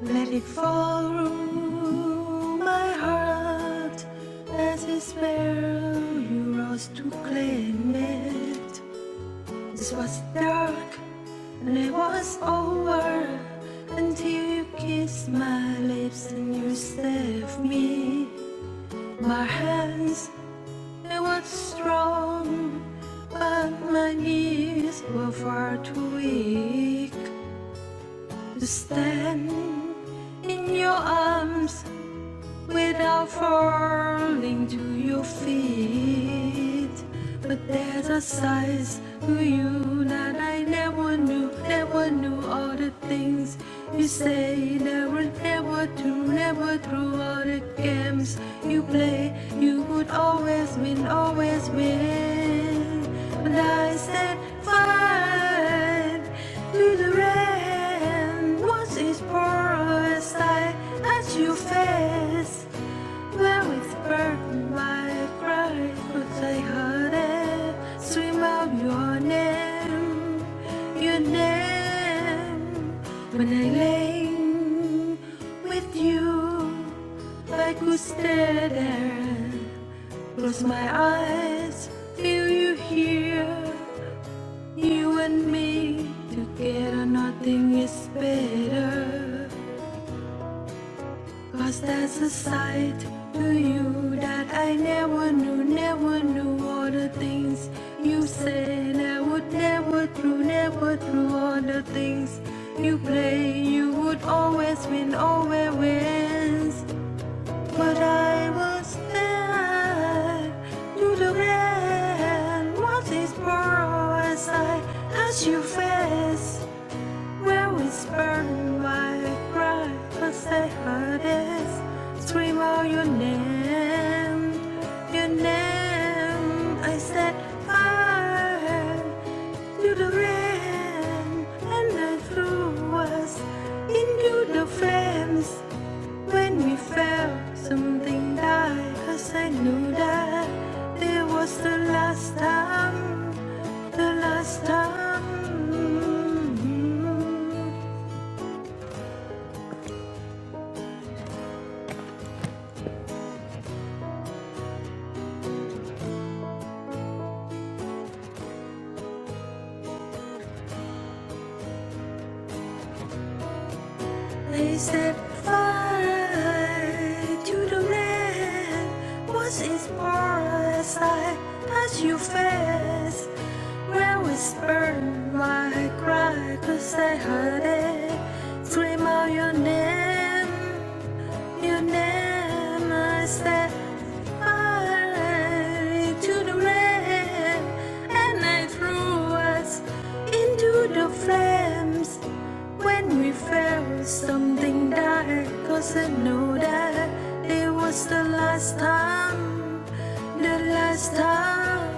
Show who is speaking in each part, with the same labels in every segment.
Speaker 1: Let it fall through my heart as a sparrow you rose to claim it. This was dark and it was over until you kissed my lips and you saved me. My hands they were strong, but my knees were far too weak to stand in your arms without falling to your feet. But there's a size to you that I never knew, never knew all the things you say, never, never true, never true all the games you play, you would always win, always win. But I stand fine to the rain. What is poor as I as you face? Where With burden my pride, but I heard it swim out your name, your name. When I lay with you, I could stare there and close my eyes, feel you here, you and me together. Nothing is better. 'Cause there's a side to you that I never knew, never knew all the things you said I would never do, never do all the things you play. You would always win, always wins. But I was there to the end. What is more as I as you face? Where is burning my pride? I say my this, scream out your name, your name. I said fire to the rain, and I threw us into the flames. When we fell, something died. Cause I knew that it was the last time, the last time. They set fire to the land. What's its past? I pass you fast. Where was my cry? Cause I heard it. Scream out your name. You never said I to the rain, and I threw us into the flames. When we felt something died, 'cause I know that it was the last time, the last time.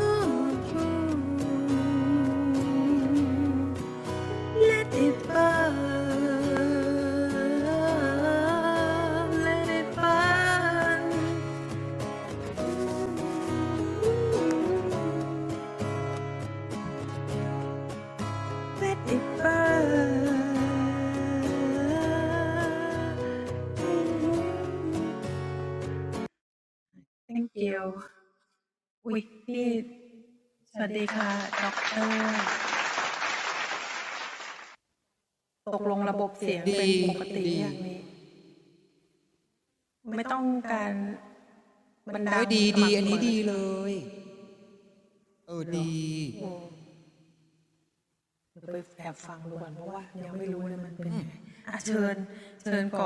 Speaker 1: Ooh, ooh, ooh. Let it burn, let it burn, let it burn. Thank you.วิกกี้สวัสดีค่ะ ด็อกเตอร์
Speaker 2: ดีดี
Speaker 1: ตกลงระบบเสียงเป็นปกติหรือยังนี้
Speaker 2: โอ้ยดีดีอันนี้ดีเล
Speaker 1: ไม่ต้องการมันดังสม่ำเสมอแล้วใช่ไหมเหรอโอ้
Speaker 2: ยเออดี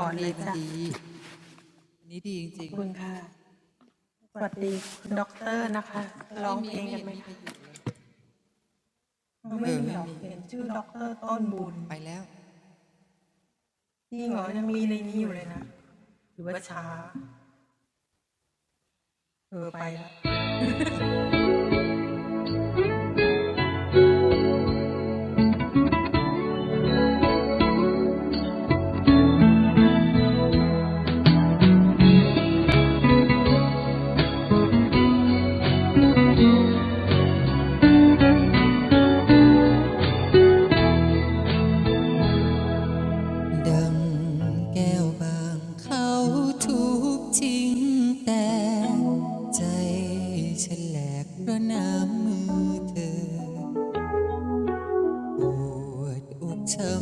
Speaker 2: มันดีมันดีอันนี้ดีจริงๆไม่มีไม่เห็นมีใครอยู่เลยเออไม่มีไปแล้วดังแก้วบางเขาทุกทิ้งแต่ใจฉันแหลกเพราะน้ำมือเธอ ปวดอกช้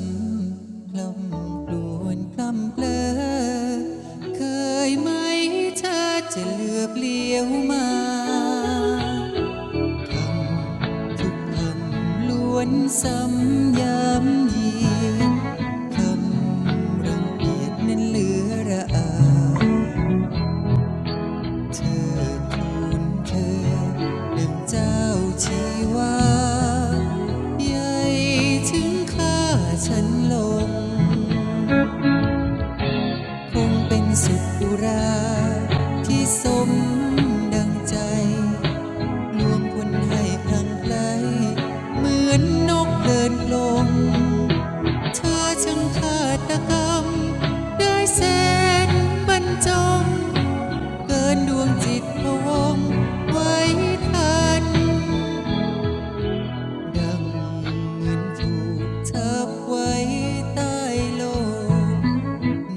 Speaker 2: ำกล่ำกลวนกล่ำเกลอเคยไหมเธอจะเหลือบเลี้ยวมาคำทุกคำล้วนซ้ำย้ำยีนคำรังเกียจนั้นเหลือระอา เธอคูณเธอดังเจ้าชีวาใหญ่ถึงข้าฉันลงคงเป็นสุขอุราที่สมดังใจลวงคนให้พลังไกลเหมือนนกเดินลงเธอช่างฆาตกรรมได้แสนบรรจง เกินดวงจิตพวงไว้ทันดังเงินถูกทับไว้ใต้โลม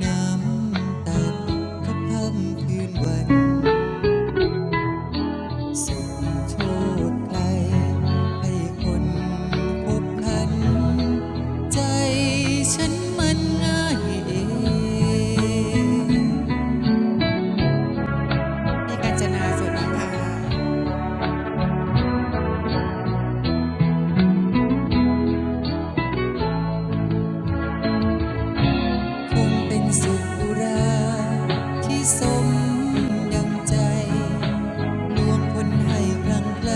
Speaker 2: น้ำตาทุกค่ำคืนวันสุดโทษใครให้คนพบคันใจฉันมันง่ายเอง คงเป็นสุขอุราที่สมดังใจลวงคนให้คลังไกล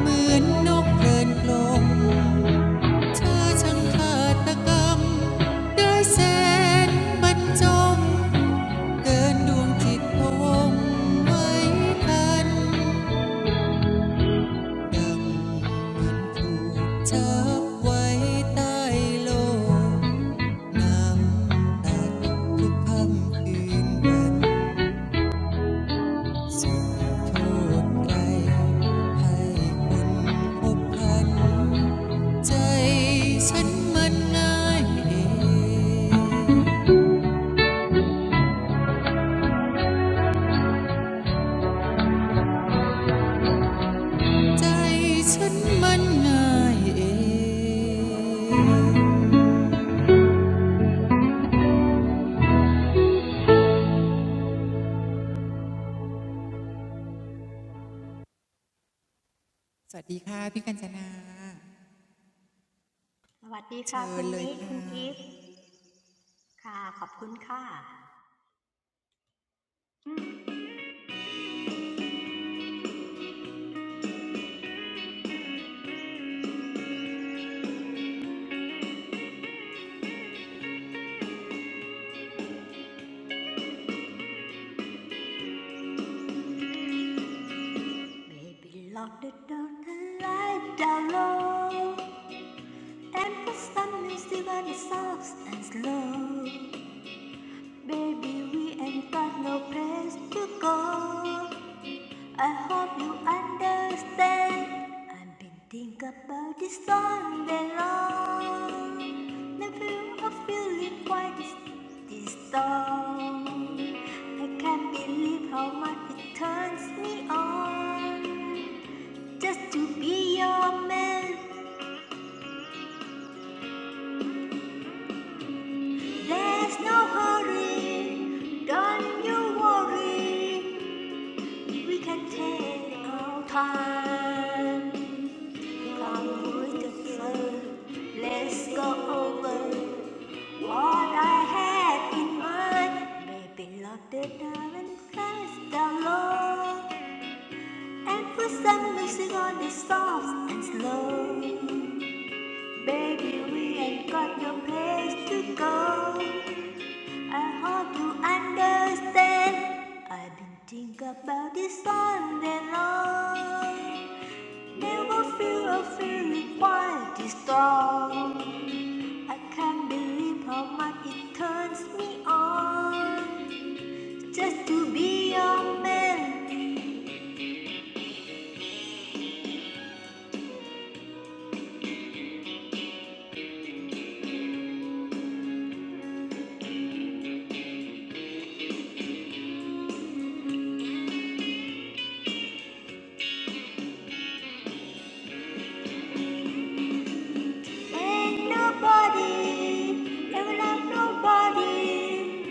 Speaker 2: เหมือนนกเพลินกลมเธอช่างขาดตะกรรมได้แสนบรรจงเกินดวงจิตพะวงไว้ทันดังเหมือนถูกจับไว้ใต้โลก นำทุกคืนนสุนพใจัมันใจัมันสวัสดีค่ะพี่กัญจนา เชิญเลยค่ะ
Speaker 3: สวัสดีค่ะคุณนิคุณอีฟค่ะขอบคุณค่ะ lock the door the light down low and put some music on it soft and slow Baby we ain't got no place to go I hope you understand. I've been thinking about this all day long. Never a feeling quite this, this strong. I can't believe how much it turns me on. Just to be your man, there's no hurry. Don't you worry, we can take our time. Come with Let's go over what I had in mind. Baby, lock the door and press the low. And put some music on the soft and slow. Baby, we ain't got no place to go. I hope you understand. I've been thinking about this all day long. Never feel a feeling quite this strong. I can't believe how much it turns me on just to be your man. Ain't nobody ever love nobody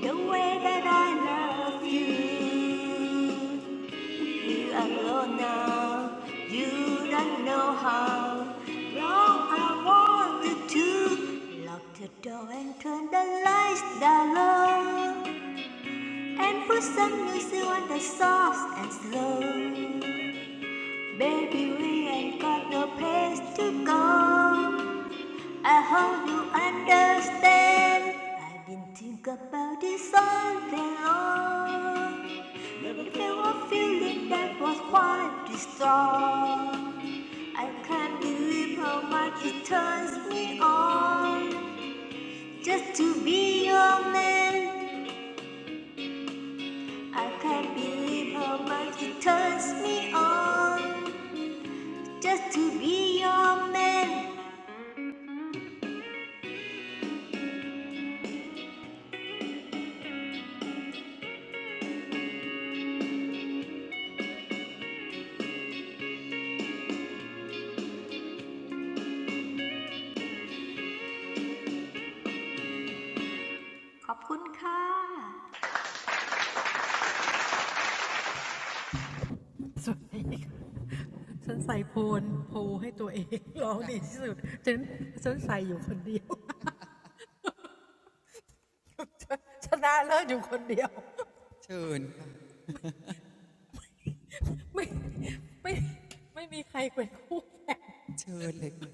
Speaker 3: the way that I love you. You are alone now, you don't know how wrong I wanted to. Lock the door and turn the lights down low. And put some music on the soft and slow. Baby, we ain't got no place to go. I hope you understand. I've been thinking about this all day long. But there was a feeling that was quite strong. I can't believe how much it turns me on just to be your man. I can't believe how much it turns me on just to be your man ขอบคุณค่ะ
Speaker 2: เชิญค่ะเชิญเลยค่ะ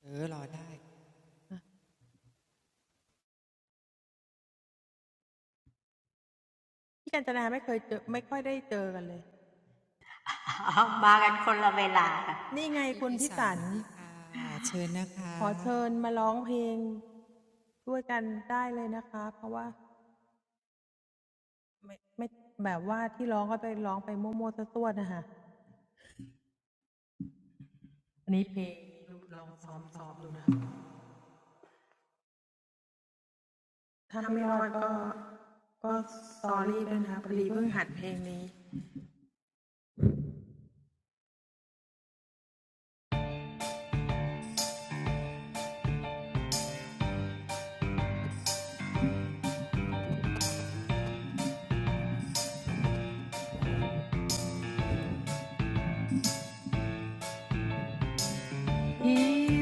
Speaker 2: เออรอได้ พี่พิสารสวัสดีค่ะ เชิญนะคะ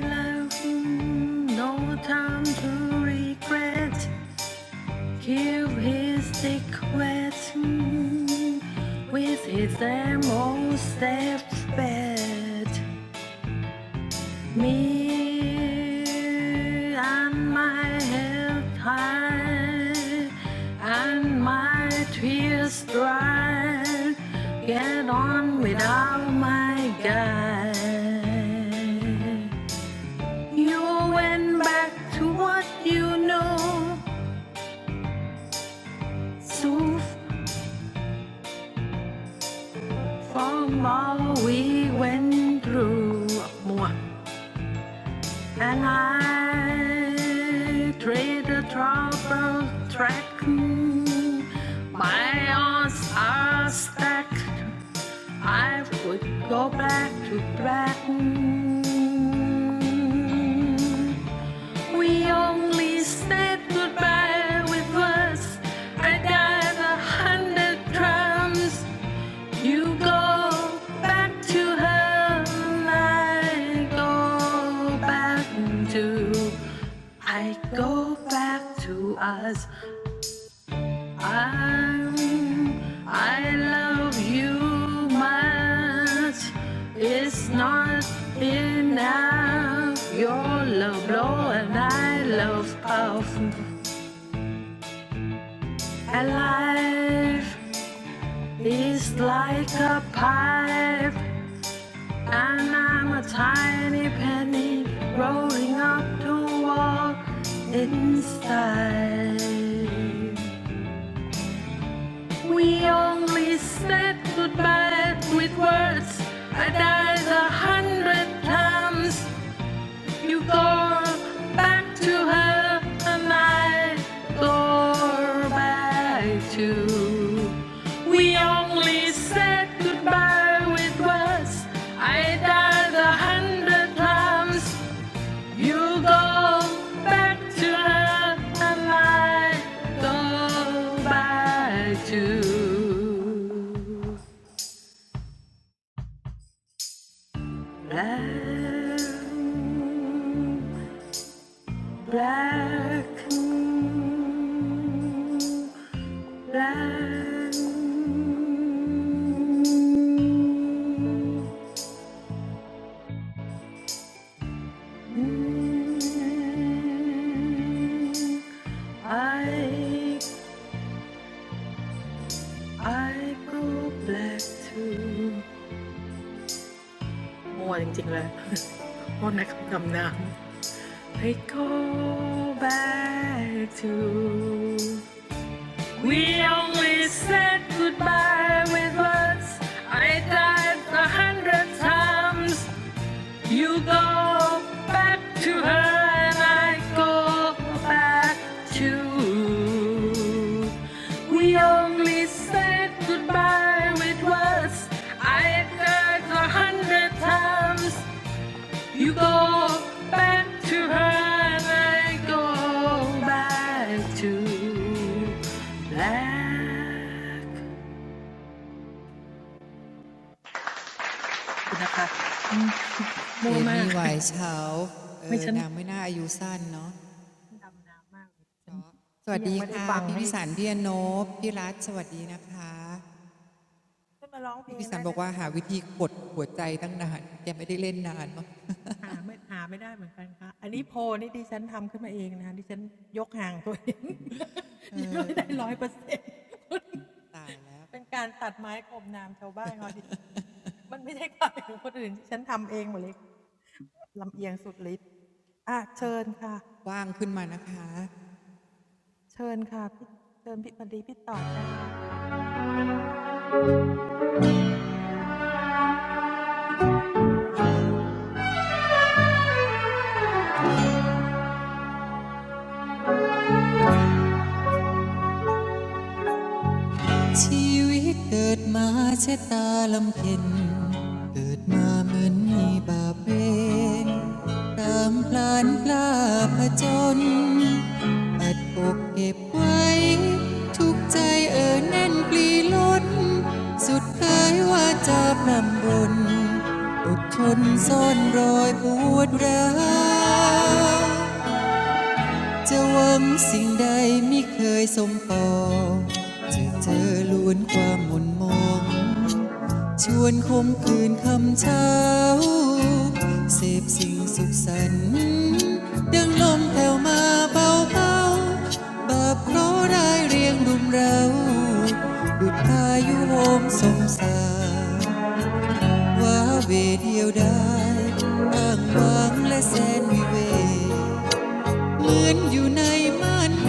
Speaker 1: left no time to regret Here is his question with its most bed. Me and my head high and my tears dry. Get on without my guy. You went back to what you know. So From all we went through, and I traded trouble track. My odds are stacked. I would go back to Britain. We only said goodbye with words. I died a hundred times. You go back to her, I go back to. I go back to us. I'm. I love you much. It's not enough. Your love blow and I love puff. And life is like a pipe. And I'm a tiny penny rolling up to walk in style. We only said goodbye with words. I died a hundred times you go back to her, and I go back too. We only said goodbye with words. I died a hundred times. You go back to her, and I go back too. Love. Black moon, black moon, mm. I I go black too มัวจริงๆเลยพวกนักดำน้ำ I go back to We only said goodbye with words. I died a hundred times. You go back to her and I go back to We only said goodbye with words. I died a hundred times. You go back to her and I go back to black
Speaker 2: เอ
Speaker 1: คุณนะคะอืมมั่วมาก
Speaker 2: มี่ไวท์เช้าเออ
Speaker 1: ไม่ฉัน
Speaker 2: นางไม่น่าอายุสั้นเนาะสวัสดีค่ะพี่พิสารพี่อนบพี่รัฐสวัสดีนะคะพี่พิสารบอกว่าหาวิธีกดหัวใจตั้งนานแกไม่ได้เล่นนานมั้งตายแล้วว่างขึ้นมานะคะ ชีวิตเกิดมาชะตาลำเค็ญเกิดมาเหมือนมีบาปเวรตามพลานกล้าผจญอัดอกเก็บไว้ทุกใจเอ่อแน่นปลีล้นสุดกายว่าจะนำบนอดทนซ่อนรอยปวดร้าว จะหวังสิ่งใดไม่เคยสมปองจะเธอล้วนความหมุนมองชวนคมคืนคำเช้าเสพสิ่งสุขสันต์ดังลมแผ่วมาเบาเบาบาปเคราะห์ร้ายเรียงรุมเราดุดพายุโหมสมสารว่าเหวเดียวได้อ้างว้างและแสนวิเวก ยืนอยู่ในม่านเม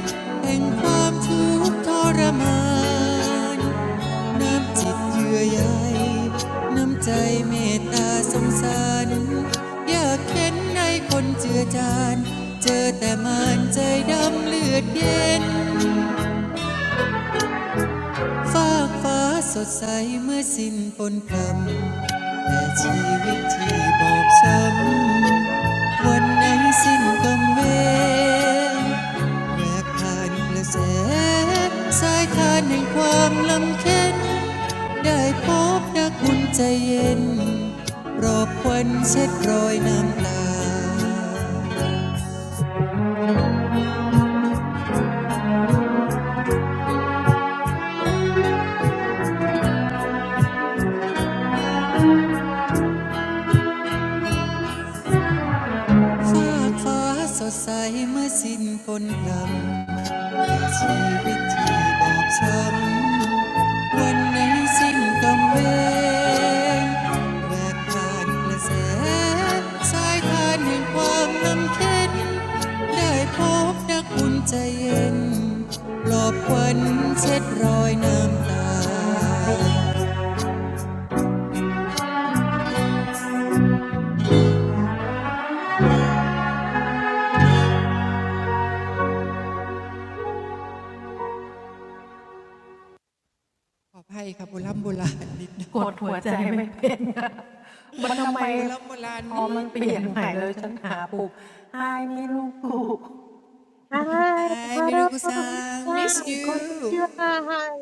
Speaker 2: ฆแห่งความทุกข์ทรมานน้ำจิตเยื่อใยน้ำใจเมตตาสงสารอยากเข็นในคนเจือจานเจอแต่มานใจดำเลือดเย็นฟากฟ้าสดใสเมื่อสิ้นปนกรรมแต่ชีวิตที่บอบช้ำ วันไหนสิ้นกำเวรแบกผ่านกระแสสายทานแห่งความลำเค็นได้พบนักบุญใจเย็นรอบควันเช็ดรอยน้ำตาฟ้าฟ้าสดใสเมื่อสิ้นฝนพรำชีวิตที่บอบช้ำ วันนี้สิ้นกำเนิดแหวกผ่านกระแสสายทานแห่งความน้ำเค็นได้พบนักบุญใจเย็นปลอบควันเช็ดรอยน้ำตาขออภัยค่ะโบราณโบราณนิโบราณโบราณนิดหน่อย
Speaker 4: Hi,
Speaker 2: Hi มิรุ
Speaker 4: hello,
Speaker 2: กุซัง miss
Speaker 4: everyone.
Speaker 2: you
Speaker 4: Good to see you. Hi, hi.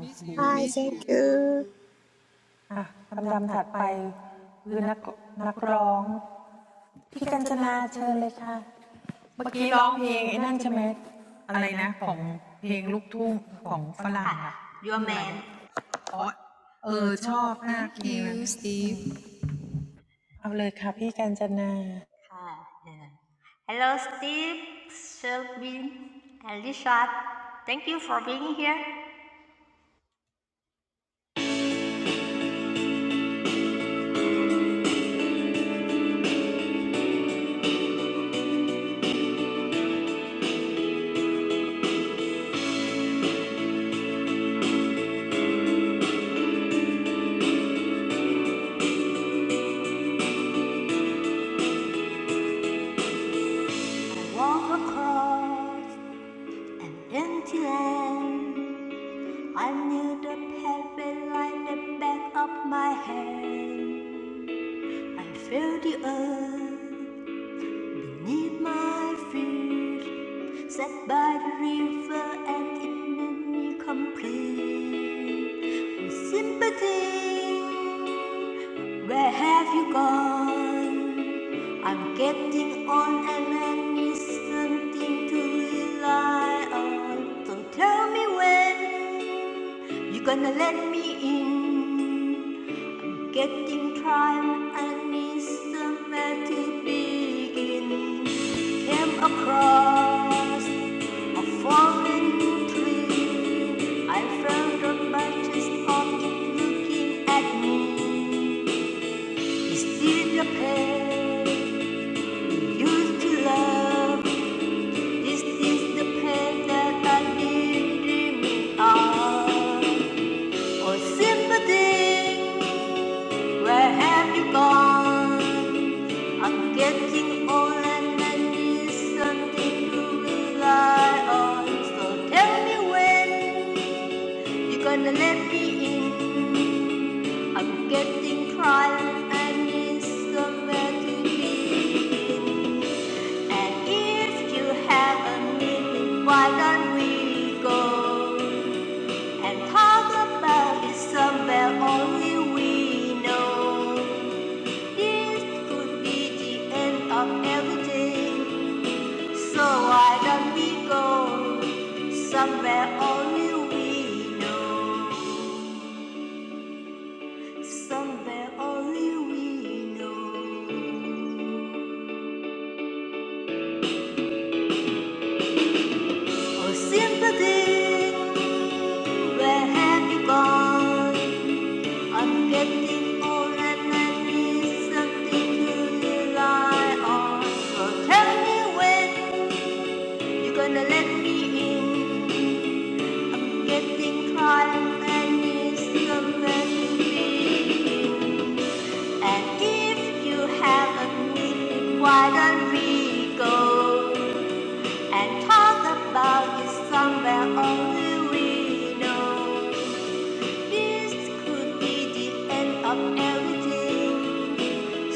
Speaker 2: miss you
Speaker 4: Hi,
Speaker 2: miss you
Speaker 4: thank you.
Speaker 1: พี่กัญจนาเชิญเลยค่ะเมื่อกี้ร้องเพลงไอ้นั่นใช่ไหมอะไรนะ
Speaker 3: ค่ะ
Speaker 1: ของเพลงลูกทุ่งของฝรั่งล่ะ
Speaker 3: your man
Speaker 2: thank you
Speaker 1: ชื่ออะไรอะเออชอบมากเพลงนั้นนะ
Speaker 2: Steve
Speaker 3: Hello Steve Shelby, and Richard Thank you for being here I walk across an empty land I knew the pathway like the back of my hand I feel the earth Beneath my feet, set by the river and enemy complete with sympathy. Where have you gone? I'm getting on and I need something to rely on. Don't tell me when you're gonna let me in. Getting tired, I need somewhere to begin came across a fallen tree. I felt the branches of it looking at me. Is this the pain you used to love? Is this the pain that I've been dreaming of? Oh, sympathy, where have you gone? I'm getting old and I need something to rely on. So tell me when you're gonna let me in. I'm getting tired and I need somewhere to be. And if you have a minute, why don't we go and talk about it somewhere only we know? This could be the end of everything. So why don't we go somewhere only we know? Somewhere only we know. Oh, sympathy, where have you gone? I'm getting old and I need something to rely on. So tell me when you're gonna let me in. I'm getting tired and need somewhere to be. in. And if you have a been, why don't we go and talk about it somewhere only we know? This could be the end of everything,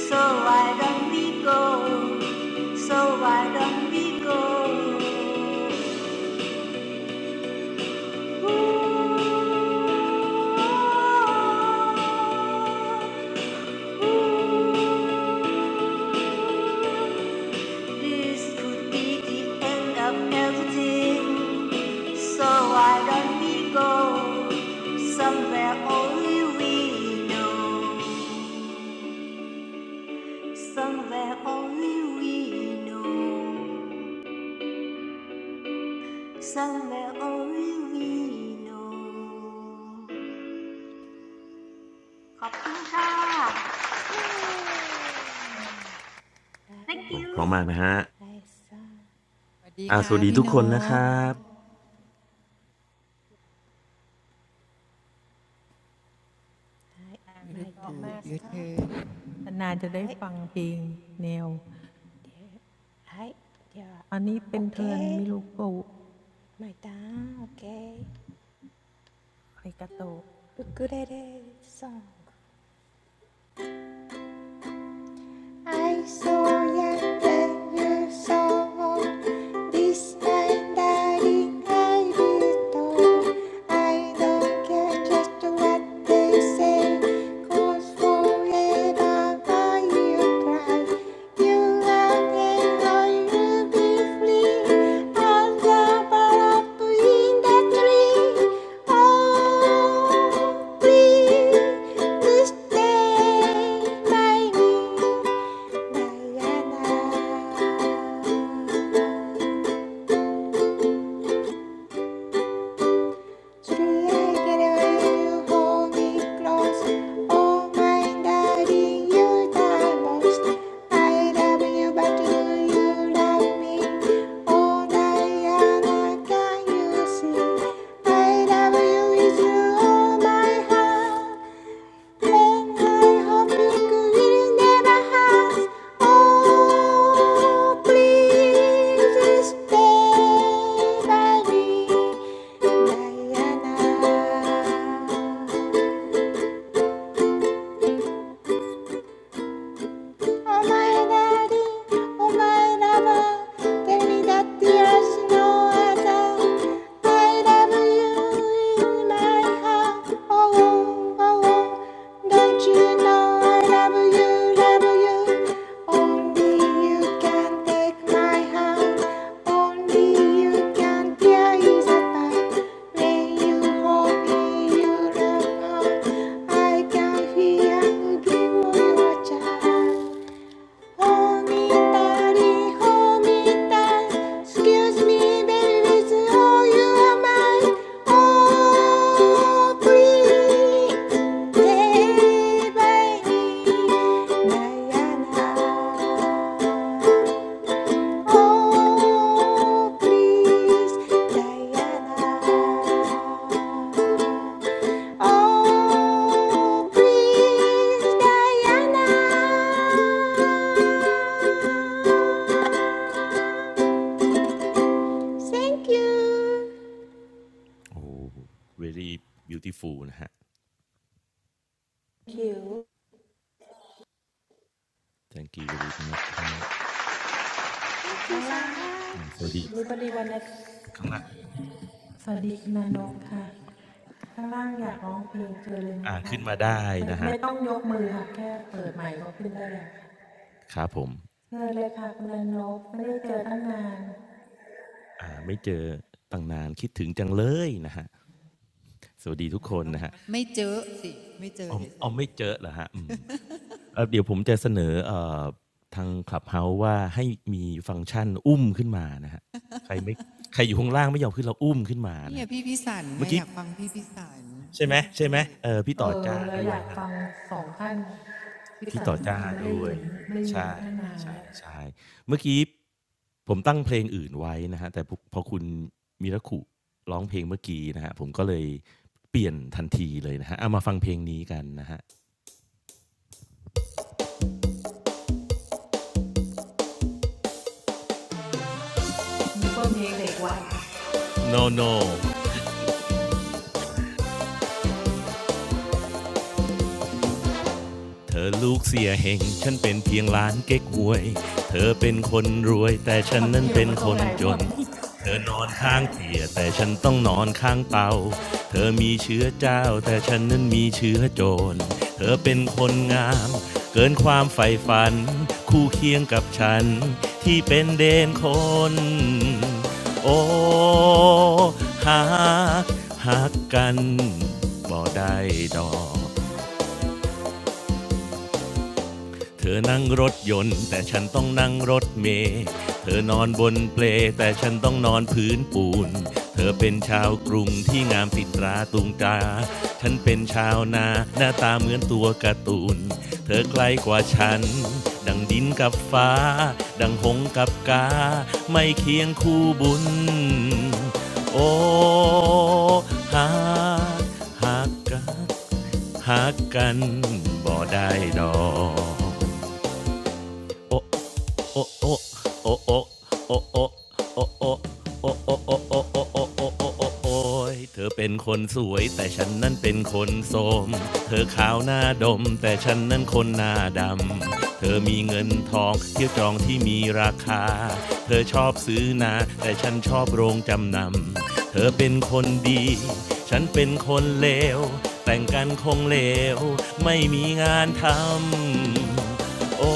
Speaker 3: so why don't we go? So why don't we go? ooh, ooh. This could be the end of everything. So why don't we go somewhere only we know? Somewhere only we know. Somewhere only we know. ขอบคุณค่ะ
Speaker 4: Yeah.
Speaker 3: Thank
Speaker 5: โอ้โเพราะ
Speaker 3: you
Speaker 5: มากนะฮะ
Speaker 4: Nice song.
Speaker 2: สวัสดี
Speaker 5: อาส
Speaker 2: ค่ะ
Speaker 5: วัสดี
Speaker 2: พี่
Speaker 5: ทุก
Speaker 2: น
Speaker 5: คนนะค
Speaker 2: พ
Speaker 5: รับ
Speaker 4: Hi,
Speaker 2: มิรุกุ
Speaker 4: maedaan, です
Speaker 2: your
Speaker 4: か?
Speaker 2: turn
Speaker 4: Hi. Yeah. Hi. Yeah. Okay. Maedaan. Okay. Ukulele song. I saw young and you saw old. This time that it I don't care just what they say. Cause forever by your pride, you are Diana. 술래기를 holy clothes Oh my darling you the most I love you but do you love me Oh Diana can you see I love you with all my heart then I hope you could live in Oh, please stay by me, Diana. 前なりお前らは旅立って足の朝 I love you in my heart oh oh oh oh. don't you know I love you love you only you can take my hand only you can tear is apart when you hold me you love I can feel you give me your child Excuse me, baby, it's all you are mine. Oh, pretty baby, Diana. Oh, please, Diana. Oh, please, Diana. Thank you.
Speaker 5: โอ้ very beautiful นะฮะ thank you very much
Speaker 4: Thank you so
Speaker 5: อาส
Speaker 4: much.
Speaker 5: วัสดีข้างล่างครับผม
Speaker 1: เอาเลยค่ะพี่กัญจนานั้นข้างล่างอยากร้องเพลงเจอเลยนะไม่ไม่ยกมือค่ะ
Speaker 5: อ่าขึ้นมาได้นะฮะครับผมอ่าไม่เจอตั้งนานคิดถึงจังเลยนะฮะสวัสดีทุกค
Speaker 2: มัน
Speaker 5: น
Speaker 2: ต้อง
Speaker 5: นะฮะ
Speaker 2: ไม่เจอสิไม่เจอ
Speaker 5: อ๋อ
Speaker 2: เฉ
Speaker 5: อ๋อ
Speaker 2: ยๆ
Speaker 5: ไม่
Speaker 2: ไม่ได้
Speaker 5: เจอเหรอฮะอืมเอ่อเดี๋ยวผมจะเสนอเอ่อทาง Clubhouse ว่าให้มีฟังก์ชันอุ้มขึ้นมานะฮะใครไม่ใครอยู่ข้างล่างไม่ยอมขึ้นเราอุ้มขึ้นมา
Speaker 2: นี่
Speaker 5: นะ
Speaker 2: อะ
Speaker 5: ฮะ
Speaker 2: พี่พิสัน
Speaker 5: เมื่
Speaker 2: ไง
Speaker 5: อ
Speaker 2: อ
Speaker 5: กี้
Speaker 2: ยากฟังพี่พิสัน
Speaker 5: ใช่ไหม
Speaker 2: ได้
Speaker 5: ใช่ไหมเออพี่ต่อจ้าด้วยนะพี่ต่อจ้าด้วยใช่ใช่ใช่เมื่อกี้ผมตั้งเพลงอื่นไว้นะฮะแต่พพอคุณมิราคุร้องเพลงเมื่อกี้นะฮะผมก็เลยเปลี่ยนทันทีเลยนะฮะเอามาฟังเพลงนี้กันนะฮะ no no เธอลูกเสียเฮงฉันเป็นเพียงหลานเก๊กหวยเธอเป็นคนรวยแต่ฉันนั้นเป็นคนจนเธอนอนข้างเตียงแต่ฉันต้องนอนข้างเตาเธอมีเชื้อเจ้าแต่ฉันนั้นมีเชื้อโจรเธอเป็นคนงามเกินความใฝ่ฝัน คู่เคียงกับฉันที่เป็นเดนคนโอ้หักหักกันบ่ได้ดอก เธอนั่งรถยนต์แต่ฉันต้องนั่งรถเมล์เธอนอนบนเปลแต่ฉันต้องนอนพื้นปูน เธอเป็นชาวกรุงที่งามติดตราตุงตาฉันเป็นชาวนาหน้าตาเหมือนตัวการ์ตูนเธอไกลกว่าฉันดังดินกับฟ้าดังหงส์กับกาไม่เคียงคู่บุญโอ้หากหากกันหักกันบ่ได้ดอก โอโอโอโอโอะโอะโอโอะโอะโอะโอโอโอโอโอโอโอโอ้โอ้ยเธอเป็นคนสวยแต่ฉันนั้นเป็นคนโสมเธอขาวหน้าดมแต่ฉันนั้นคนหน้าดำเธอมีเงินทองเที่ยวจองที่มีราคาเธอชอบซื้อนาแต่ฉันชอบโรงจำนำเธอเป็นคนดีฉันเป็นคนเลวแต่งกันคงเลวไม่มีงานทำ โอ้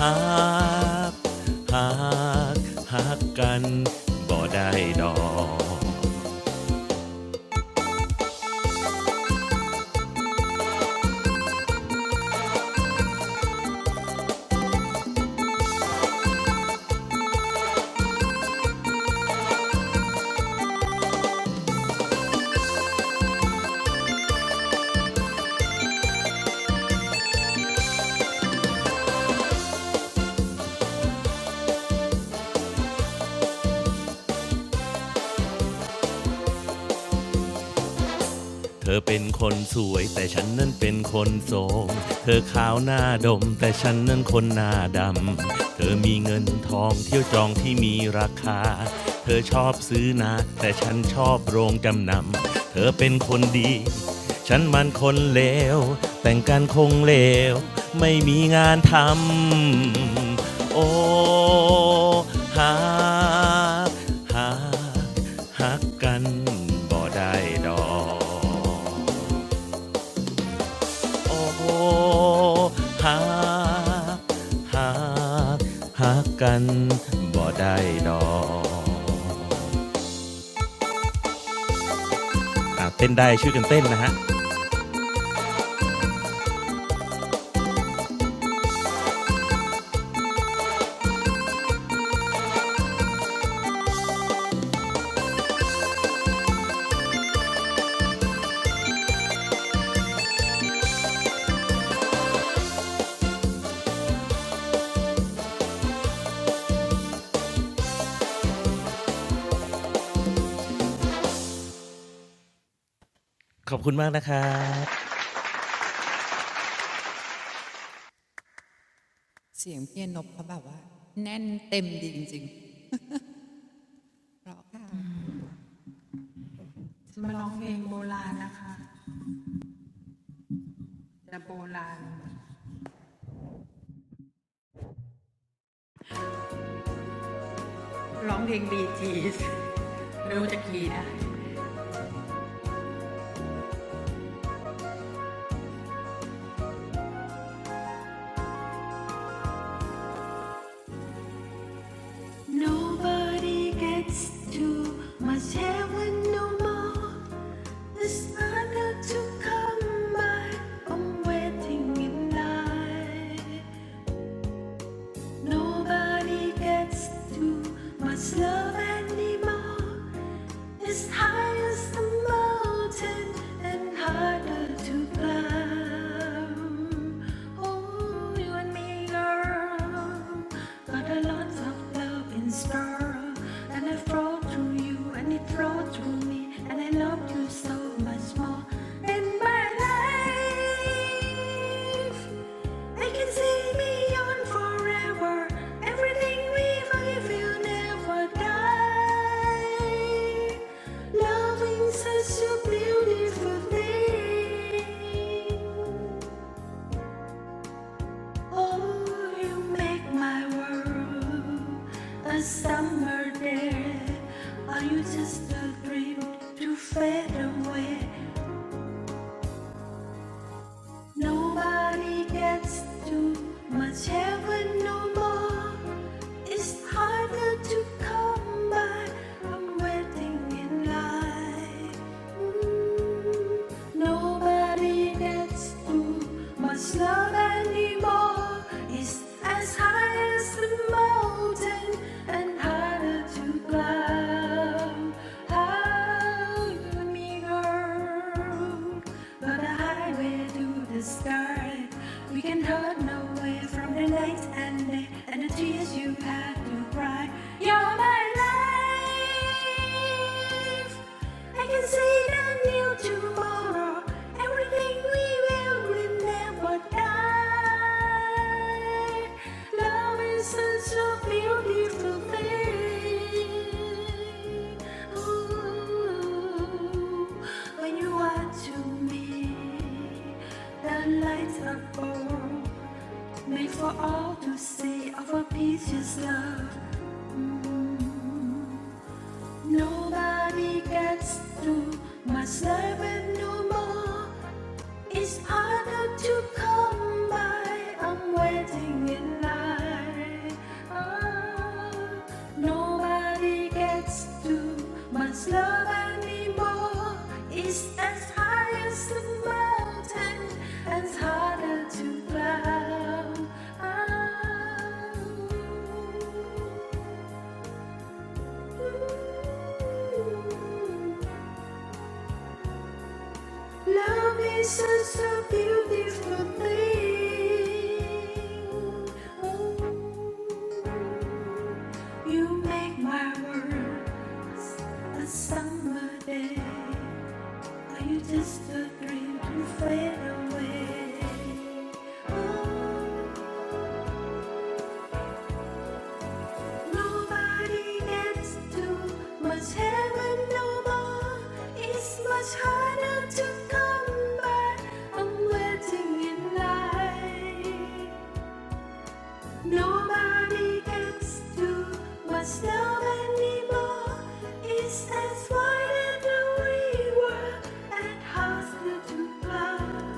Speaker 5: หักหักหักกันบ่ได้ดอก เธอเป็นคนสวยแต่ฉันนั้นเป็นคนโสมเธอขาวหน้าดมแต่ฉันนั้นคนหน้าดำ เธอมีเงินทองเที่ยวจองที่มีราคา เธอชอบซื้อนาแต่ฉันชอบโรงจำนำเธอเป็นคนดีฉันมันคนเลวแต่งกันคงเลวไม่มีงานทำโอ้หาหา หักกันบ่ได้ดอกโอ้โหหักหักหักกันบ่ได้ดอกอ่ะเต้นได้ช่วยกันเต้นนะฮะ ขอบคุณมากนะครับ
Speaker 2: เสียงเพียนนบเขาแบบว่าแน่นเต็มดีจริงๆเพราะค่ะ
Speaker 1: Nobody gets to much heaven no more. It's harder to come by. I'm waiting in line. Nobody gets to much love anymore. It's high as the mountain and harder to climb. Oh, you and me, girl, got a lot of love in store, and I flow through you and it flow through me, and I love you so much more in my life. I can see beyond forever. Everything we believe never die. Loving such a beautiful thing. Oh, you make my world a summer day. Are you just a dream to fade away? Nobody gets too much heaven no more. It's harder to come by. I'm waiting in line. Mm, Nobody gets too much love anymore. It's as high as the mountain and harder to climb. Hide me, girl, but a highway to the sky. We can hide no way from the night and day and the tears you had to cry. You're my life. I can see the new tomorrow. Everything we will will never die. Love is such a beautiful thing. Ooh, when you are to me, the lights are full. Made for all to see of our peaches love. Nobody gets through my servant no more. It's harder to come by. I'm waiting in line. Ah, nobody gets too much love anymore. It's as high as the mountain, as harder to climb. Ah, Love is such a beautiful thing. Ooh, you make my words a summer day. Are you just a dream to fade away? Oh. Nobody gets to, much heaven no more. It's much harder to come by. I'm waiting in line. Nobody gets to, much love anymore. It's as wide as the river and harder to climb.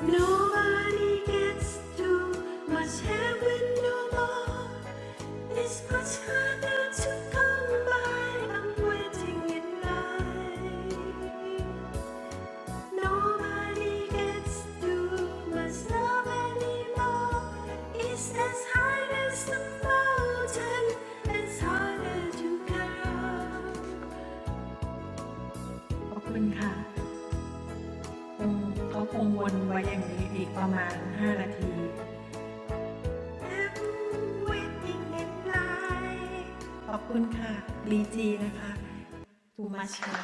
Speaker 1: Nobody gets too much heaven no more. It's much harder to come by. I'm waiting in line. Nobody gets too much love anymore. It's as high as the mountain, as harder to climb. ขอบคุณค่ะคงเขาคงวนไว้อย่างนี้อีกประมาณ5นาที ขอบคุณค่ะ BG นะคะ, Dumachen.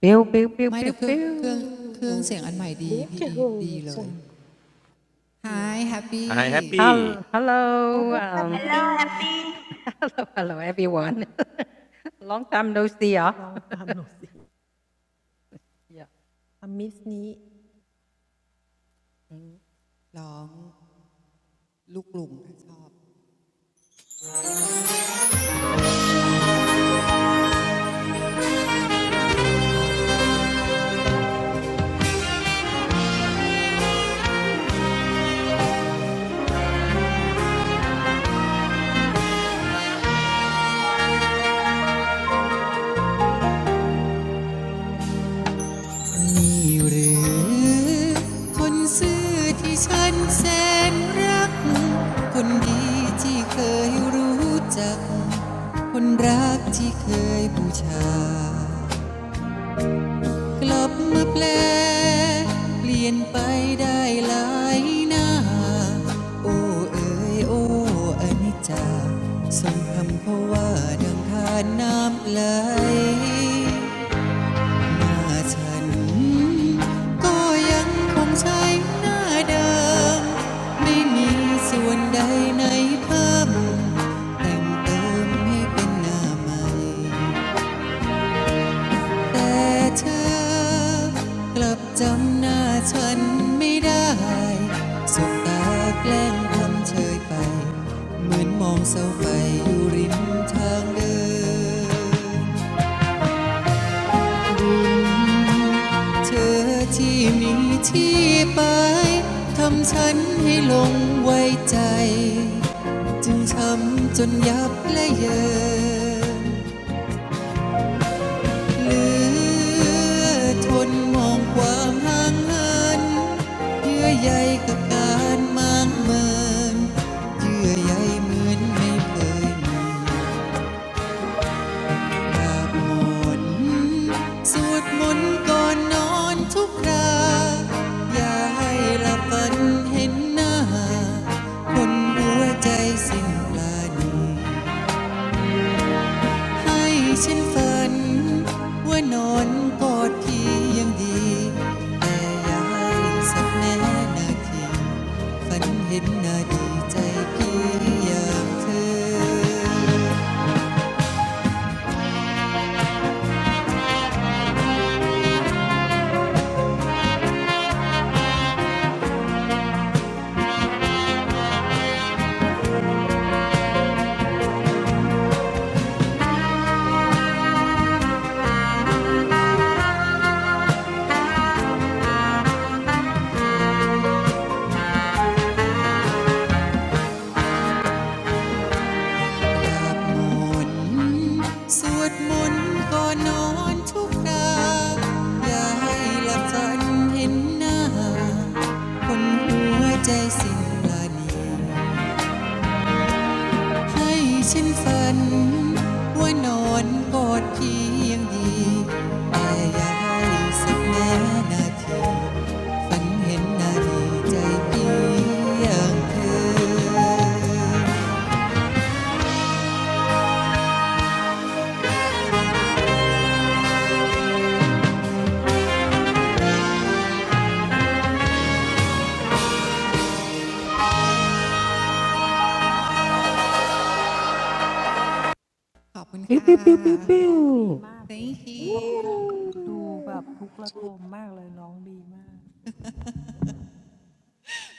Speaker 6: Pew, pew, pew,
Speaker 2: ไม่แต่
Speaker 6: pew,
Speaker 2: เครื่องเครื่องเครื่องเสียงอันให
Speaker 6: pew.
Speaker 2: ม่ดีพี่อีฟดี
Speaker 4: Beautiful
Speaker 2: เลย
Speaker 4: song.
Speaker 2: Hi Happy
Speaker 5: ไฮแฮปปี้
Speaker 6: Hello, Hello, um,
Speaker 3: Hello Happy
Speaker 6: hello, everyone. Long time no see, yeah.
Speaker 2: ร้องลูกหลุ่มชอบนี่หรือคนซื่อที่ฉันแสนรักคนดีที่เคยรู้จัก คนรักที่เคยบูชากลับมาแปลเปลี่ยนไปได้หลายหน้าโอ้เอ๋ยโอ้อนิจจาสมคำเพราะว่าดังทานน้ำไหลหน้าฉันก็ยังคงใช้หน้าเดิมไม่มีส่วนใดในเพิ่มแต่งเติมให้เป็นหน้าใหม่ แต่เธอกลับจำหน้าฉันไม่ได้สบตาแกล้งทำเฉยไป เหมือนมองเสาไฟอยู่ริมทางเดินเธอที่มีที่ไป ทำฉันให้หลงไว้ใจ จึงช้ำจนยับและเยิน เหลือทนมองความห่างเหินเยื่อใยกับการมางเมินเยื่อใยเหมือนไม่เคยมาก่อนสวดมนต์ก่อนนอนทุกครา อย่าให้ละฝันเห็นหน้าคนหัวใจสิ้นปานี ให้ฉันฝันว่านอนกอดพี่ยังดีแต่อย่าให้สักแน่นาทีฝันเห็นหนาดีใจพี่อย่างเธอมนสวดมนต์ก่อนนอนทุกคราอย่าให้หลับฝันเห็นหน้าคนหัวใจสิ้นปราณี ให้ฉันฝันว่านอนกอดเพียงดีแต่อย่าให้สักนาทีฝันเห็นนาทีใจเพียงเธอขอบคุณ
Speaker 6: Pew,
Speaker 2: ค่ะ
Speaker 6: pew, pew, pew, pew.
Speaker 2: thank you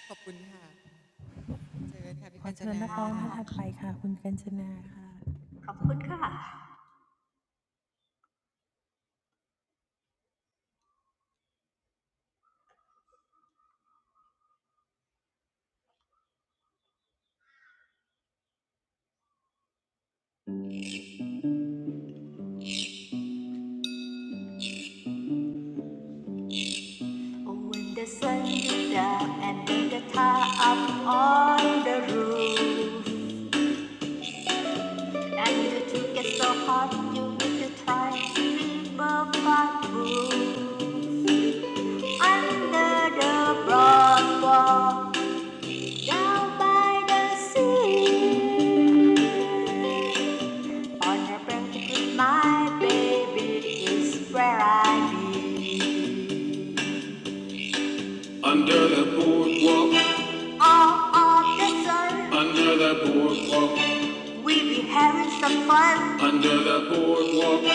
Speaker 2: ขอบคุณค่ะเชิญค่ะพี่กาญจนา
Speaker 3: ขอบคุณค่ะ Oh when the sun is down and when the tar up on the roof I need to get so hot, you need to try fever fat room. Under the broad wall, down by the sea. On a blanket with my baby is where I be. Under the boardwalk, all of the sun, Under the boardwalk, we be having some fun. under the boardwalk,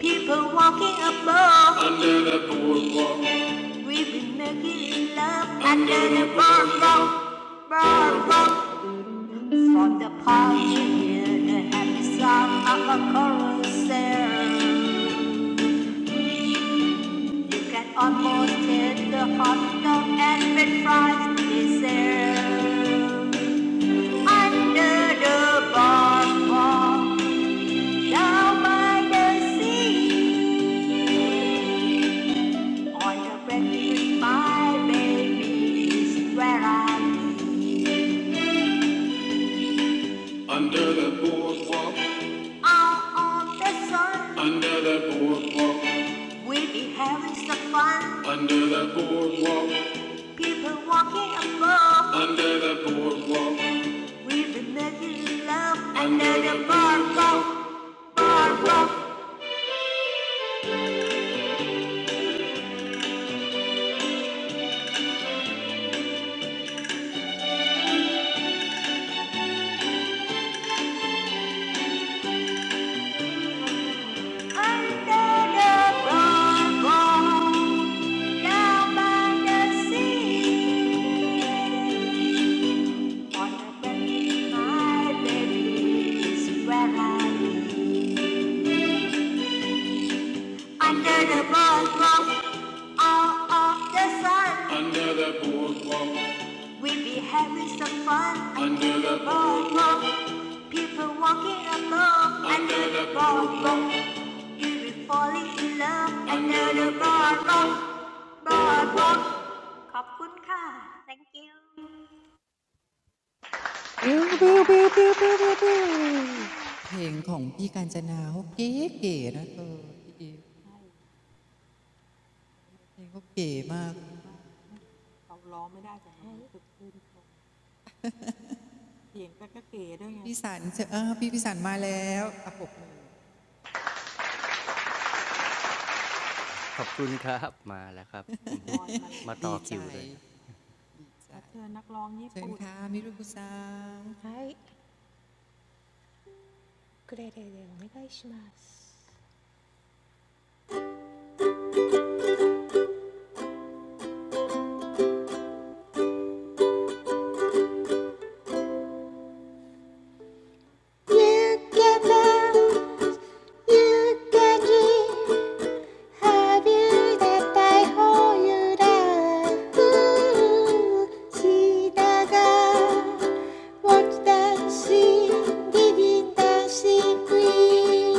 Speaker 3: People walking above, Under the boardwalk, we be making love under under the boardwalk, boardwalk. From the party you hear the happy sound of a carousel. You can almost hear the hot dog and french fries dessert Under the boardwalk, down by the sea. Under the boardwalk. Out on the sun. Under the boardwalk. We will be having some fun. Under the boardwalk. People walking above. Under the boardwalk. We be making love. Under, Under the boardwalk. Boardwalk. Under the boardwalk. Down by the sea, on the bench, my baby is where Under the boardwalk, all of the sun. Under the boardwalk, we be having some fun. Under the boardwalk, people walking along. Under the boardwalk, you will be falling in love. Under the boardwalk, boardwalk. ขอบคุณค่ะ thank you
Speaker 6: Pew, pew, pew, pew, pew, pew, pew.
Speaker 2: เพลงของพี่กาญจนาเขาเก๋ๆนะเธอพี่อฟเพลงเขาเก๋มากพี่พิสันเจอพี่พิสันมาแล้วอะปรบมือดีใจดีใจ เชิญค่ะมิรุคุซัง
Speaker 4: はい、ウクレレでお願いします。You got love, you got dream. Have you that I hold you down? See the girl, watch the scene, giving the scene queen.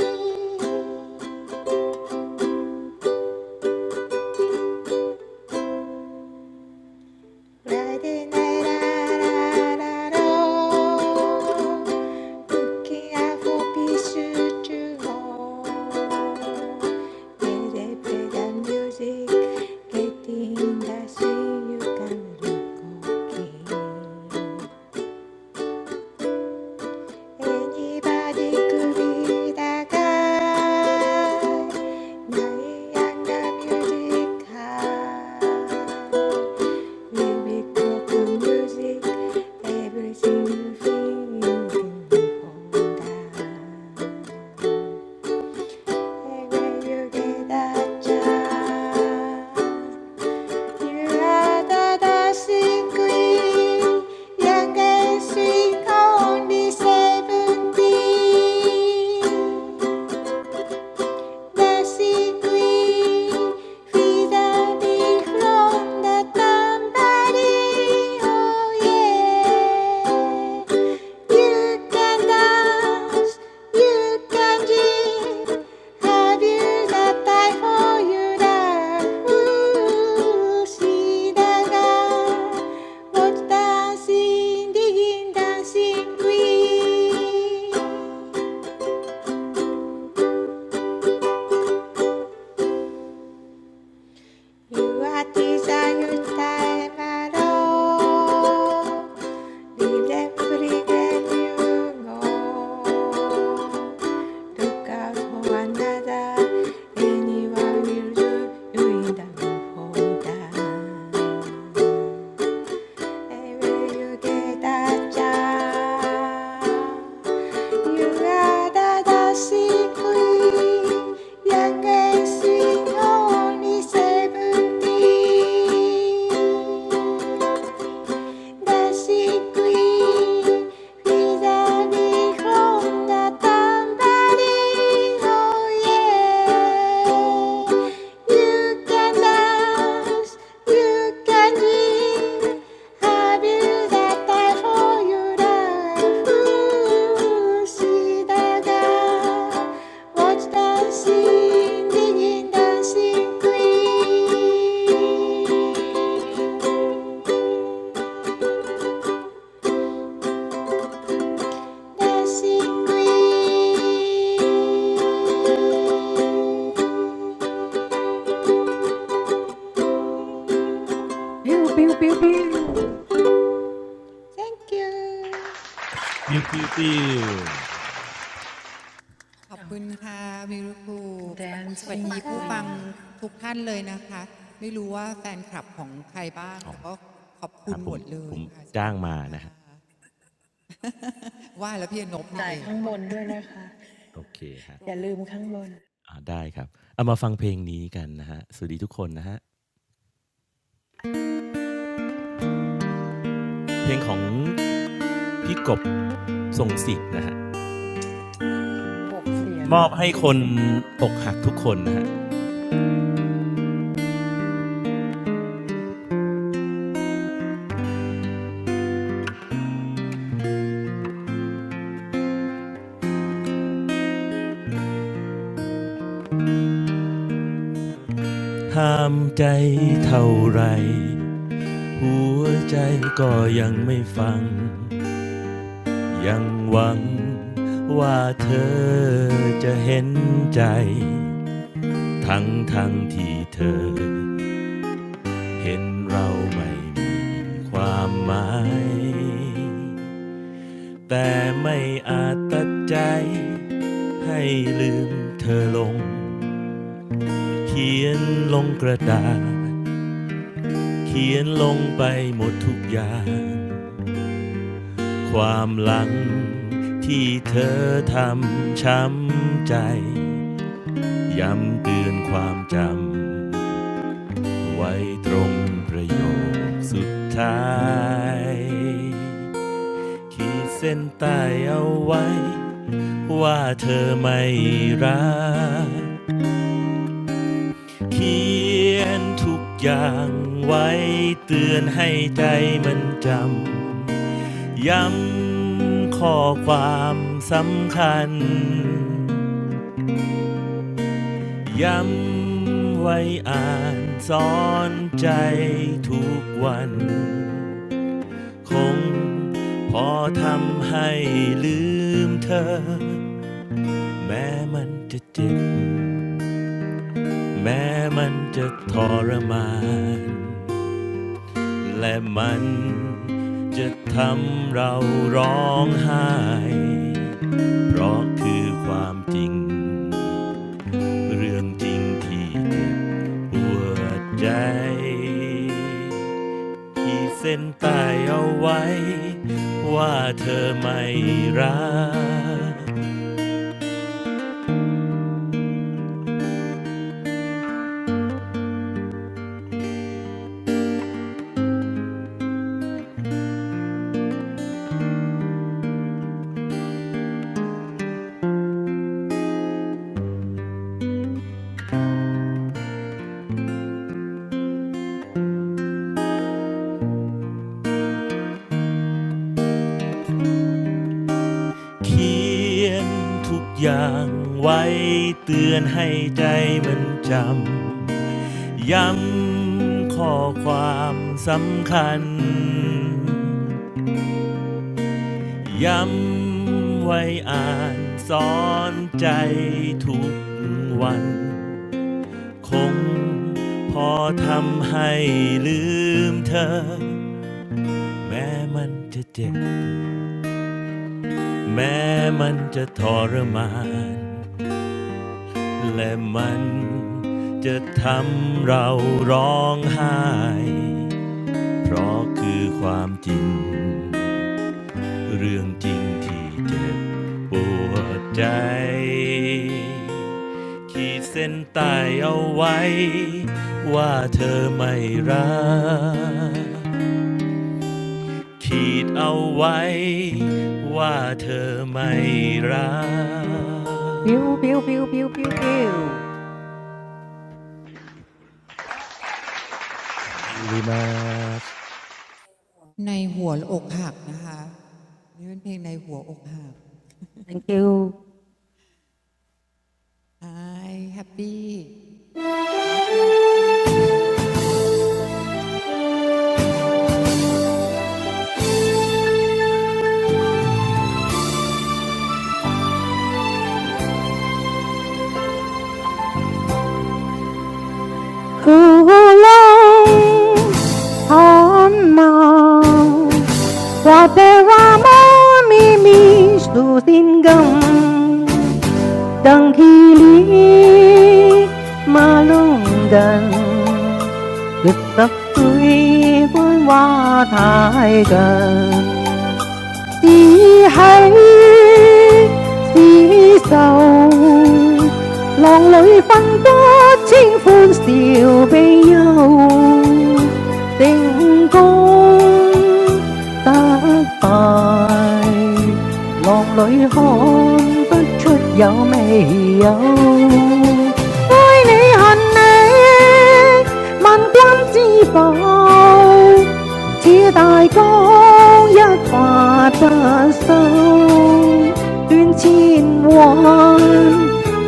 Speaker 4: Anybody could be that guy. 나의 양가 뮤직 Youngest We make proper music, everything you feel you can hold you are the dancing queen, young and sweet, only seventeen. basically vida big long the oh yeah you can dance you can dream have you the time for you that ooh see that what's dancing digging dancing queen You are the only time I know. Leave them for when you go. Look out for another anyone will do. You don't hold on will you get a chance? You are the dancing queen, young and sweet, only seventeen basically Wizarding from the tambourine Oh yeah You can dance You can dream Have you that time for your life See the girl Watch dancing Digging dancing queen Thank
Speaker 6: Pew, pew, pew, pew.
Speaker 4: you.
Speaker 5: ปิ้วปิ้วปิ้ว
Speaker 2: ขอบคุณค่ะมิรุคุสวัสดี
Speaker 4: ขอบคุณค่ะ
Speaker 2: ผู้ฟังทุกท่านเลยนะคะไม่รู้ว่าแฟนคลับของใครบ้าง
Speaker 5: อ๋อ
Speaker 2: แต่ก็ขอบคุ
Speaker 5: ฮะ
Speaker 2: ณ
Speaker 5: ผ
Speaker 2: หม
Speaker 5: ม
Speaker 2: ดเล
Speaker 5: ผ
Speaker 2: ย
Speaker 5: ม
Speaker 2: ค่ะส
Speaker 5: จ้า
Speaker 2: วั
Speaker 5: ง
Speaker 2: สดี
Speaker 5: มา
Speaker 2: ค่ะ
Speaker 5: นะฮะ
Speaker 2: ว่าแล้วพี่อนบนี่เอง
Speaker 5: โอเคฮะอ่าได้ครับ เอามาฟังเพลงนี้กันนะฮะสวัสดีทุกคนนะฮะ เพลงของพี่กบทรงสิษธ์นะฮะ มอบให้คนอกหักทุกคนนะฮะห้ามใจเท่าไรหัวใจก็ยังไม่ฟัง ยังหวังว่าเธอจะเห็นใจ ทั้งทั้งที่เธอเห็นเราไม่มีความหมาย แต่ไม่อาจตัดใจให้ลืมเธอลงเขียนลงกระดาษ เขียนลงไปหมดทุกอย่างความหลังที่เธอทำช้ำใจย้ำเตือนความจำไว้ตรงประโยคสุดท้ายขีดเส้นใต้เอาไว้ว่าเธอไม่รักเขียนทุกอย่างไว้เตือนให้ใจมันจำ ย้ำข้อความสำคัญย้ำไว้อ่านสอนใจทุกวันคงพอทำให้ลืมเธอแม้มันจะเจ็บแม้มันจะทรมาน และมันจะทำเราร้องไห้เพราะคือความจริงเรื่องจริงที่เจ็บปวดใจขีดเส้นใต้เอาไว้ว่าเธอไม่รัก เขียนทุกอย่างไว้เตือนให้ใจมันจำ ย้ำข้อความสำคัญย้ำไว้อ่านสอนใจทุกวันคงพอทำให้ลืมเธอแม้มันจะเจ็บแม้มันจะทรมานและมันจะทำเราร้องไห้เพราะคือความจริง เรื่องจริงที่เจ็บปวดใจขีดเส้นใตายเอาไว้ว่าเธอไม่รักขีดเอาไว้ว่าเธอไม่รัก
Speaker 6: Pew, pew, pew, pew, pew, pew.
Speaker 5: คิวริมาส
Speaker 2: ในหัวอกหักนะคะนี่เป็นเพลงในหัวอกหัก
Speaker 6: Thank you.
Speaker 2: I happy your turn
Speaker 6: who lay on mount Wateramo mimis tu tinggam Dang hili malunggan Đức tất tươi vui hoa thái gần đi khắp, đi sâu, lòng lũ phẫn bận, vui sầu, tiếng cung đã bay, lòng lũ hân vui xuất diệu, vui nỗi hạnh này, mạnh quân như bảo. 似大江一發不收，斷千彎，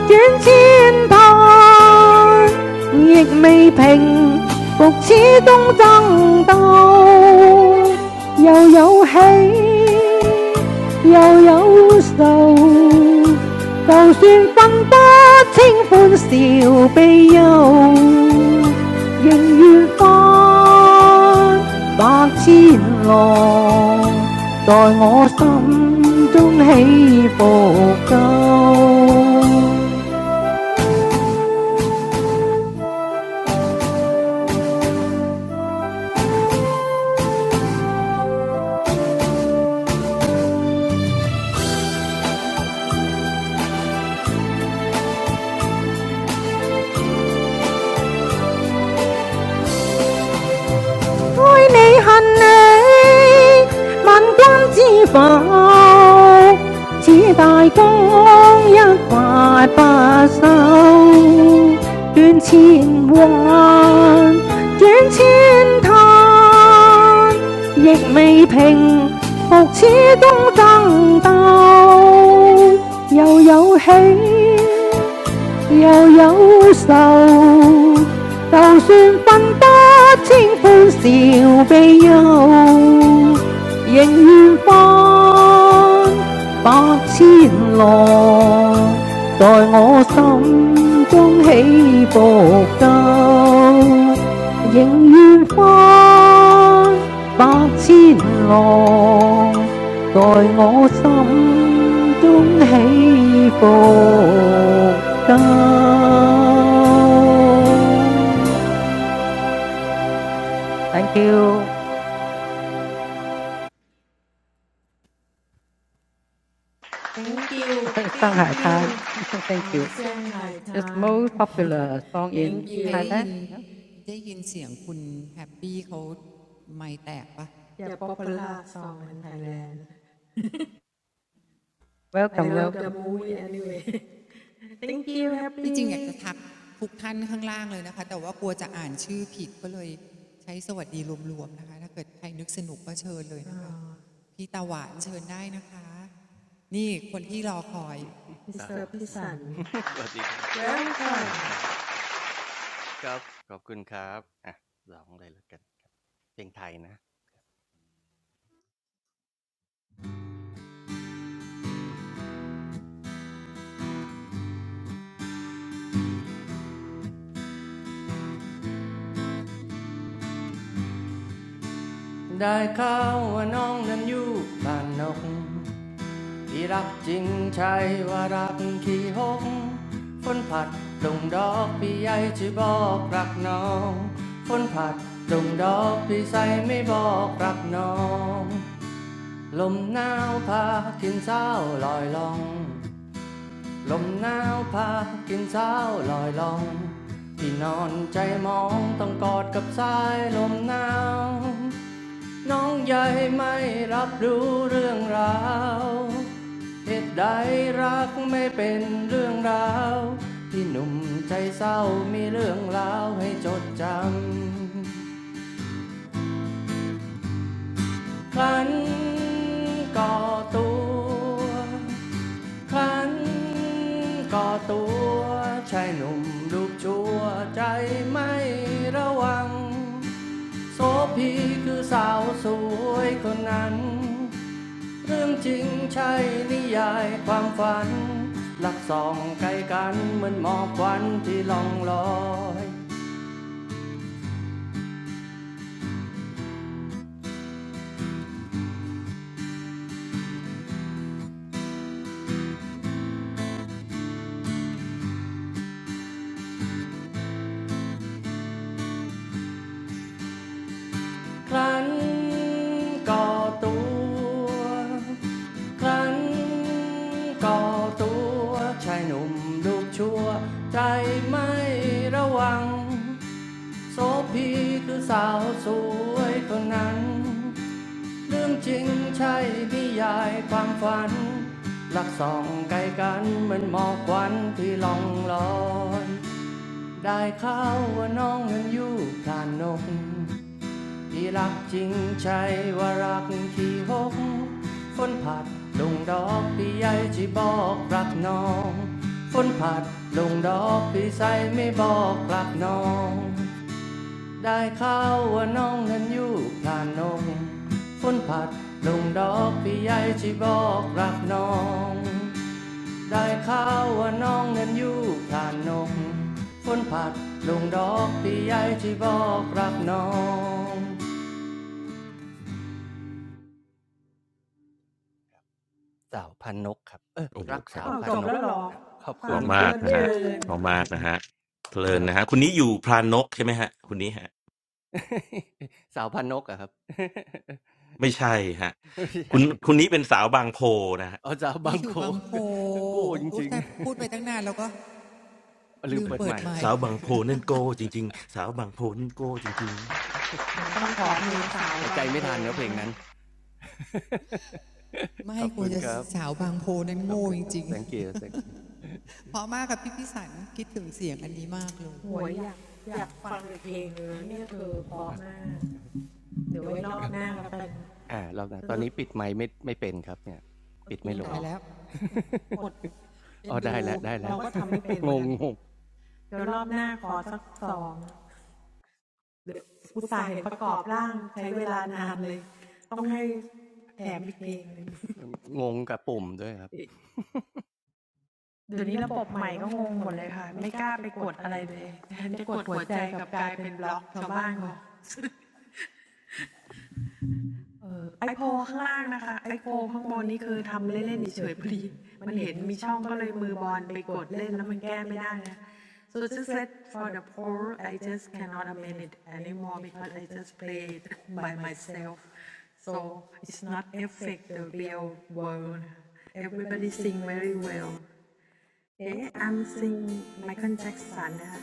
Speaker 6: 斷千盼，亦未平復此東爭鬥，又有喜，又有愁。就算分不清歡笑悲憂，仍愿翻百千浪，在我心中起伏够。愛你恨你，萬君知否？此大江一發不收，斷千彎，斷千灘，亦未平復此東爭鬥，又有喜。又有愁，就算分不清歡笑悲憂，仍願翻百千浪，在我心中起伏鳩，仍願翻百千浪。在我心中起伏間。Thank you,
Speaker 1: Thank you, thank you, thank
Speaker 6: Shanghai
Speaker 1: you.
Speaker 6: Tan. Thank
Speaker 1: Oh,
Speaker 6: you.
Speaker 1: sang Thai cha.
Speaker 6: It's the most popular song
Speaker 1: Thank
Speaker 6: in
Speaker 2: มีใคร
Speaker 1: you.
Speaker 2: ได้ยิ
Speaker 6: Thailand.
Speaker 2: นได้ยินเสียงคุณแฮปปี้เขาไม่แตกปะ
Speaker 1: Ya popular song in Thailand. I
Speaker 6: Welcome,
Speaker 1: love the
Speaker 6: welcome.
Speaker 1: movie. anyway Thank you for
Speaker 2: ที่จริงอยากจะทักทุกท่านข้างล่างเลยนะคะแต่ว่ากลัวจะอ่านชื่อผิดก็เลยใช้สวัสดีรวมๆนะคะถ้าเกิดใครนึกสนุกก็เชิญเลยนะคะพี่ตาหวานเชิญได้นะคะนี่คนที่รอคอย
Speaker 1: your service. Well, ค่ะ.
Speaker 7: ได้ข่าวว่าน้องนั้นอยู่บ้านนกที่รักจริงใช่ว่ารักขี้หกฝนผัดลงดอกพี่ใหญ่จะบอกรักน้องฝนผัดลงดอกพี่ใส่ไม่บอกรักน้องลมหนาวพากินเศร้าลอยลองลมหนาวพากินเศร้าลอยลองพี่นอนใจมองต้องกอดกับสายลมหนาว น้องใหญ่ไม่รับรู้เรื่องราว เหตุใดรักไม่เป็นเรื่องราวที่หนุ่มใจเศร้ามีเรื่องราวให้จดจำครันก่อตัวครันก่อตัว ชายหนุ่มรูปชั่วใจไม่ระวังโสพีคือสาวสวยคนนั้น เรื่องจริงใช่นิยายความฝัน หลักสองไกลกันเหมือนหมอกควันที่ล่องลอยครั้นก่อตัวครั้นก่อตัวชายหนุ่มลูกชั่วใจไม่ระวังโสพีคือสาวสวยคนนั้น เรื่องจริงใช่นิยายความฝันหลักสองไกลกันเหมือนหมอกควันที่ล่องลอยได้ข่าวว่าน้องนั้นอยู่พลานนกที่รักจริงใช่ว่ารักที่หกฝนผัดลงดอกพี่ใหญ่ที่บอกรักน้องฝนผัดลงดอกพี่ใสไม่บอกรักน้อง ได้ข่าวว่าน้องนั้นอยู่พลานนงฝนผัดลงดอกพี่ใหญ่ชีบอกรักน้องได้ข่าวว่าน้องนั้นอยู่พลานนงฝนผัดลงดอกพี่ใหญ่ชีบอกรักน้อง
Speaker 5: โอ้โหเพราะเพ
Speaker 1: ฟั
Speaker 5: ราะ
Speaker 1: งเพ
Speaker 5: มา
Speaker 1: ลิ
Speaker 5: ก
Speaker 1: น
Speaker 5: นะ
Speaker 1: เพ
Speaker 5: ฮะ
Speaker 1: ลิน.
Speaker 5: เพราะมากนะฮะเพลินนะฮะคุณนี้อยู่พรานกใช่ไหมฮะคุณนี้ฮะไม่ใช่ฮะคุณคุณนี้เป็นสาวบางโพนะฮะ
Speaker 2: นี่อยู่บางโพอุ๊ยแต่พูดไปตั้งนานแล้วก็ลืมเปิดไมค์
Speaker 5: สาวบางโพนั่นโก้จริงๆสาวบางโพนั่นโก้จริง
Speaker 1: ต้องขอเพลงสาวบางโพแล้วมั้ยเนี่ย?
Speaker 2: ไม่กลัวจะสาวบางโพนั้นโง่จริงๆเพราะมากกับพี่พิสันคิดถึงเสียงอันนี้มากเลย
Speaker 1: หวยอยากอยากฟังเลย.นี่คือเพราะน่า.เดี๋ยวไว้รอบหน้าก็เป็นจริง
Speaker 2: ย
Speaker 1: เห
Speaker 2: ตา
Speaker 1: ร
Speaker 2: ย
Speaker 1: อ?
Speaker 2: แล้ว
Speaker 1: กด
Speaker 2: เอ็นดู
Speaker 1: เราเหมือนกัน.ต้องตอบ. เลยแถมอีกเดือนหมดเลยค่ะ so just let for the poll I just cannot amend it anymore because I just play it by myself so it's not affect the real world everybody sing very well เอ๊ะ I'm sing Michael Jackson นะคะ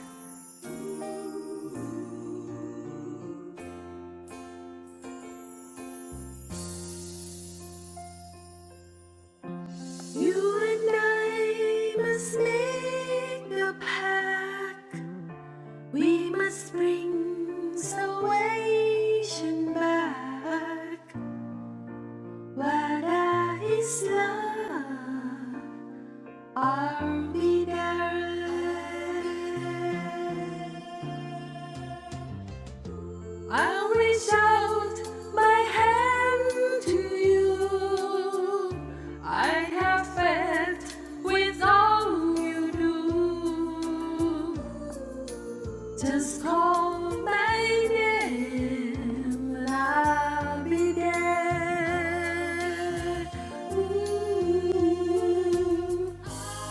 Speaker 1: You and I must make a pact. We must bring salvation back. What is love? Are we there? I'll reach out my hand to you. I have faith with all you do. Just call my name and I'll be there. Ooh,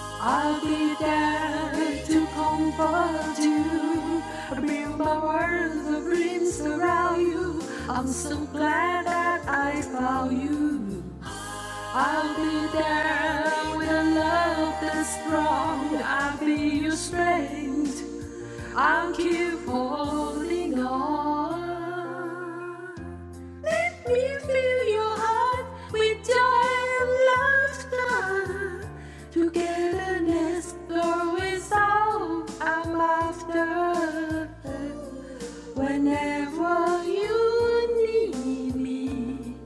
Speaker 1: I'll be there to comfort you. Bring my words of dreams around you. I'm so glad that I found you. I'll be there with a love that's strong. I'll be your strength. I'll keep holding on. Let me fill your heart with joy and laughter. Togetherness, though is all I'm after. Whenever you need me,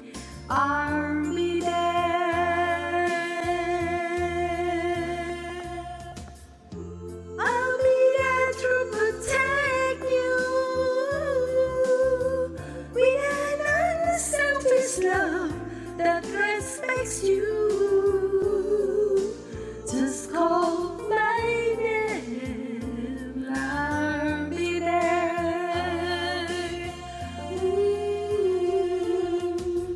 Speaker 1: I'll be there. I'll be there to protect you with an unselfish love that respects you. Just call my name, I'll be there. Mm.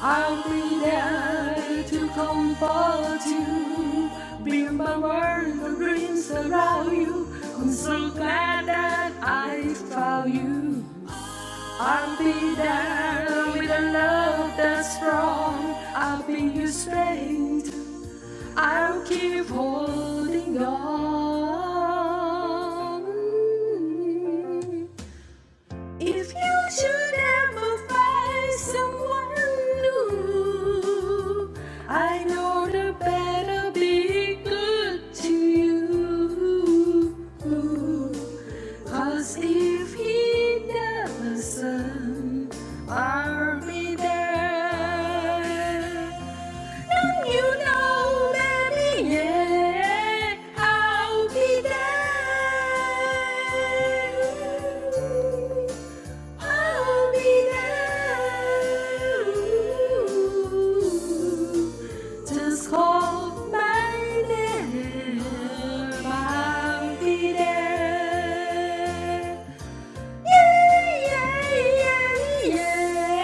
Speaker 1: I'll be there to comfort you. Build my world of dreams around you. I'm so glad that I found you. I'll be there with a love that's strong. I'll be your strength. I'll keep holding on. If you should ever find someone new, I know they better be good to you. Cause if he doesn't, I'll be there. And you know, baby, yeah, I'll be there. I'll be there. Just call my name. I'll be there. Yeah, yeah, yeah,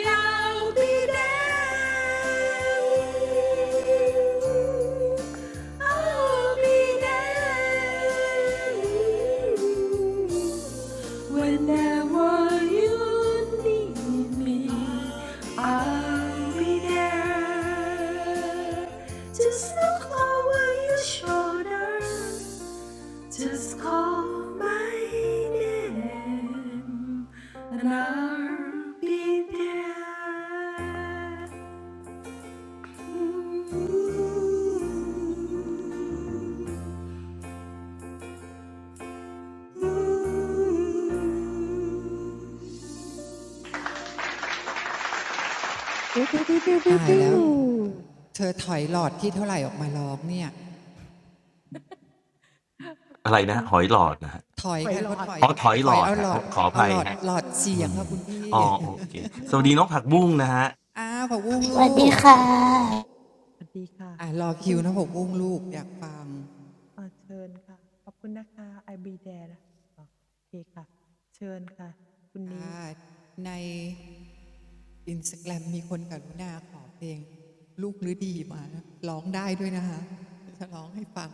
Speaker 1: yeah, I'll be there. I'll be there. Whenever you need me, I'll be there. Just look over your shoulder. Just call my name and I'll be there. Ooh,
Speaker 6: Pew pew pew pew pew
Speaker 2: ตาย
Speaker 1: I'll
Speaker 2: แล้ว
Speaker 1: be
Speaker 6: pew.
Speaker 2: เธอถอยหลอดที่เท่าไหร่ออกมาร้องเนี่ย
Speaker 5: ๆอะไรนะหอยหลอดนะฮะ
Speaker 2: ถอยค่ะเขาถอย
Speaker 5: อ๋อถอย
Speaker 2: ถ
Speaker 5: หล
Speaker 2: อย
Speaker 5: อด
Speaker 2: เอาหล
Speaker 5: ฮะ
Speaker 2: อ
Speaker 5: อ๋
Speaker 2: ด
Speaker 5: อขออ
Speaker 2: เอา
Speaker 5: ภั
Speaker 2: ห
Speaker 5: ย
Speaker 2: ลอด
Speaker 5: ฮะ
Speaker 2: หลอดเสี
Speaker 5: อื
Speaker 2: ยงค่ะ
Speaker 5: ม
Speaker 2: คุณพี่
Speaker 5: อ๋อโอเคสวัสดีน้องผักบุ้งนะฮะ
Speaker 2: อ้าวผักบุ้งลูก
Speaker 8: สวัสดีค่ะ
Speaker 2: อ่ะรอคิวนะผักบุ้งลูกอยากฟังค่ะในอินสตาแกรมมีคนกรุณาขอเพลงลูกหรือดีมาร้องได้ด้วยนะคะจะร้องให้ฟัง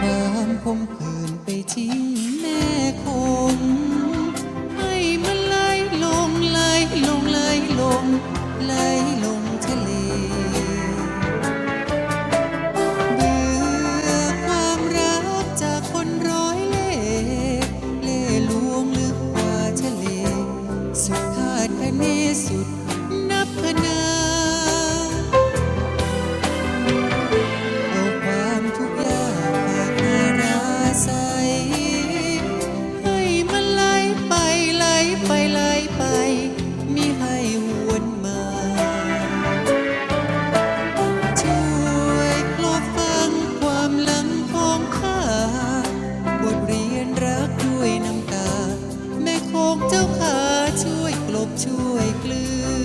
Speaker 2: เอาความคมคืนไปทิ้งแม่คงให้มันไหลลงไหลลงไหลลงไหลลงทะเล เบื่อความรักจากคนร้อยเล่เล่ลวงลึกกว่าทะเลสุดาดคะเนสุดนับพนาเอาความทุกข์ากาดาราใสให้มันไหลไปไหลไปไหลไปมิให้หวนมา ช่วยกลบฟังความหลังของข้าบทเรียนรักด้วยน้ำตาแม่คงเจ้าขาช่วยกลบช่วยกลือ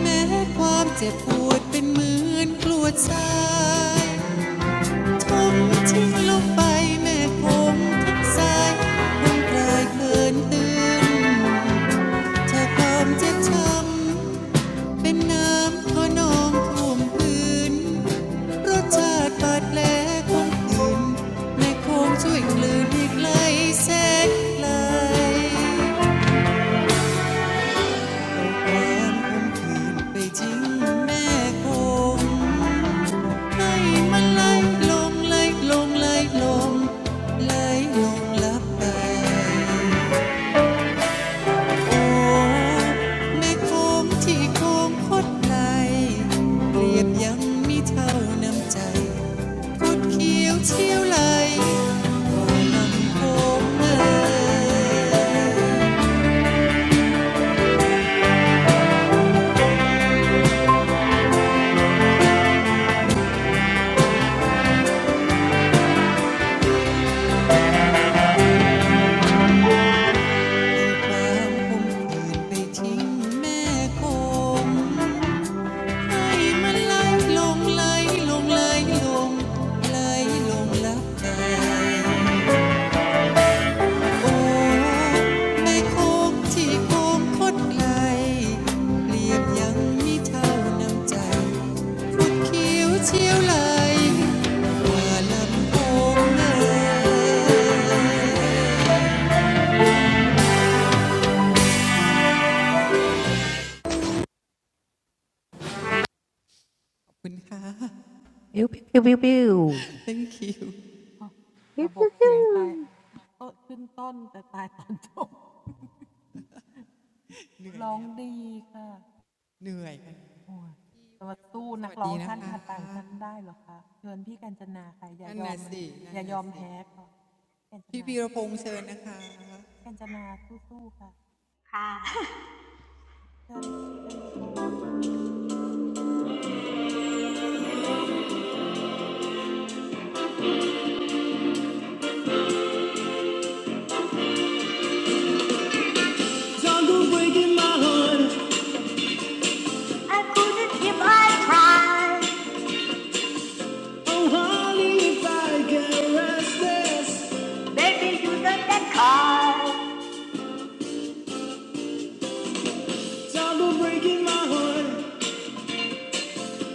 Speaker 2: แม้ความเจ็บปวดเป็นเหมือนกลวดทรายทุ่มทิ้งลงไปแม่คงทั้งสายคงกลายเกินตื่นเธอความเจ็บช้ำ เป็นน้ำขนองท่วมพื้นรสชาติบาดแผลของคืนในโคงช่วยกลืนอีกไกลแสนไกลเอาความคมคืนไปทิ้งแม่คงให้มันไหลลงไหลลงไหลลงไหลลงลับไปโอ้แม่คงที่โคงคดไหลเปรียบยังมิเท่าน้ำใจ ก็เขียวเชี่ยวไหลผมเอ่ยความคมคืนไปทิ้งแม่คงให้มันไหลลงไหลลงไหลลงไหลลงลับแอโอ้ไม่คมที่คมคดไหลเปรียบยังม่เท่าน้ำใจคดเขียวเชี่ยวไหลว่าลำโพงเอ่ย คุณค่ะ
Speaker 6: Pew pew pew pew pew.
Speaker 2: thank you เหนื่อยแล้ว เหนื่อยค่ะพงศ์สวัสดีนะคะ นั่นน่ะสินั่นน่ะสิ พี่พีรพงศ์เชิญนะคะ
Speaker 3: ค่ะ Jungle breaking my heart. I couldn't if I tried Oh, honey, if I get restless. baby you don't get caught Jungle breaking my heart.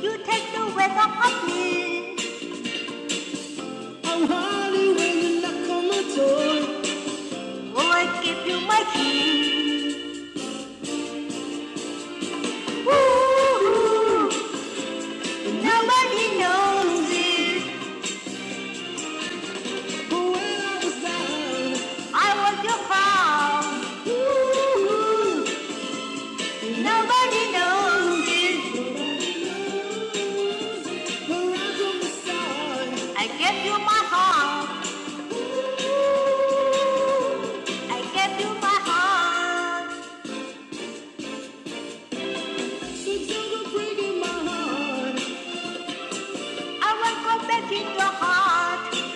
Speaker 3: you take the weight off of me Oh, honey, when you knock on my door. oh I give you my key Ooh, ooh, nobody knows it I was your pal. nobody knows it. I gave you my heart. I gave you my heart. I won't go back in your heart.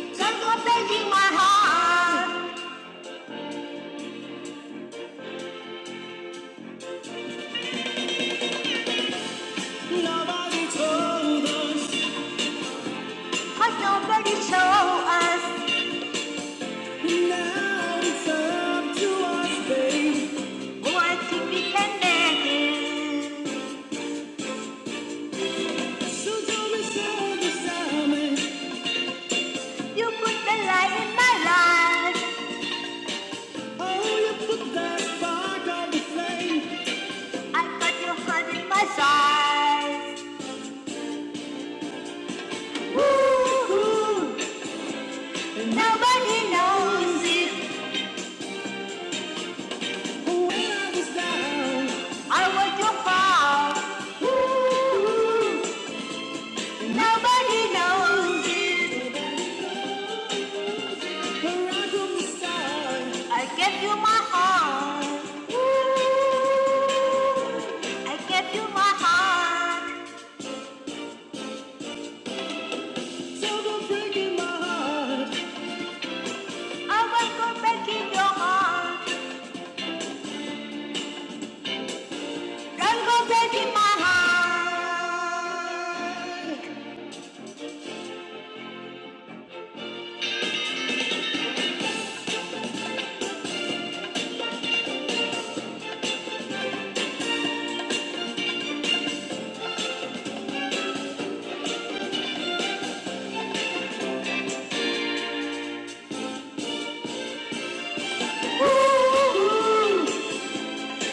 Speaker 3: Don't go back my heart. Cause nobody show us Now it's up to us, babe. Oh, I think we can make it." So don't be sad beside me. You put the light in my life. Oh, you put that spark on the flame. I got your heart in my size. Ooh, and Nobody knows it. when I was down, I was your fault. ooh, Nobody knows where I come start. I gave you my heart. Ooh, I gave you my heart. So Don't break in my heart. I will not go back in your heart. Don't go back in my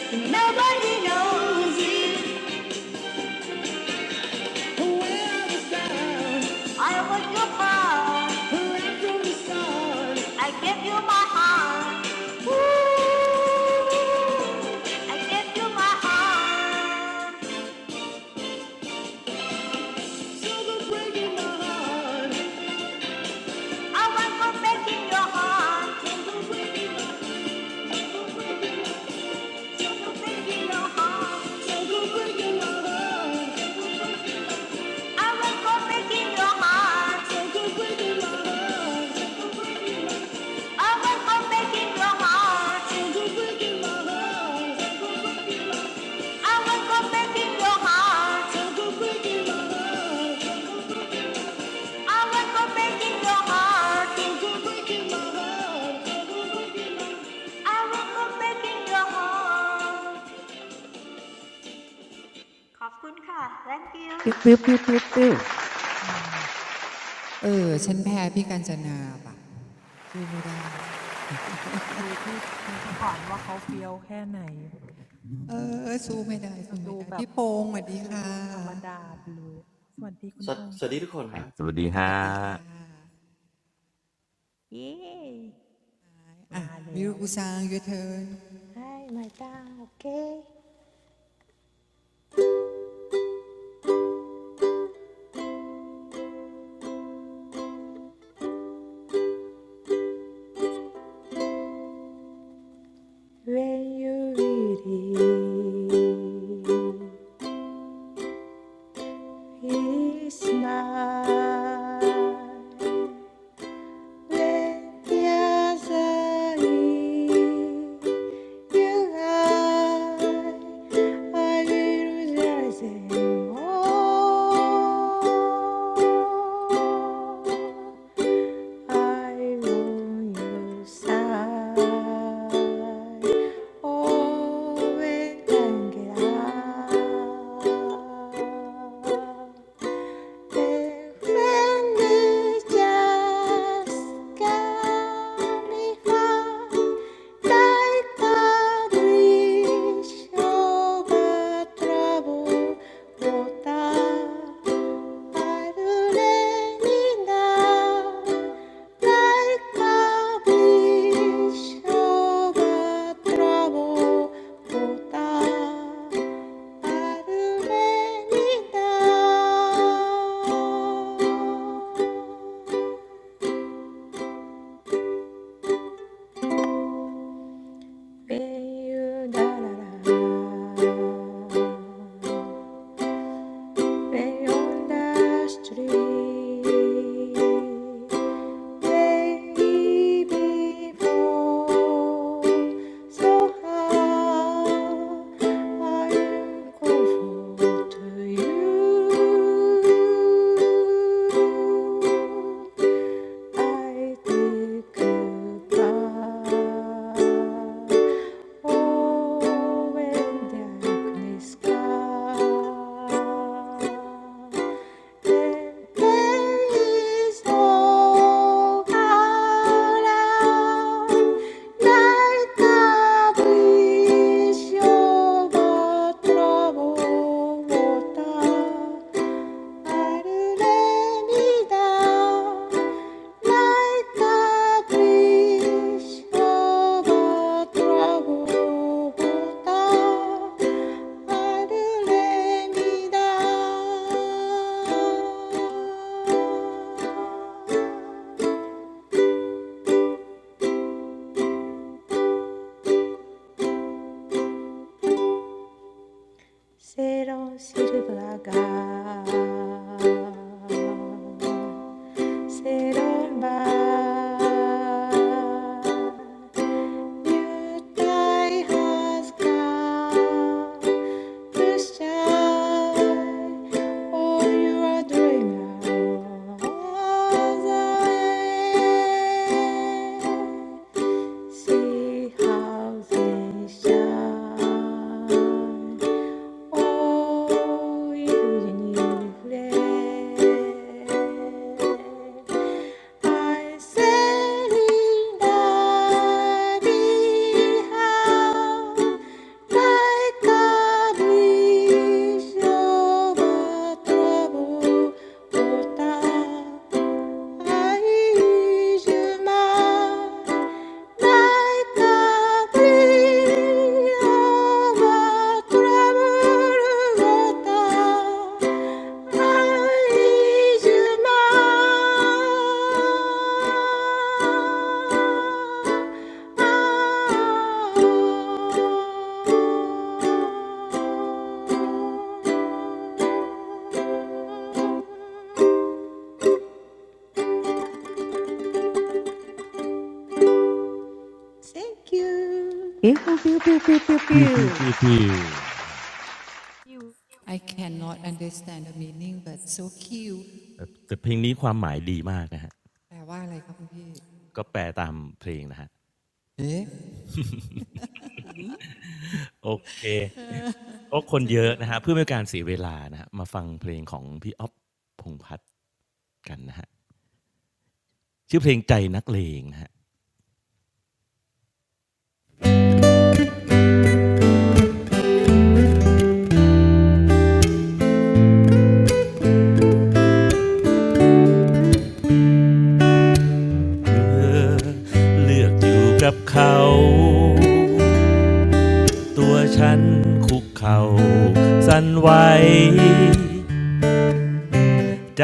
Speaker 3: heart. Ooh, nobody knows it. I was your friend. I give you my heart. Ooh, I give you my heart. I was for breaking your heart. For Breaking your heart. I was for breaking your heart. ขอบคุณค่ะ thank you
Speaker 6: Pew pew pew pew pew.
Speaker 2: เออ ฉันแพ้พี่กัญจนาปะสู้ไม่ได้ เออ สู้ไม่ได้ สู้ไม่ได้ พี่พงศ์สวัสดีค่ะ
Speaker 5: อ่ะส
Speaker 9: สวัสสวัสดีทุกคนครับ
Speaker 5: วัสดี
Speaker 2: สวั
Speaker 5: ฮะ
Speaker 2: สดีค่ะอ่ะมิรุกุซัง your turn
Speaker 4: Hi, my dad. Okay. When you really, really smile. Oh, when can get out? Thank you Beyond the street. baby born. So how are you grateful to you? I did goodbye. Oh, when darkness comes, and there is no around, night I wish you but trouble. I'll never be down like a pushover, trouble over. I'll never be down. Ciro Cirovaga, Cirova. Judai has come to shine. Oh, you are dreamer of Zion. See how they shine. Hoy libre al ser inadijado, Thank you. Thank you.
Speaker 6: Pew pew pew pew pew pew.
Speaker 5: พิวพิวพิวพิว
Speaker 2: I cannot understand the meaning but so cute
Speaker 5: เอ่อแต่เพลงนี้ความหมายดีมากนะฮะ
Speaker 2: แปลว่าอะไรครับคุณพี่
Speaker 5: ก็แปลตามเพลงนะฮะ
Speaker 2: เอ๊ะ
Speaker 5: โอเคก็คน
Speaker 2: เชิญ
Speaker 5: เยอะ
Speaker 2: พี่น
Speaker 5: นะ
Speaker 2: ก
Speaker 5: ฮะเพื่อไม่ให้การเสียเวลานะฮะมาฟังเพลงของพี่อ๊อฟพงษ์พัฒน์กันนะฮะชื่อเพลงใจนักเลงนะฮะ เลือกอยู่กับเขา ตัวฉันคุกเข่าสั่นไหวใจ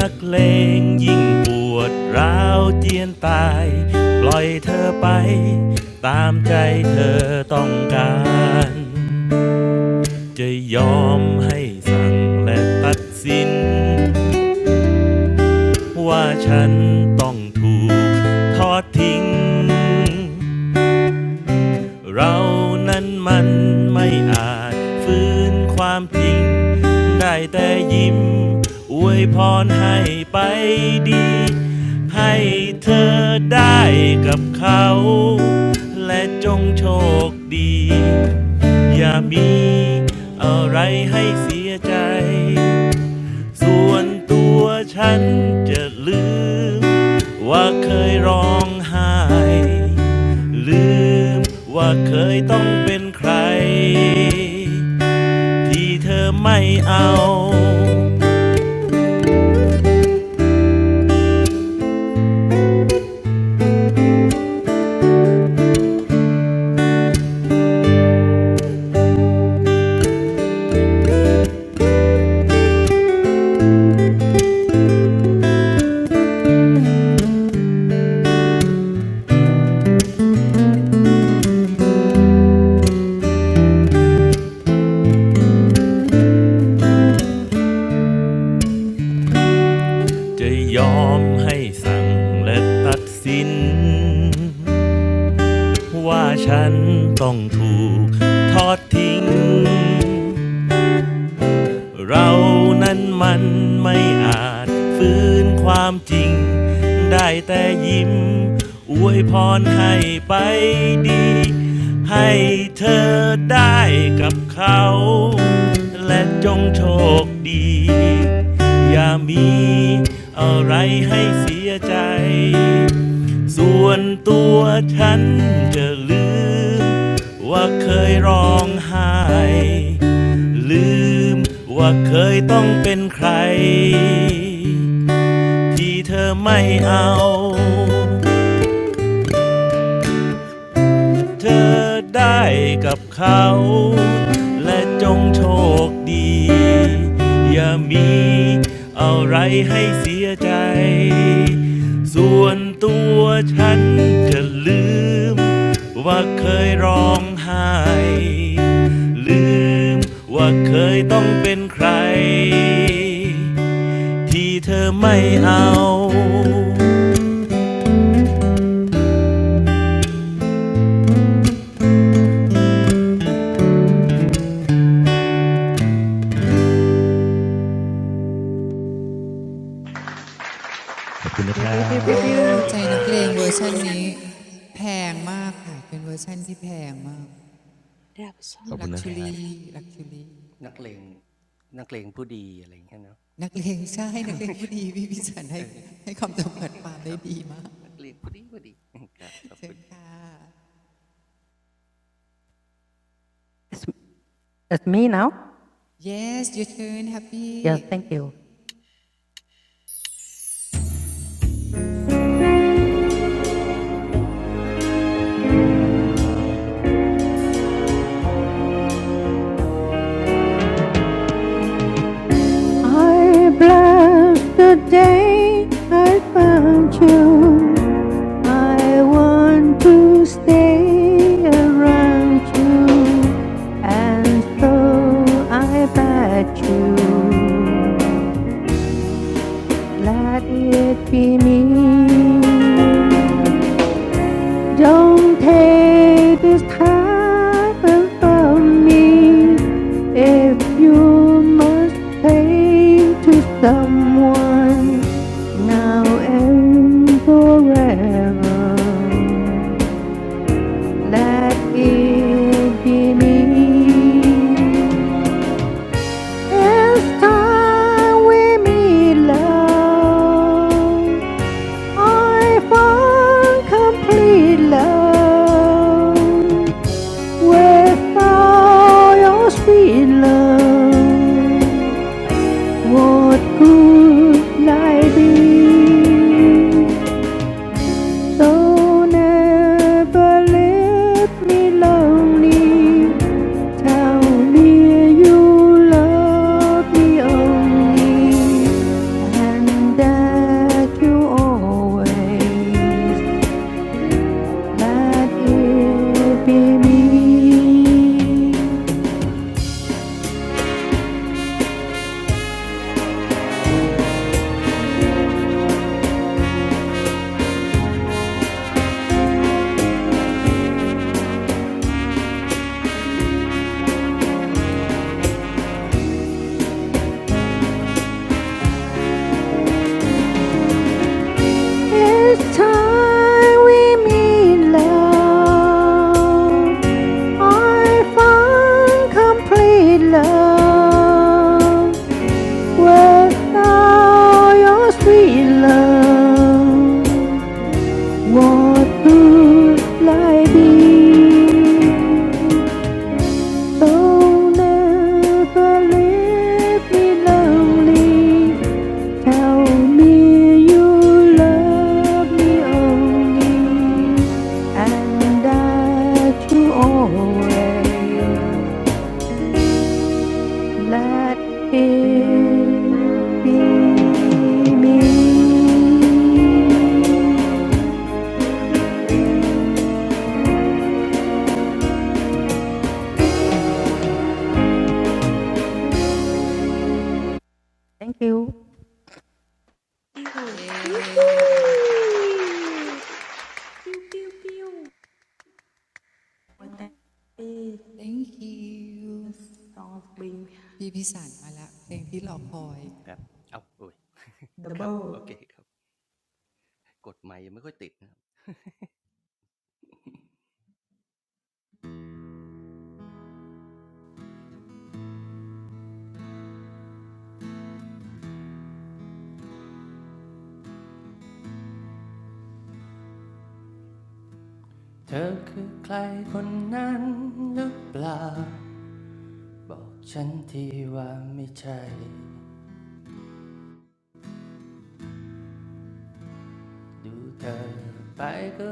Speaker 5: นักเลงยิ่งปวดร้าวเจียนตายปล่อยเธอไปตามใจเธอต้องการจะยอมให้สั่งและตัดสินว่าฉันต้องถูกทอดทิ้ง เรานั้นมันไม่อาจฟื้นความจริงได้แต่ยิ้มอวยพรให้ไปดีให้เธอได้กับเขาและจงโชคดีอย่ามีอะไรให้เสียใจ ส่วนตัวฉันจะลืมว่าเคยร้องไห้ลืมว่าเคยต้องเป็นใครที่เธอไม่เอาจะยอมให้สั่งและตัดสินว่าฉันต้องถูกทอดทิ้ง เรานั้นมันไม่อาจฟื้นความจริงได้แต่ยิ้มอวยพรให้ไปดีให้เธอได้กับเขาและจงโชคดีอย่ามีอะไรให้เสียใจ ส่วนตัวฉันจะลืมว่าเคยร้องไห้ลืมว่าเคยต้องเป็นใครที่เธอไม่เอา เธอได้กับเขาและจงโชคดีอย่ามีอะไรให้เสียใจส่วนตัวฉันจะลืมว่าเคยร้องไห้ลืมว่าเคยต้องเป็นใครที่เธอไม่เอาขอบคุณนะค
Speaker 6: Pew
Speaker 5: รั
Speaker 6: pew pew pew
Speaker 5: บ
Speaker 2: เอา
Speaker 5: thank you very
Speaker 2: ใจนักเลงเว
Speaker 5: much
Speaker 2: อร์ชันนี้
Speaker 4: Yoo-hoo!
Speaker 2: แพงมากค่ะเป็นเวอร์ชันที่แพงมาก
Speaker 4: That was so
Speaker 5: ขอบ
Speaker 2: ลั
Speaker 5: คุ
Speaker 4: good.
Speaker 5: ณ
Speaker 2: ก
Speaker 5: นะ
Speaker 2: ชู
Speaker 5: ครั
Speaker 2: รี
Speaker 5: บ
Speaker 2: ลักชูรีนักเลงใช่นักเลงผู้ดีพี่พิสันให้ให้คำจำกัดความได้ดีมากเชิญค่ะ
Speaker 6: It's, it's me now.
Speaker 2: yes your turn happy
Speaker 6: Yeah, thank you. I bless the day I found you. I want to stay around you, and so I bet you. Let it be me. Don't take this time from me if you must pay to someone now and forever. Let it be me. It's time we meet love. I found complete love. With all your sweet love, what could I be? So never leave me lonely. Tell me you love me only. And that you always let it be me. It's time we meet love. I find complete love without your sweet love. What would life be? Oh, never leave me lonely. Tell me you love me only, and that you always let it be me. Thank you.
Speaker 1: pew,
Speaker 2: Yeah.
Speaker 4: Whoopee!
Speaker 1: pew, pew, pew. What that is,
Speaker 2: thank you
Speaker 1: the song being
Speaker 2: พี่พิสันมาละเพลงที่รอคอย
Speaker 1: the boat.
Speaker 7: เธอคือใครคนนั้นหรือเปล่าบอกฉันทีว่าไม่ใช่ดูเธอไปก็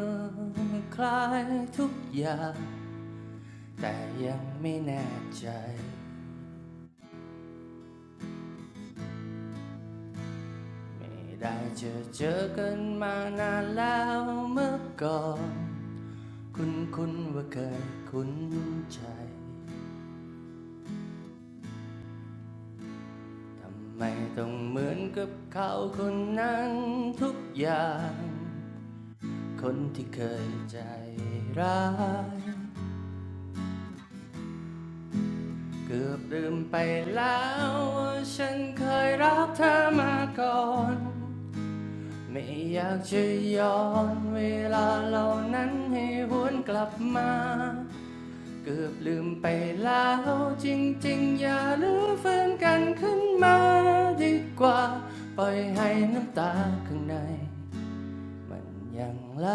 Speaker 7: คล้ายทุกอย่าง แต่ยังไม่แน่ใจไม่ได้เจอเจอกันมานานแล้วเมื่อก่อนคุ้นคุ้นๆว่าเคยคุ้นใจทำไมต้องเหมือนกับเขาคนนั้นทุกอย่างคนที่เคยใจร้ายเกือบลืมไปแล้วว่าฉันเคยรักเธอมาก่อน ไม่อยากจะย้อนเวลาเหล่านั้นให้หวนกลับมาเกือบลืมไปแล้วจริงๆอย่าลืมฟื้นกันขึ้นมาดีกว่าปล่อยให้น้ำตาข้างในมันยังไหล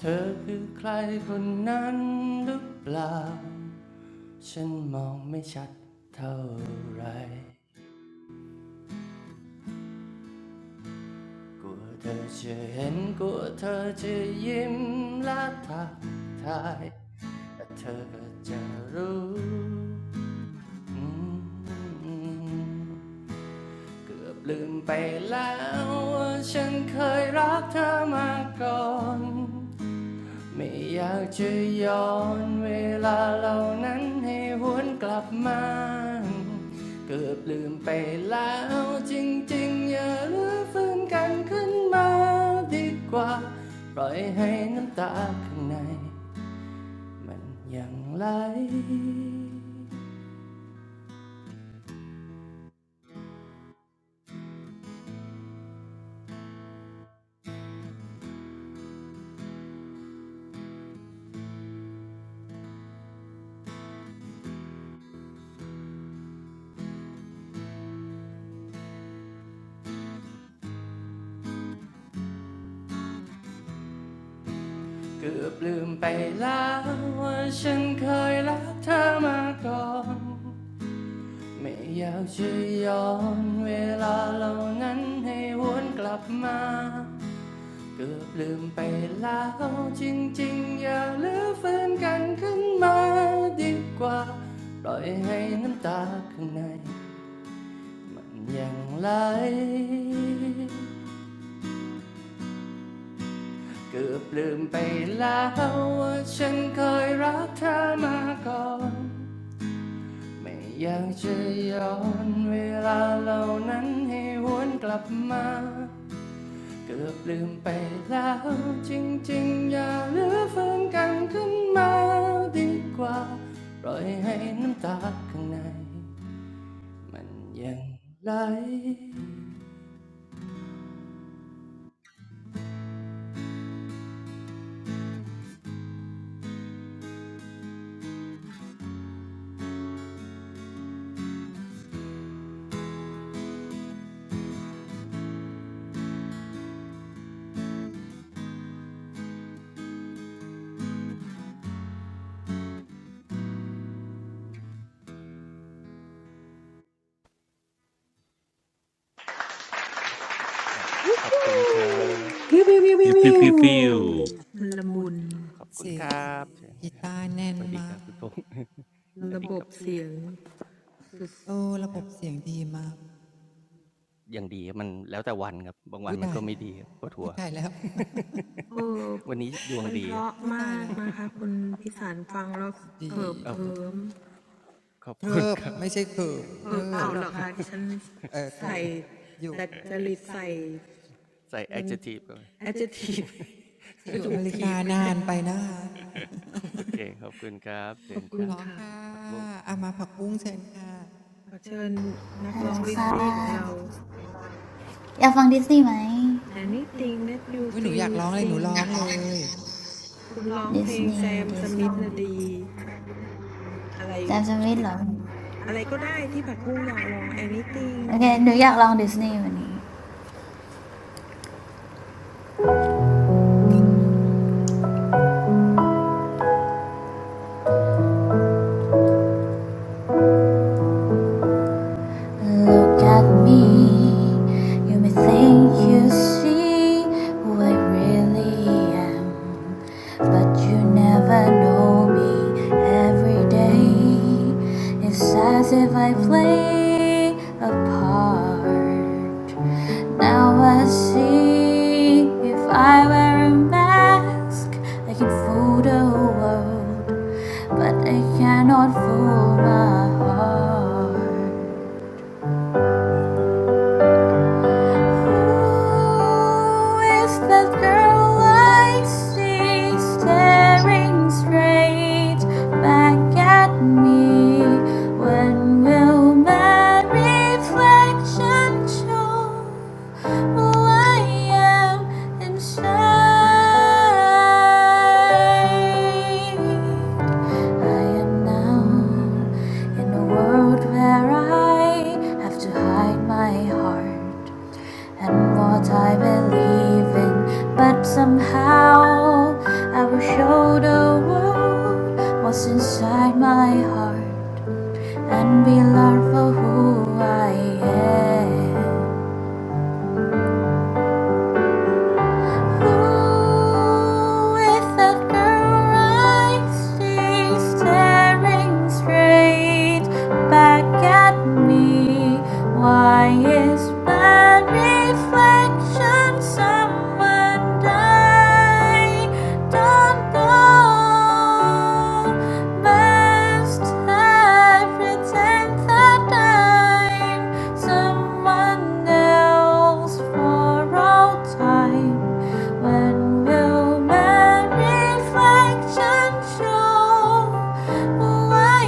Speaker 7: เธอคือใครคนนั้นหรือเปล่าฉันมองไม่ชัดเท่าไหร กลัวเธอจะเห็นกลัวเธอจะยิ้มและทักทายแต่เธอก็จะรู้อืมเกือบลืมไปแล้วว่าฉันเคยรักเธอมาก่อน ไม่อยากจะย้อนเวลาเหล่านั้นให้หวนกลับมาเกือบลืมไปแล้วจริงๆอย่าลื้อฟื้นกันขึ้นมาดีกว่าปล่อยให้น้ำตาข้างในมันยังไหลเกือบลืมไปแล้วว่าฉันเคยรักเธอมาก่อน ไม่อยากจะย้อนเวลาเหล่านั้นให้วนกลับมาเกือบลืมไปแล้วจริงๆอย่าลือฟื้นกันขึ้นมาดีกว่าปล่อยให้น้ำตาข้างในมันยังไหลเกือบลืมไปแล้วว่าฉันเคยรักเธอมาก่อนไม่อยากจะย้อนเวลาเหล่านั้นให้วนกลับมา เกือบลืมไปแล้วจริงๆอย่าลือฟื้นกันขึ้นมาดีกว่าปล่อยให้น้ำตาข้างในมันยังไหลรขอบคุณครับ
Speaker 6: Pew
Speaker 4: Whoopee!
Speaker 6: pew pew
Speaker 5: ปิ้วปิ้วปิ้วปิ้
Speaker 6: pew
Speaker 5: ว
Speaker 6: pew.
Speaker 1: ละมุน
Speaker 7: ขอบคุณ
Speaker 2: เสี
Speaker 7: ค
Speaker 2: ยง
Speaker 7: รับ
Speaker 2: กีตาร์แน่
Speaker 7: ส
Speaker 2: น
Speaker 7: วัสดีค
Speaker 2: มา
Speaker 7: รั
Speaker 2: ก
Speaker 7: บคุณพงษ์สวัสดีครับ
Speaker 2: โอ้ระ
Speaker 7: ค
Speaker 2: บ
Speaker 7: รั
Speaker 2: บ
Speaker 7: บ
Speaker 2: เสียงดีมาก
Speaker 7: อย่างดีมันแล้วแต่วันครับบางวั
Speaker 2: อุ้
Speaker 7: น
Speaker 2: ย
Speaker 7: มัน
Speaker 2: ตาย
Speaker 7: ก็ไม่ดีครับปวด
Speaker 2: อุ้
Speaker 7: หั
Speaker 2: ย
Speaker 7: ว
Speaker 2: ตายแล้ว
Speaker 7: วันนี้ดวงดีครับ
Speaker 2: อุ้ยตายแล้ว
Speaker 1: ระบบเสียงสุดเออมันเพราะมากนะคะ
Speaker 2: ดี
Speaker 1: คุณพิสารฟังแล้วเขิบเขิม
Speaker 7: ขอบคุณ
Speaker 2: เทิบ
Speaker 7: ครับ
Speaker 2: ไม่ใช่เกิบเทิบ
Speaker 7: เคิร์บ
Speaker 2: อยู่
Speaker 1: เออเอาเหรอคะดิฉันใส่แต่จริตใส่จน
Speaker 7: ใส่แอค
Speaker 1: adjective
Speaker 2: ที่อยู่อเมริกานานไปนะคะ
Speaker 7: โอเคขอบคุณค
Speaker 2: เห
Speaker 7: รั
Speaker 2: ร
Speaker 7: บ
Speaker 2: อค่ะ
Speaker 1: จะถูกถีบไปแทนขอบคุณค่ะขอเชิญนักร้องลิสนี่ของเรา
Speaker 7: ผักบุ้ง
Speaker 2: อามาผักบุ้งเชิญค่ะ
Speaker 8: ฮัลโหลค่ะอยากฟังดิสนีย์ไหม
Speaker 1: Anything that you
Speaker 2: อุ้ยหนูอยา
Speaker 1: feel
Speaker 2: กร้องเลยหนู
Speaker 1: sing
Speaker 2: ร้องเลย
Speaker 8: ดิสนีย์ดิสนีย์จำจะไม่หรอ
Speaker 1: คุณร้องเพลงแซมสมิธนะดีอะไรอะไรก็ได้ที่ผักบุ้งอยากร้อง Anything
Speaker 8: โอเคหนูอยากลองดิสนีย์วันนี้ Look at me. You may think you see who I really am, but you never know me every day. It's as if I play a part. Now I see if I wear a mask, I can fool the world, but I cannot fool my heart. Who is that girl I see staring straight back at me? When will my reflection show who I am inside? I am now in a world where I have to hide my heart. And what I believe in, but somehow I will show the world what's inside my heart and be loved for who I am. Ooh, with that girl right, she's staring straight back at me. Why is that reflection someone I don't know? Must have every tenth a Someone else for all time. When will my reflection show who I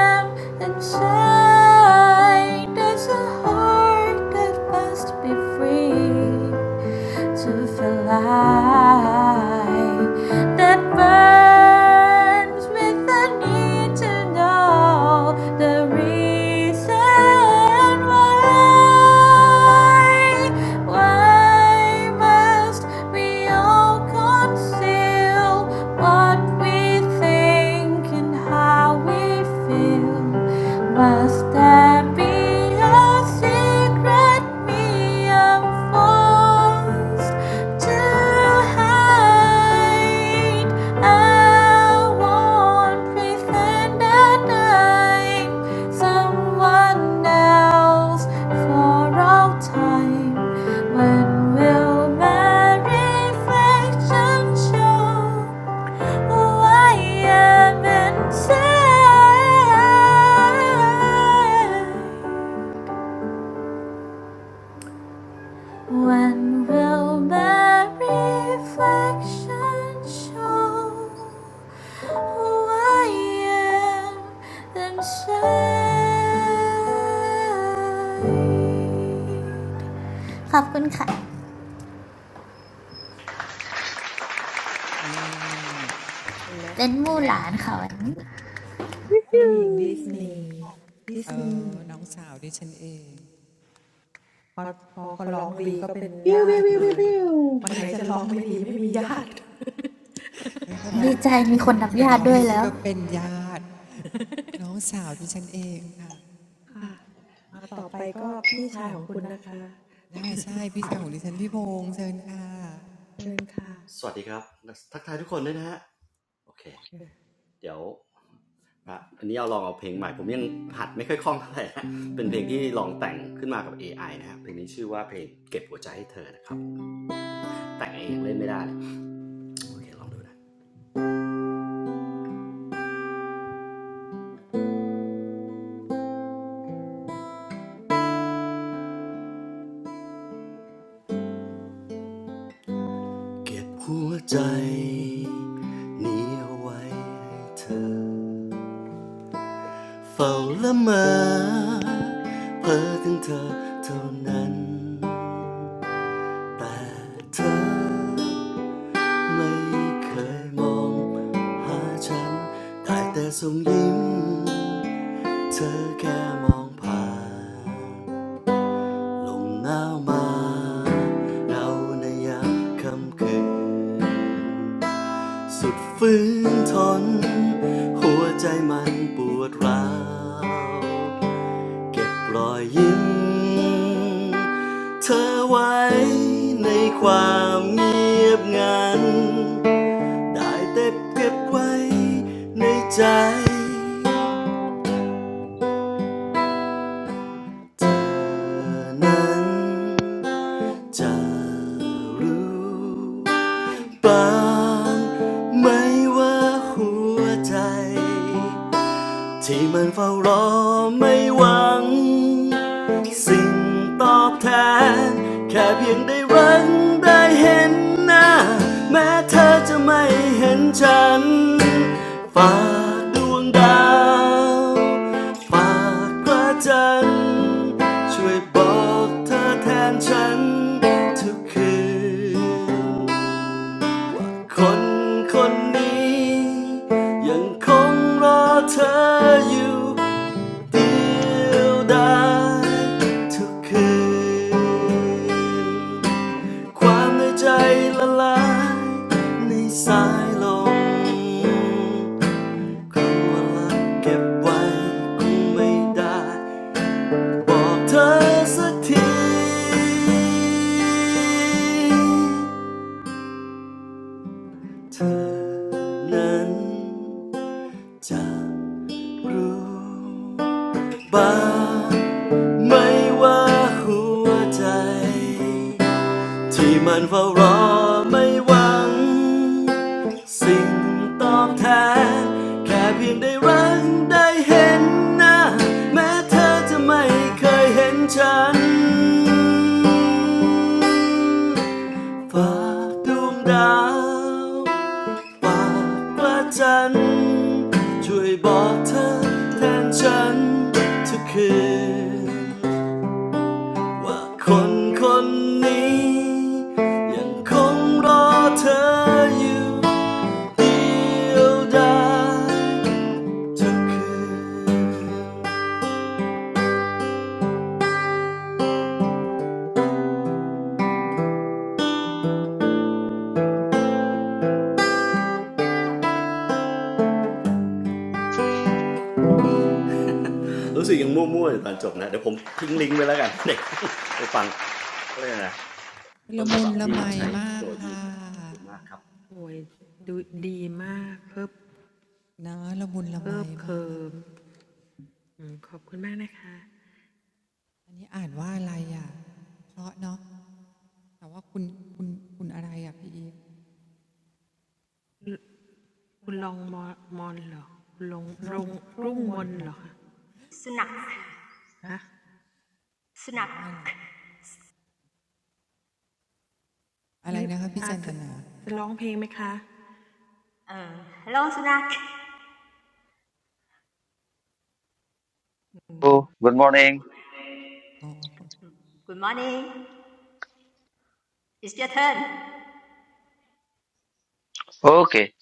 Speaker 8: am inside? Does a heart that must be free? to fly that burns with the need to know the reason why. Why must we all conceal what we think and how we feel? Must there be a secret me are forced to hide? I won't pretend that I'm someone else for all time. When will my reflection show? I am inside. When will my reflection show who I am inside? ขอบคุณค่ะ
Speaker 4: Yoo-hoo!
Speaker 2: เออน้องสาวดิฉันเองเพราะมาก
Speaker 6: Pew pew pew pew
Speaker 1: เห็นไหมเจ้าหญิงดิสนีย์ดิสนีย์พอเขาร้องดีก็เป็นญาติเลยวันไหนจะร้องไม่ดีไม่มีญาติค่ะ
Speaker 2: วันนี้เขาร้องคนคนไหนร้องดีซึ่ง
Speaker 8: เป็นมู่หลานค่ะวันนี้ดีใจมีคนนับญาติด้วยแล้ว
Speaker 2: ก็เป็นญาติน้องสาวดิฉันเองค่ะ
Speaker 1: อ่ะต่อไปก็พี่ชายของคุณนะคะ
Speaker 2: น่าใช่พี่ชายของดิฉันพี่พงษ์เชิญค่ะ
Speaker 1: เชิญค่ะ
Speaker 9: สวัสดีครับทักทายทุกคนด้วยนะฮะโอเค ไม่เคยมองหาฉัน ได้แต่เก็บไว้ในใจ ที่มันเฝ้ารอไม่หวัง ช่วยบอกเธอแทนฉันทุกคืน บอกเธอสักทีเธอนั้นจะรู้บ้างไหม่ว่าหัวใจ ที่มันเฝ้ารอไม่หวัง ว่าคนคนนี้ยังคงรอเธออยู่เดียวดายทุกคืนรู้สึกยังมั่วๆอยู่ตอนจบนะ
Speaker 2: ละมุนละไมมากค่ะนะละมุนละไมมาก
Speaker 1: โอ้ยดูดีมากเคิบเคิบเคิมอืมขอบคุณมากนะคะ
Speaker 2: อันนี้อ่านว่าอะไรอ่ะเพราะเนาะ แต่ว่าคุณคุณคุณอะไรอ่ะพี่อีฟ
Speaker 3: สุนัข
Speaker 2: นั่นสิอ่าน
Speaker 3: สุนัข
Speaker 2: ว่าอะไรอะไรนะคะพี่จันตนา
Speaker 1: คุณลองมอมอนเหรอคุณลงลงรุ่งมนเหรอคะฮะงั้นอาจะจะร้องเพลงไหมคะ
Speaker 3: Uh, hello สุนัข
Speaker 10: Oh, good morning.
Speaker 2: อ๋อ
Speaker 3: good morning it's your turn
Speaker 10: Okay.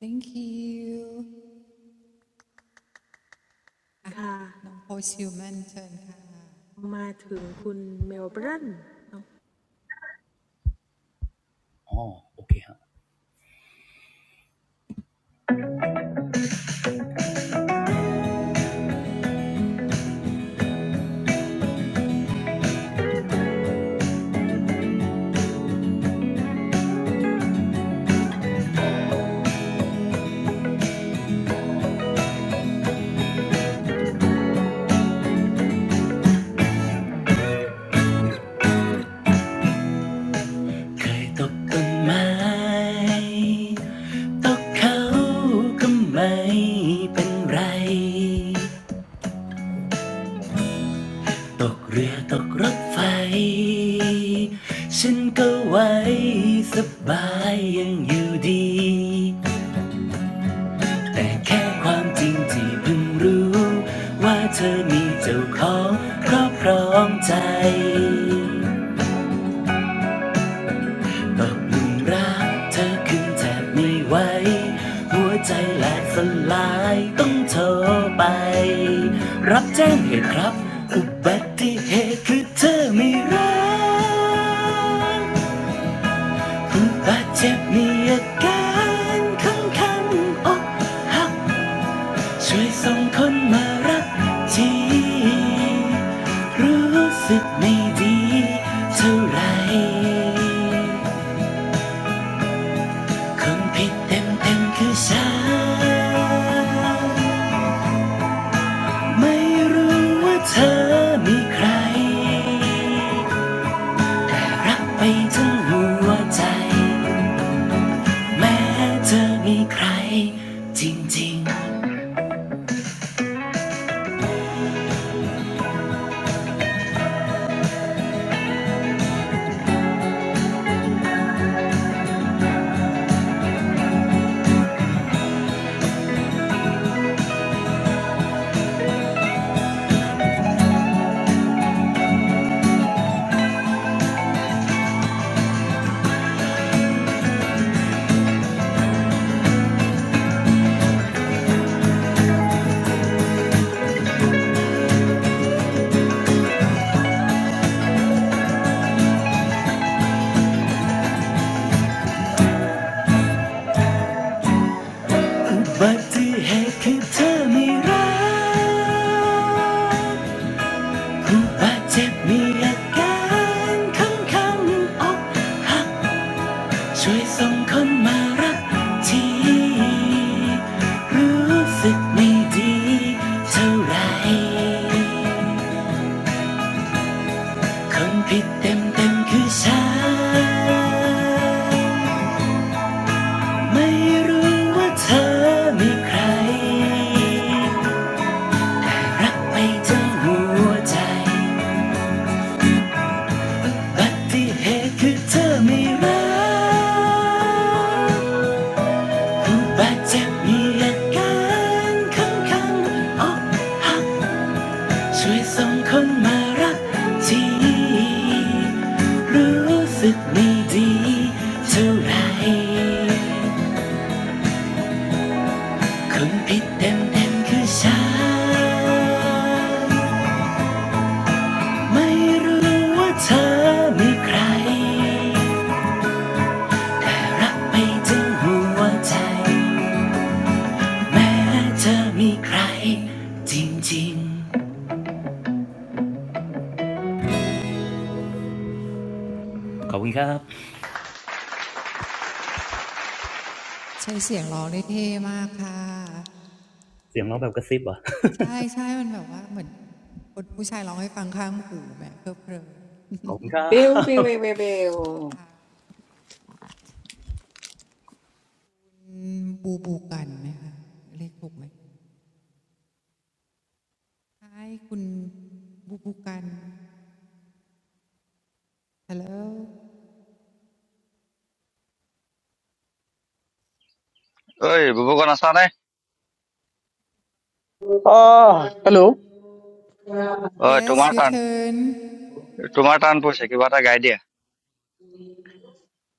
Speaker 2: thank you อ่ะ
Speaker 1: ค่ะ
Speaker 2: น้องโพชิวแมนเชิญค่ะ
Speaker 11: อ๋อโอเคครับเคยตกต้นไม้ ตกเขาก็ไม่เป็นไร ตกเรือตกรถไฟ ฉันก็ไหว้สบายยังอยู่ดี แต่แค่ความจริงที่เพิ่งรู้ว่าเธอมีเจ้าของครอบครองใจ ตกหลุมรักเธอขึ้นแทบไม่ไหวหัวใจแหลกสลายต้องโทรไปรับแจ้งเหตุครับอุบัติเหตุคือเธอไม่รักผุ้บาดเจ็บมีอาการคันคันๆอกหักช่วยส่งคนมารับทีรู้สึกไม่ดีเท่าไหร คนผิดเต็มเต็มคือฉันไม่รู้ว่าเธอมีใครรักไปทั้งหัวใจแม้เธอมีใครจริงๆอุบัติเหตุคือเธอมีรักผู้บาดเจ็บมีอาการขังคำอกหัก ช่วยส่งคนมารักทีรู้สึกไม่ดีเท่าไหรคนผิดเต็มเต็มคือฉันไม่รู้ว่าเธอมีใครรักไปจนหัวใจบัติเหตุคือเธอไม่รัก บาดเจ็บมีอาการข้างงๆอกหักช่วยส่งคนมารักทีรู้สึกไม่ดีเท่าไรคนผิดเต็มเต็มๆคือฉันไม่รู้ว่าเธอมีใครแต่รักไปถึงหัวใจแม้เธอมีใครจริงๆขอบคุณครับ
Speaker 2: ใช้เสียงร้องได้เท่มากค่ะ
Speaker 11: เสียงร้องแบบกระซิบเหรอ
Speaker 2: ใช่ใช่มันแบบว่าเหมือนคนผู้ชายร้องให้ฟังข้างหูแบบเพลิดเพลิน
Speaker 11: ขอบคุณครับ
Speaker 6: pew. Pew pew pew pew pew.
Speaker 2: บูบูกันไหมคะเรียกถูกไหมใช่คุณบูบูกัน hello
Speaker 10: Hey, baba, good morning.
Speaker 12: Ah, Hello.
Speaker 2: yes your
Speaker 10: Tomato,
Speaker 2: turn
Speaker 10: tomato, pushy. What are guides?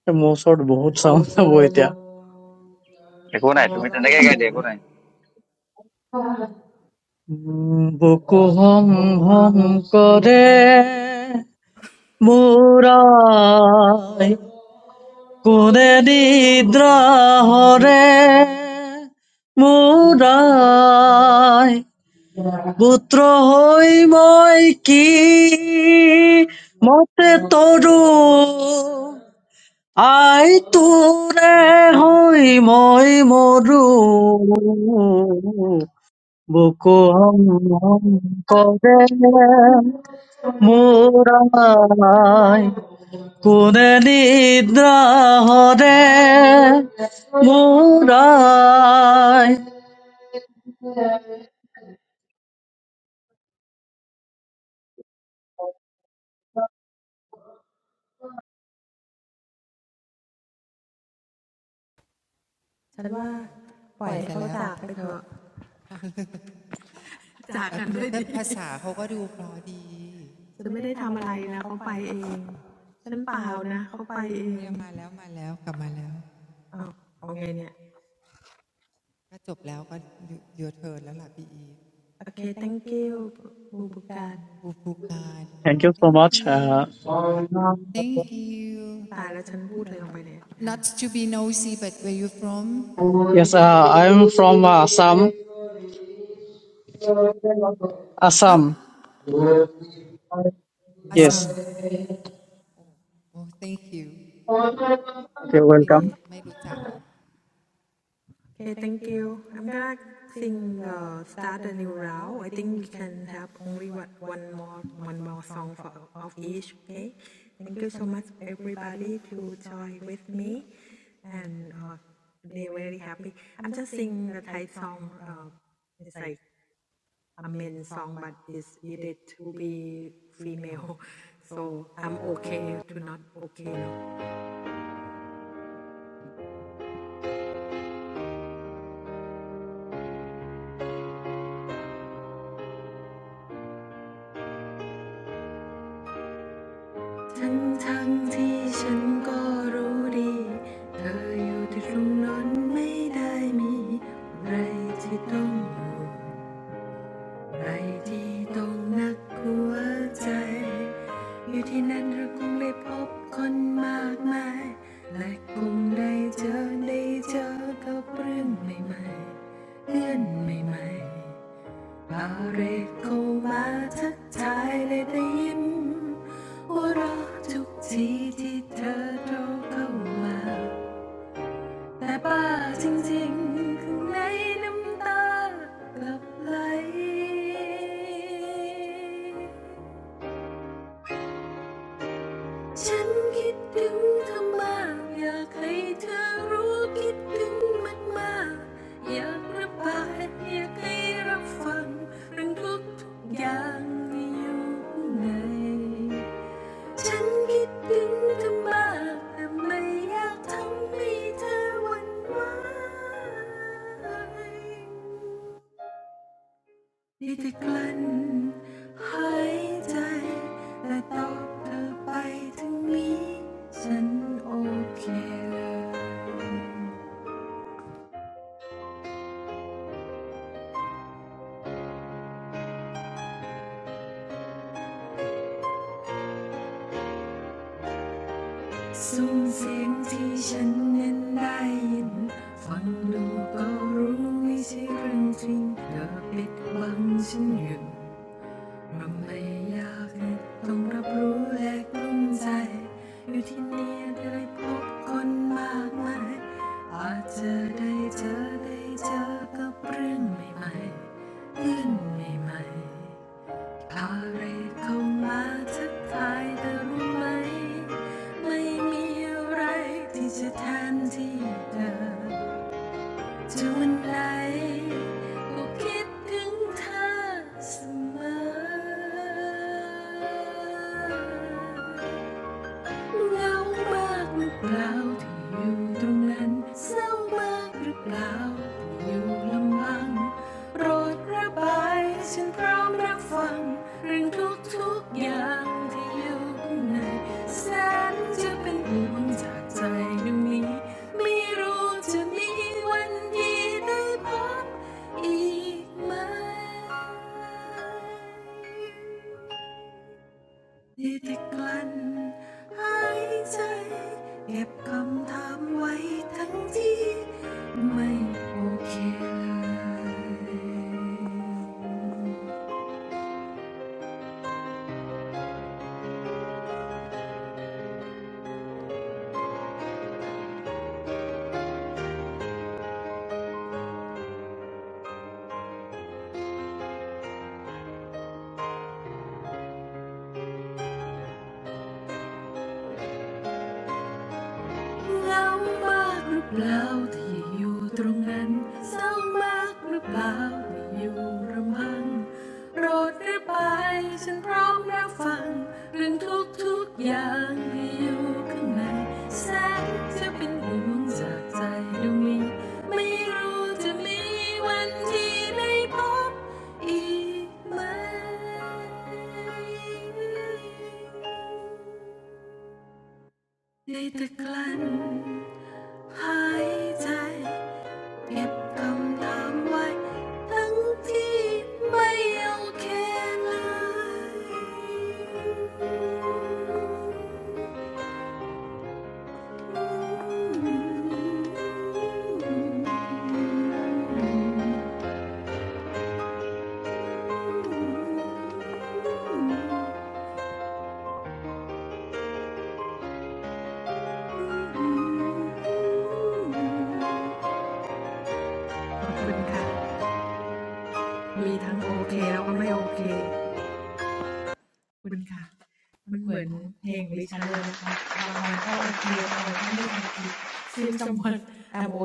Speaker 12: This mouthword boat sound is very clear.
Speaker 10: Good night. Tomato, what are guides? Good night.
Speaker 12: Bokho hum hum kare murai, kunde nidra hare murai, butro hoy hoy ki mote tojo. আই তোৰে হৈ মই মৰো বুকু হম হম কৰে মোৰ I. কোনে নিদ্ৰা হৰে মোৰ আই।
Speaker 2: ไปซะแล้ว
Speaker 1: ปล่อยให้เขาจากไปเถอะ
Speaker 2: เออภาษาเขาก็ดูพอดี
Speaker 1: จากกันด้วยดิฉันไม่ได้ทำอะไรนะเขาไปเองฉันเปล่านะเขาไปเองเอาไงเนี่ย
Speaker 2: โอเคเนี่ยมาแล้วมาแล้วกลับมาแล้วก็จบแล้วก็ยูเทิร์นแล้วล่ะพี่อี
Speaker 1: โอเค thank you บูบูการ
Speaker 2: บูฟูการ
Speaker 12: Thank you so
Speaker 2: thank
Speaker 12: much.
Speaker 2: you
Speaker 12: Uh,
Speaker 2: thank you not
Speaker 1: ตายแล้วฉันพูดเลยออกไปเลยอ่ะโอเค
Speaker 2: to be nosy but where you from
Speaker 12: yes, uh, I am from uh, Assam.
Speaker 2: ฮะ
Speaker 12: Assam.
Speaker 2: อส
Speaker 12: Yes.
Speaker 2: ซัมโอ้ thank you ไม่
Speaker 12: Okay,
Speaker 2: ไม่
Speaker 12: welcome.
Speaker 2: ไม่รู้จัก
Speaker 1: Okay, Ok, thank you. I'm gonna sing uh, start a new round. I think we can have only one, one more one more song for of each. Okay. Thank you so much everybody to join with me, and uh, they very happy. I'm just sing the Thai song. Uh, it's like a men song, but it's needed to be female. So I'm okay to not okay now. ทั้งทั้งที่ฉันก็รู้ดีเธออยู่ที่ตรงนั้นไม่ได้มีอะไรที่ต้องห่วงอะไรที่ต้องหนักหัวใจอยู่ที่นั่นเราคงได้พบคนมากมายและคงได้เจอได้เจอกับเรื่องใหม่ๆเพื่อนใหม่ๆ Baraiko ma thachai le te yim, uro chu chi thi the do co ma, na ba sing sing keng nei nung ta gap lay. ฉันคิดถึงเธอมากอยากให้เธอรู้คิดถึงมากมากอยากระบายอยากให้รับฟังเรื่องทุกทุกอย่างที่อยู่ในฉันคิดถึงเธอมากแต่ไม่อยากทำให้เธอหวั่นไหว ได้แต่กลั้นหายใจและตอบเธอไปทั้งนี้ฉันโอเคเลยซุ้มเสียงที่ฉันนั้นได้ยิน ว่าไม่อยากให้ต้องรับรู้และกลุ้มใจ just like I think of you, always. เหงามากหรือเปล่าที่อยู่ตรงนั้นเศร้ามากหรือเปล่าที่อยู่ลำพังโปรดระบายฉันพร้อมรับฟังเรื่องทุกทุกๆอย่างที่อยู่ข้างในแสนจะเป็นห่วงจากใจดวงนี้ let it run, hide away, keep your thoughts away. But I won't let you go. เหงามากหรือเปล่าที่อยู่ตรงนั้นเศร้ามากหรือเปล่าที่อยู่รำพังโปรดระบายฉันพร้อมรับฟัง หายใจเก็บคำถามไว้ทั้งที่ไม่โอเคเลยขอบคุณค่ะมีทั้งโอเคแล้วก็ไม่โอเคขอบคุณค่ะมันเหมือนเพลงของดิฉันเลยนะคะบางวันก็โอเคบางวันก็ไม่โอเค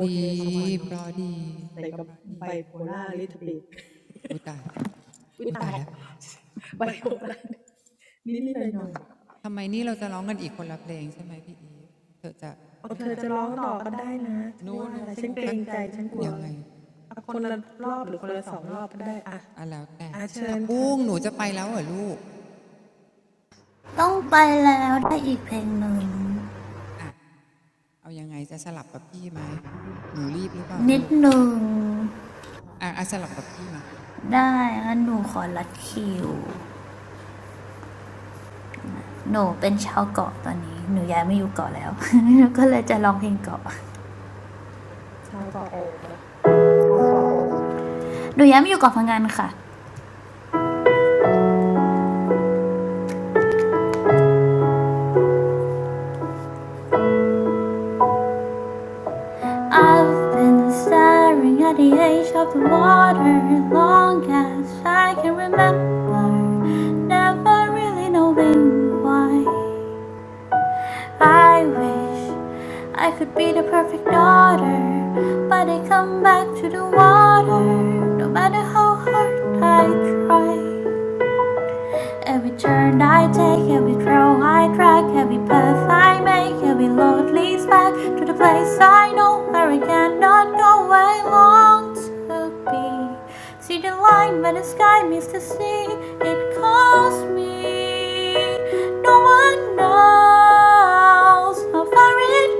Speaker 2: ดีปลอดี
Speaker 1: By
Speaker 2: ปลอดี
Speaker 1: polar luteb.
Speaker 2: อุ้ยตายอุ้ยตาย
Speaker 1: Ah,
Speaker 2: แล้ว
Speaker 1: this is a little
Speaker 2: ทำไมนี่เราจะร้องกันอีกคนละเพลงใช่ไหมพี่อีฟเธอจะไม่ไหว
Speaker 1: bit noisy. Oh, she
Speaker 2: แล้ว
Speaker 1: will
Speaker 2: ปะ
Speaker 1: cry again.
Speaker 2: โนโน
Speaker 1: It's
Speaker 2: โนก็
Speaker 1: okay. I don't
Speaker 2: ยังไง
Speaker 1: know. I'm not sure. I'm afraid. One round or two rounds,
Speaker 2: อ่ะแล้วแต่
Speaker 1: it's
Speaker 2: ผัก
Speaker 1: okay. Ah,
Speaker 2: บุ้
Speaker 1: please.
Speaker 2: งหนูจะไปแล้วเหรอลูกอ่ะเอายังไงจะสลับกับพี่ไหมหนูรีบหรือเปล่าลูกอ่ะอ่ะสลับกับพี่มา
Speaker 8: ไดงนหนขอรดคว หนูย้ายมาอยู่เกาะพังงานค่ะ I've been staring at the edge of the water long as I can remember never really knowing why I wish I could be the perfect daughter but I come back to the water no matter how hard I try Every turn I take, every trail I track, every path I make, every road leads back to the place I know where I cannot go. I long to be. See the line where the sky meets the sea, it calls me. No one knows how far it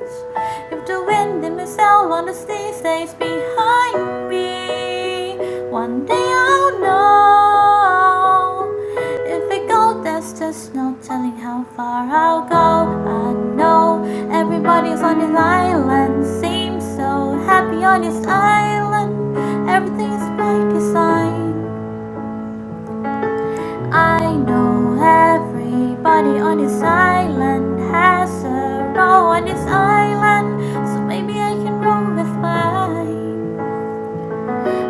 Speaker 8: goes. If the wind in my sail on the sea stays behind me, one day I don't know if it goes. There's just no telling how far I'll go. I know everybody's on his island. Seems so happy on his island. Everything's by design. I know everybody on his island has a row on his island. So maybe I can roll with mine.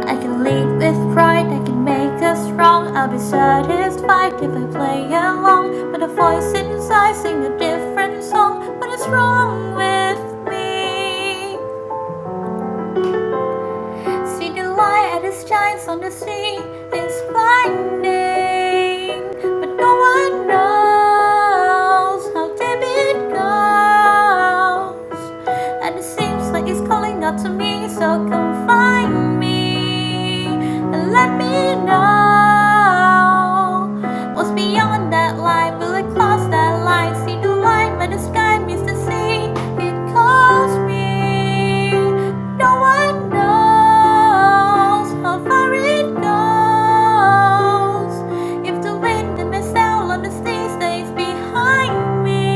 Speaker 8: I can lead with pride, I can make us strong. I'll be satisfied if I play along. But a voice inside sing a different song. What is wrong with me? See the light as it shines on the sea. It's blinding, but no one knows how deep it goes. And it seems like it's calling out to me, so come find me and let me know what's beyond that line. Will it cross that line? See the line where the sky meets the sea. It calls me. No one knows knows how far it goes. If the wind and mist out on the sea behind me,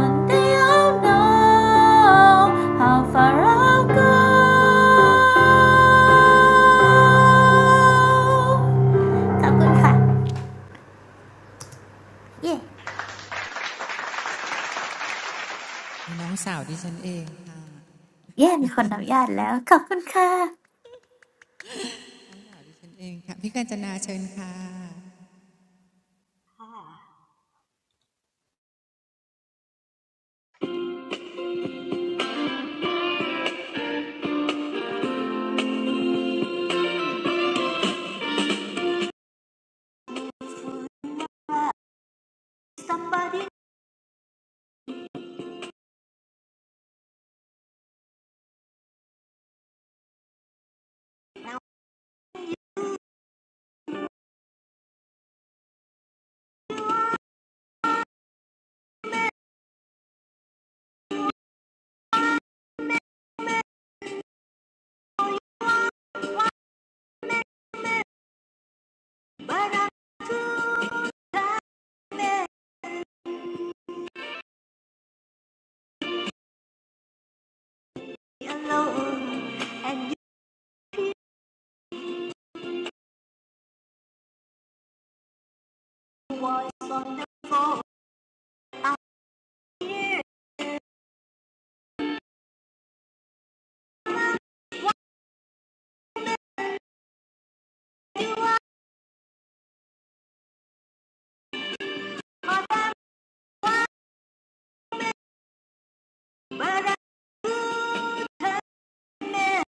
Speaker 8: one day I'll know how far I'll go. ขอบคุณค่ะ
Speaker 2: น้องสาวดิฉันเองค่ะ
Speaker 8: เย่เย่มีคนอนุญาตแล้วขอบคุณค่ะ
Speaker 2: ดิฉันเองค่ะพี่กาญจนาเชิญค่ะ
Speaker 3: Oh. somebody but I'm too alone and you was for a year, but I could admit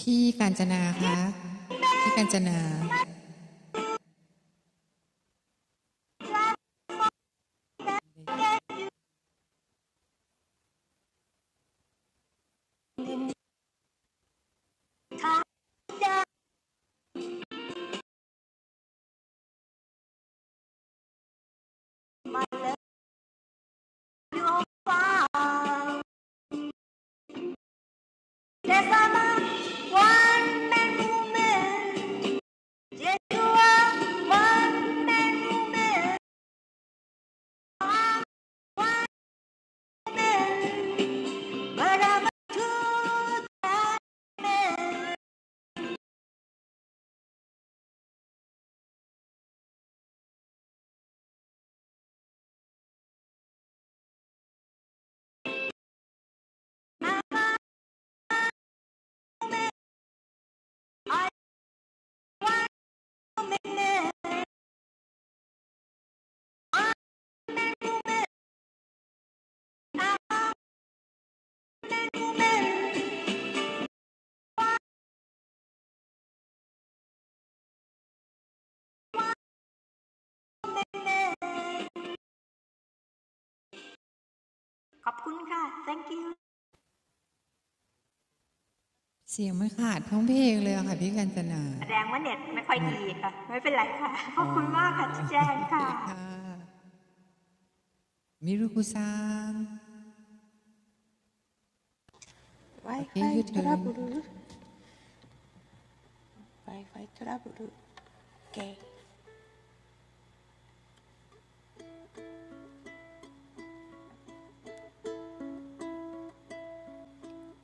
Speaker 2: พี่กาญจนาคะพี่กาญจนา
Speaker 3: I love you all far yes I'm a one man woman yes you are one man woman I'm one man but I'm a two man I am a one woman thank you
Speaker 2: เสียงไม่ขาดท้องเพลงเลยอะค่ะพี่กาญจนา
Speaker 3: แสดงว่าเน็ตไม่ค่อยดีค่ะไม่เป็นไรค่ะขอบคุณมากค่ะที่แจ้งค่ะ
Speaker 2: เหมือนอ๋อโอเคค่ะมิรุคุซังโอเคยู
Speaker 4: Wi-Fi
Speaker 2: เทิร์น
Speaker 4: trouble. Wi-Fi trouble. Okay.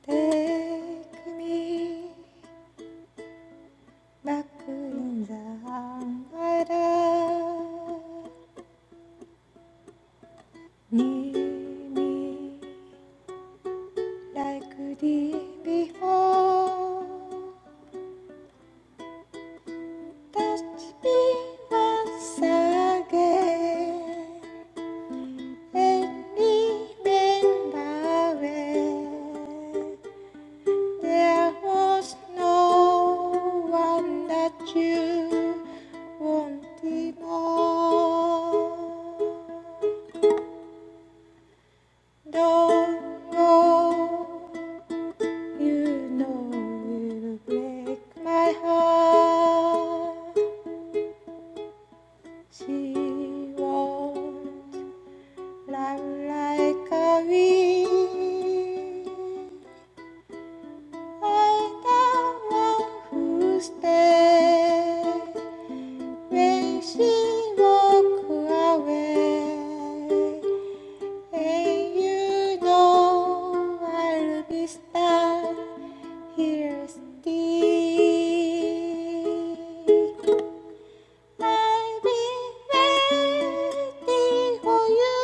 Speaker 4: Take me back in the umbrella. Need me like the before. That be once again, and remember there was no one that you wanted more. Don't go, you know it break my heart. She won't And I'm like a weed, like the one who dead. When she walk away, and you know I'll be stand here still. I'll be waiting for you.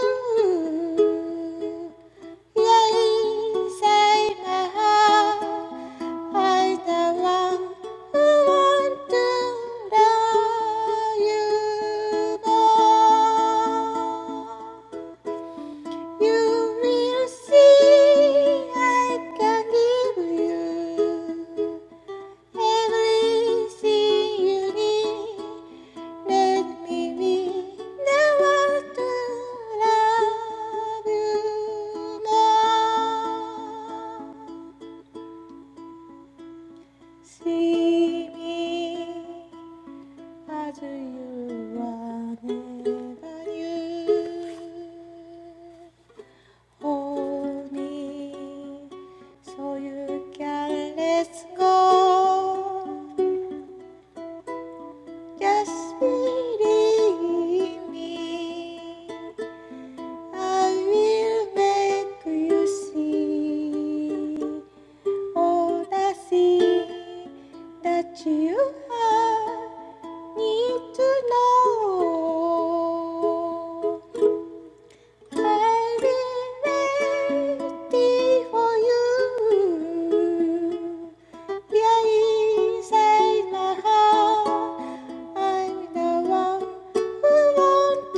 Speaker 4: Yes, I know I don't want to love you more. You will see, I can give you everything you need. Let me be the one to love you more. See me as you are, never you. Hold me, so you can let go. Just believe me, I will make you see. Oh, the sea that you are need to know. I've been for you. Yeah, inside my heart, I'm the one who wants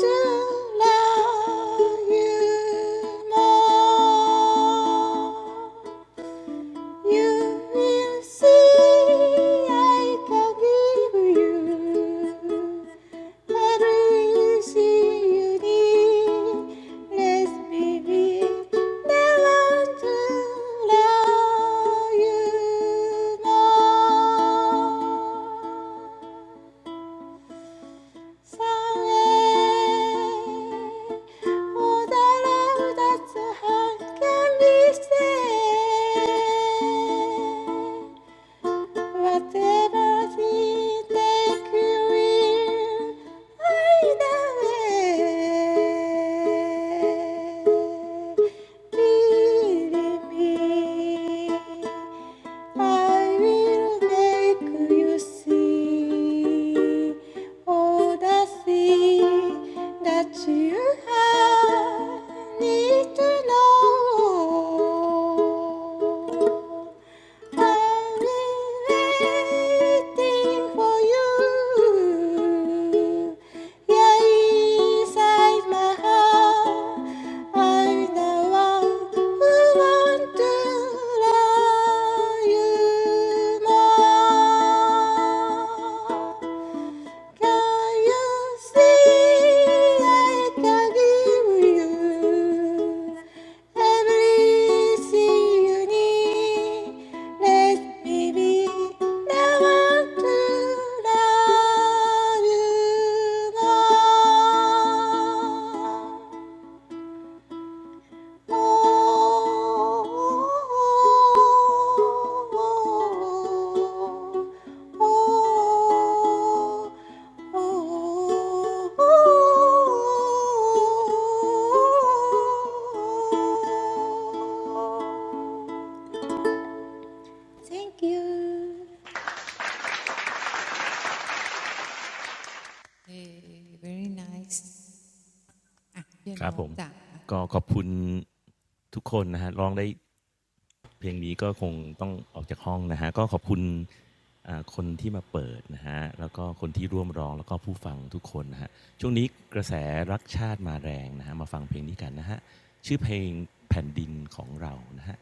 Speaker 4: to love you more. You will see I can give you everything you need. Let's be big, never to love you more. Someday, all the love that's a heart can be saved. Whatever you take, we will hide away. Believe me. I will make you see all the things that you need to know. I will waiting for you. Yeah, inside my heart, I'm the one who wants to love you more. Can you see I can give you everything you need? Let me be the one to love you more. Thank you.
Speaker 2: เฮ้ very nice อ่ะพี่อ
Speaker 5: ค
Speaker 2: น
Speaker 5: รับผ
Speaker 2: บ
Speaker 5: ม
Speaker 2: จ้ะ
Speaker 5: ก็ขอบคุณทุกคนนะฮะร้องได้เพลงนี้ก็คงต้องออกจากห้องนะฮะก็ขอบคุณคนที่มาเปิดนะฮะแล้วก็คนที่ร่วมร้องแล้วก็ผู้ฟังทุกคนนะฮะช่วงนี้กระแสรักชาติมาแรงนะฮะมาฟังเพลงนี้กันนะฮะชื่อเพลงแผ่นดินของเรานะฮะ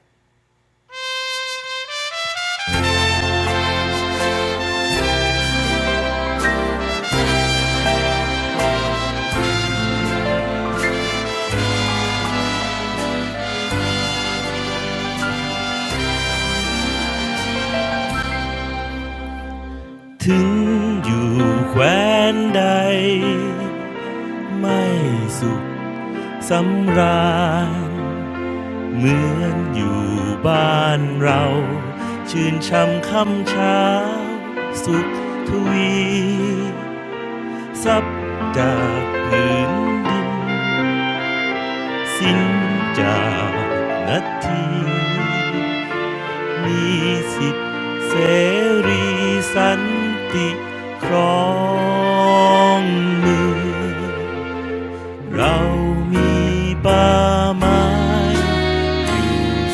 Speaker 5: ถึงอยู่แคว้นใดไม่สุขสำราญ เหมือนอยู่บ้านเราชื่นช่ำค่ำเช้าสุขทวีซับจากพื้นดินสิ้นจากนาทีมีสิทธิเสรีสันติครองเมืองเรามีป่าไม้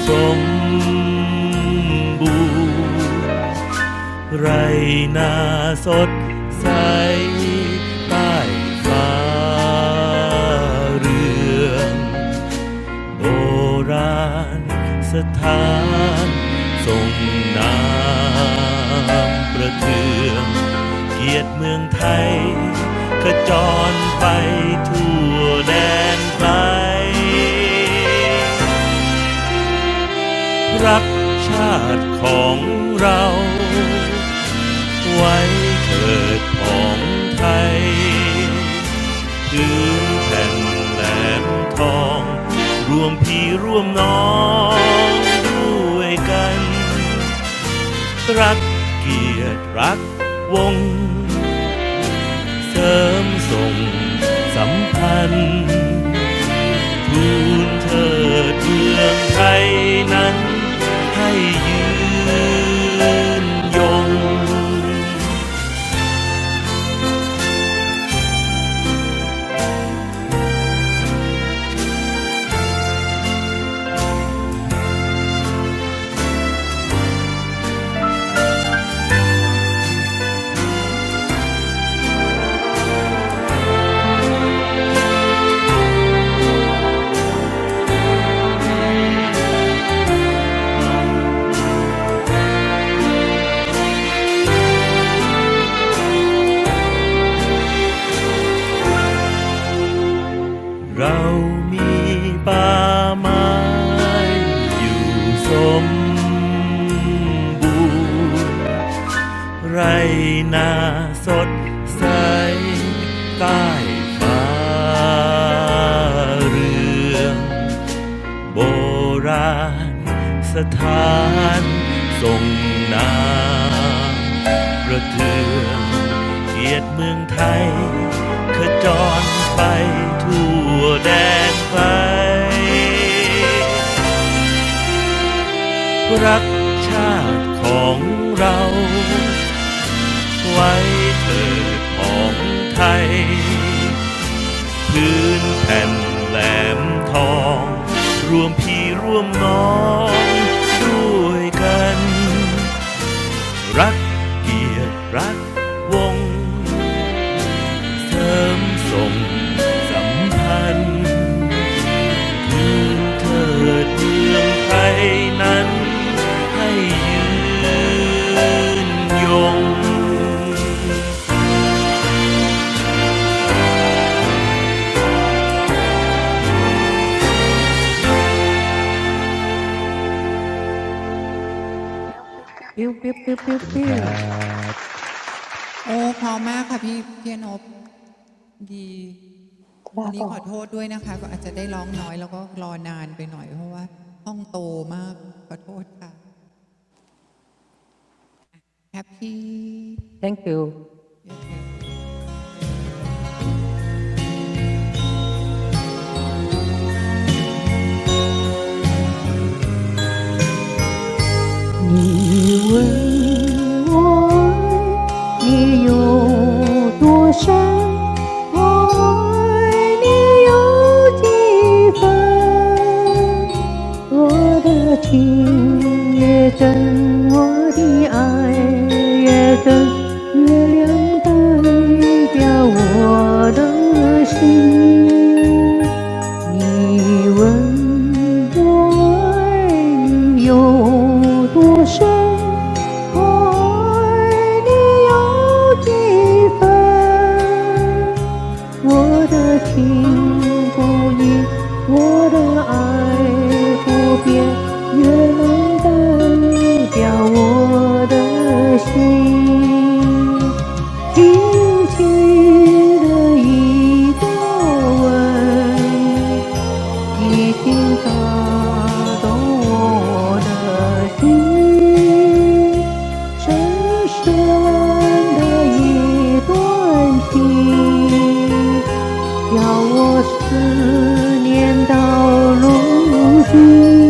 Speaker 5: สมบูรณ์ไรนาสดใสใต้ฟ้าเรืองโบราณสถานทรงน้ำประเทืองเกียรติเมืองไทยขจรไปทั่วแดนไกล รักชาติของเราไว้เถิดของไทยพื้นแผ่นแหลมทองรวมพี่ร่วมน้องด้วยกัน รักเกียรติรักวง เสริมส่งสัมพันธ์ ทูลเถิดเมืองไทยนั้นให้ยืนยงเรามีป่าไม้อยู่สมบูรณ์ไรนาสดใสใต้ฟ้าเรือง โบราณสถานทรงน้ำประเทืองเกียรติเมืองไทยขจรไปทั่วแดนไกลรักชาติของเราไว้เถิดของไทย พื้นแผ่นแหลมทองรวมพี่ร่วมน้องด้วยกันรักเกียรติรักวงเสริมส่งสัมพันธ์พื้นเถิดเมืองไทยนั้นให้ยืนยง
Speaker 6: pew, pew,
Speaker 5: ขอบ
Speaker 6: pew,
Speaker 5: คุณนะครั
Speaker 6: pew.
Speaker 5: บ
Speaker 2: โอ้เพร้อมมากค่ะพี่พี่นพดีวันนี้ขอโทษด้วยนะคะก็อาจจะได้ร้องน้อยแล้วก็รอนานไปหน่อยเพราะว่าห้องโตมากขอโทษค่ะแคปปี้
Speaker 6: Thank you.
Speaker 2: เยเธอ
Speaker 6: 你问我爱你有多深，我爱你有几分？我的情也真，我的爱也真，月亮代表我的心。你问我爱你有多深，我爱你有几分？我的情不移，我的爱不变，月亮代表我的心。轻轻的一个吻，已经打动我的心，深深的一段情，叫我思念到如今。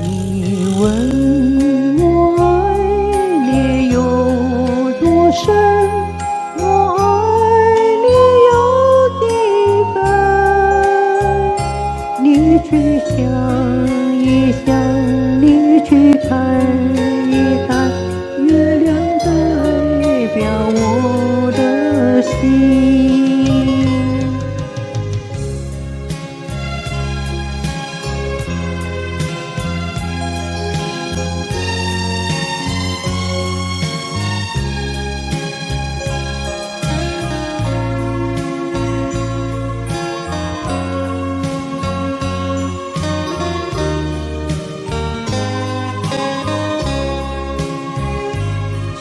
Speaker 6: 你问我爱恋有多深？我爱你有几分？你去想一想，你去看一看，月亮代表我的心。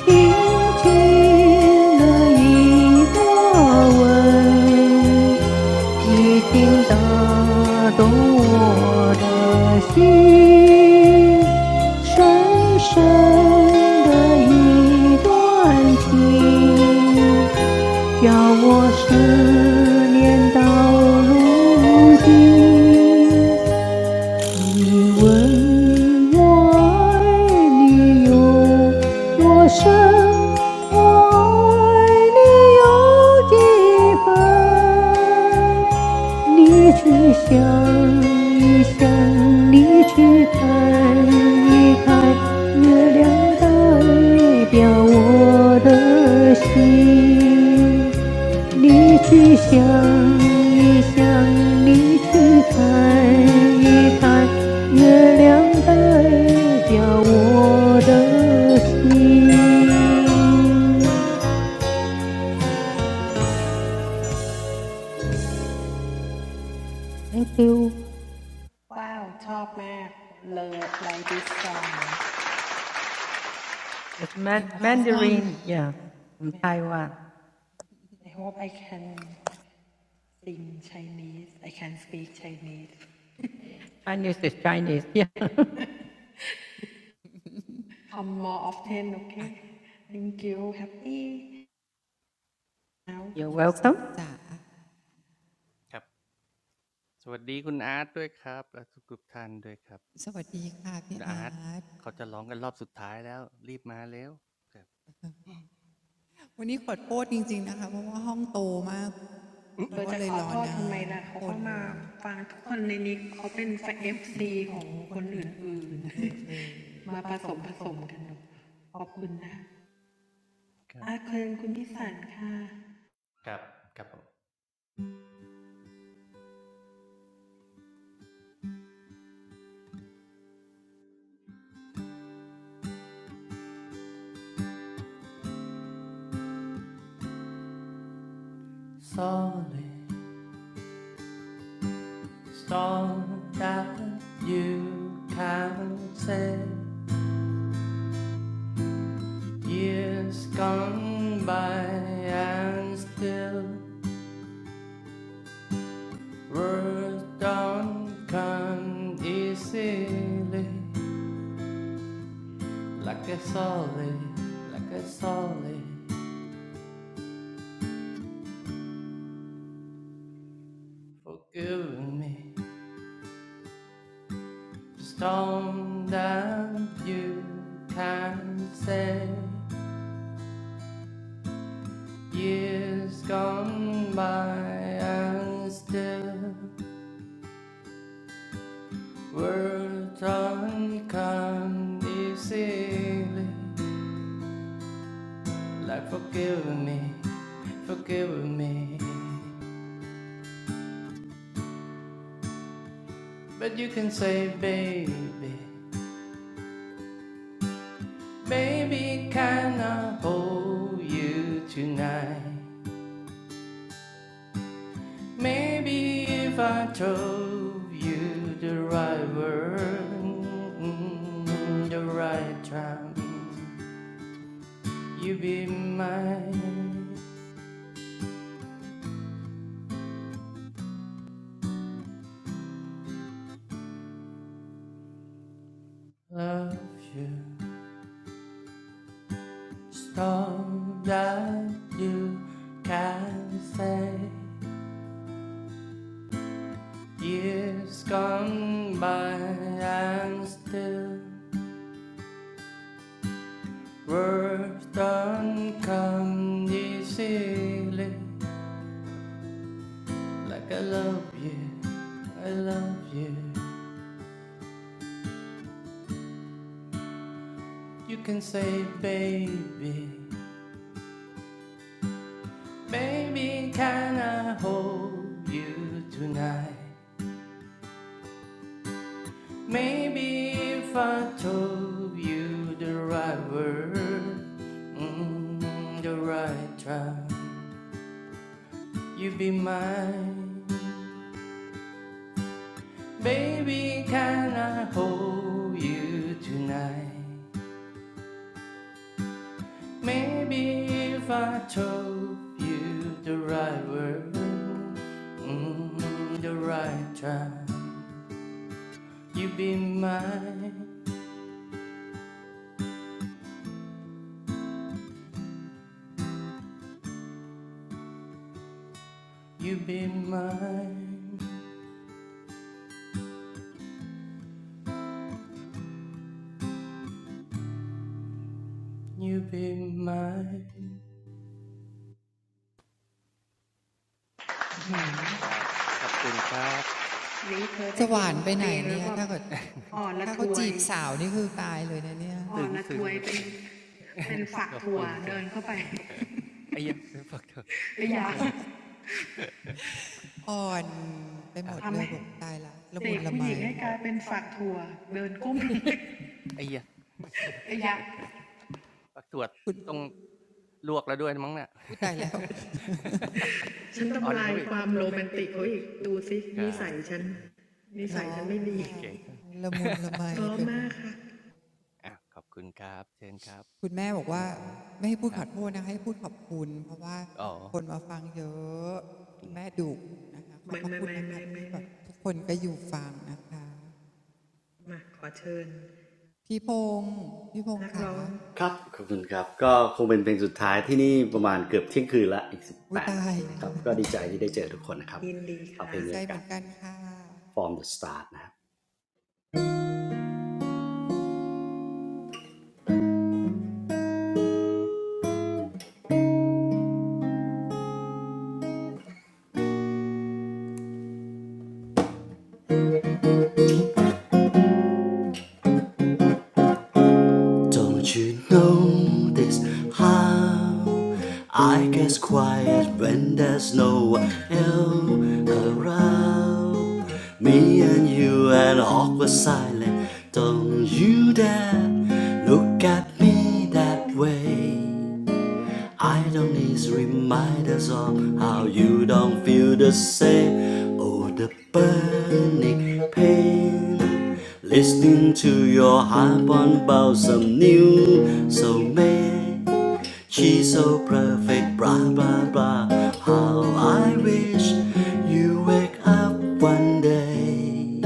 Speaker 6: 轻轻的一个吻，已经打动我的心，深深的一段情。叫我思念到如今。你问我爱你有多深，我爱你有几分？荔枝香一香，荔枝开一开，月亮代表我的心。荔枝香一香，荔枝开一开，月亮代表我的心。Thank you.
Speaker 1: Wow, I like it.
Speaker 6: It's
Speaker 2: เพล
Speaker 6: man-
Speaker 2: งเพราะค่ะ
Speaker 4: Um,
Speaker 6: Mandarin, yeah, from Taiwan.
Speaker 1: I can sing Chinese. I can speak Chinese.
Speaker 6: Chinese is Chinese. Yeah.
Speaker 1: I'm more often. Okay. Thank you. Happy.
Speaker 6: You're
Speaker 2: พี่พิสัน
Speaker 6: welcome.
Speaker 2: จ๋าสวัสดีค่ะพี่อาวันนี้ขอโทษจริงๆนะคะเพราะว่าห้องโตมากแล้
Speaker 1: เธอจะขอโทษทำไมล่ะ
Speaker 2: วก็เลยรอนานทุกคนเลย
Speaker 1: เขาก็มาฟังทุกคนในนี้เขาเป็นเอฟซีของคนอื่นๆมาผสมผสมกันดูขอบคุณนะอาเคินคุณพิสันค่ะ
Speaker 7: l Song that you can sing. Years gone by and still words don't come easily. Like a solid, like a solid, forgive me. Stone that you can say. Years gone by and still Words aren't easily, like forgive me, forgive me. But you can say, baby, baby, can I hold you tonight? Maybe if I told you the right word, the right time, you'd be mine. Love you. Song that you can say years gone by and still words don't come easily like I love you, I love you. You can say baby, baby can I hold you tonight? Maybe if I told you the right word, mm, the right time, you'd be mine. Baby, can I hold you tonight? Maybe if I told you the right word, mm, the right time, you'd be mine. You'd be mine. You'd be mine. ครับขอบคุณครับ
Speaker 2: สว่านไปไหนเนี่ยถ้าเกิดถ้าเขาจีบสา
Speaker 1: นี้เธอได้ยินเพลงแล้วแบบอ่อนละทวยอ่อนละทวยเป็น
Speaker 2: วนี่คือตายเลยนะเนี่ย
Speaker 7: ซึ้งซึ้งครับซึ้ง ขอบคุณครับ ไอ้ยยะเป็นฝักถั่ว
Speaker 1: เป็นฝักถั่วเดินเข้าไปไม่อยากทำไหมเสกผู้หญิงให้กลายเป็นฝักถั่ว
Speaker 2: อ่อน ไปหมดเลยบอกตายละละมุนละไม
Speaker 1: เดินก้มลงไปไม่อยาก
Speaker 2: คุณ
Speaker 7: ต้องลวก
Speaker 2: ผู้ตายแล้ว
Speaker 7: อ๋อ
Speaker 1: ฉันทำลายความโรแมนติกเขาอีก
Speaker 7: ครับ
Speaker 2: ล้อ
Speaker 7: โอเค
Speaker 2: ละมุนละไมไปหมด
Speaker 7: อาขอบคุณ
Speaker 2: คุณแม่บอก
Speaker 7: คุ
Speaker 2: ว่า
Speaker 7: ณพงษ์
Speaker 2: ไม่ให้พูดขอโทษนะะให้พูดขอบคุณเพราะว่าคนมาฟังเยอะแม่ดุนะคะขอบพระคุณนะคะที่แบบทุกคนก็อยู่ฟังนะคะพี่พงศ์พี่พงศ์ขาอุ้ยตายดีใจเหมือนกันค่ะ
Speaker 9: the Start นะ Don't you notice how I get quiet when there's no one around? Me and you and awkward silence. Don't you dare look at me that way. I don't need reminders of how you don't feel the same. Oh, the burning pain. Listening to your heart on about some new soulmate. She's so perfect, blah blah blah. How I wish you wake up one day.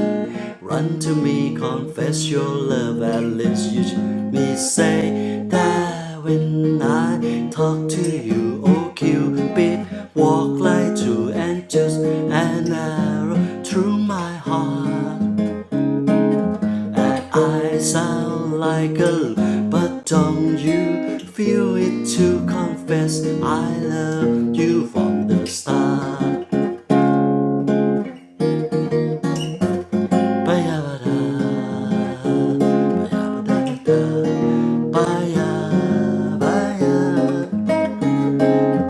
Speaker 9: Run to me, confess your love, at least you should me say that when I talk to you, oh Cupid, walk like two angels and arrow through my heart. I sound like a l- but don't you feel it to confess I love you from the start? Ba-ya-ba-da, ba-ya-ba-da-da-da, ba-ya, ba-ya,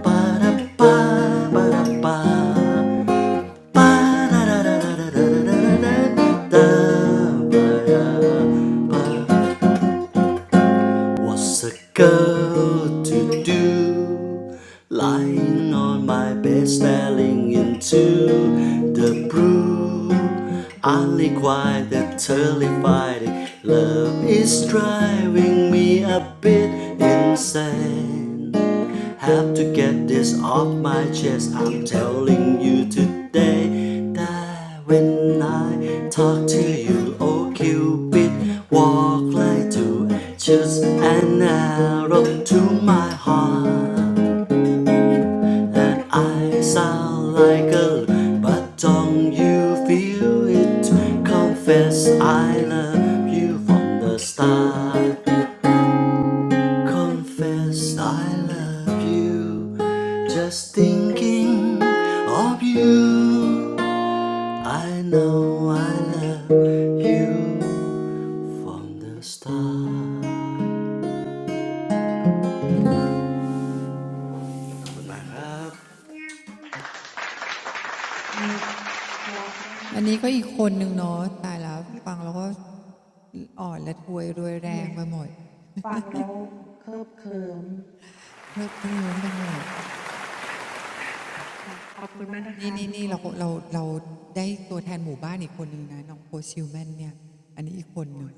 Speaker 9: ba-da-ba, ba-da-ba, ba-da-da-da-da-da-da-da-da, ba-ya, ba- What's a girl to do? Lying on my bed, staring into the blue. Only quiet and terrified. Love is driving me a bit insane mind. Have to get this off my chest. I'm telling you today that when I talk to you, oh Cupid, walk like two arrows an arrow to my heart, and I sound like a loon, but don't you feel it? Confess I love you from the start. Confess I love you. Just thinking of you. I know I love you from the start.
Speaker 2: อันนี้ก็อีกคนหนึ่งเนาะตายแล้วฟังแล้วก็อ่อนและทวยรวยแรงไปหมดเพลิบเพลิมไปหมด นี่นี่นี่เราเราเราได้ตัวแทนหมู่บ้านอีกคนหนึ่งนะน้องโพชิลแมนเนี่ยอันนี้อีกคนหนึ่ง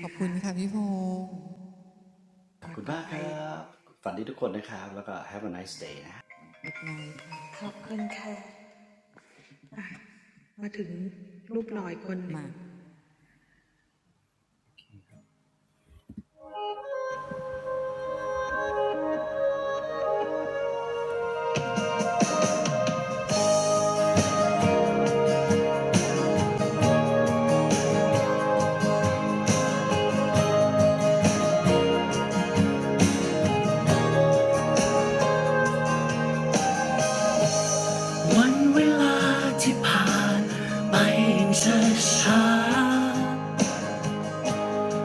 Speaker 2: ขอบคุณค่ะพี่พงศ์
Speaker 9: ขอบคุณมากครับขอบคุณมากครับฝันดีทุกคนนะครับแล้วก็ have a nice day นะ
Speaker 2: กุดไนค่ะมา
Speaker 1: มาถึงรูปหล่อยคนหนึ่งไหนว่าเธอจะอีกรอบนึงไม่ใช่เหรอ
Speaker 11: วันเวลาที่ผ่านไปอย่างช้าชา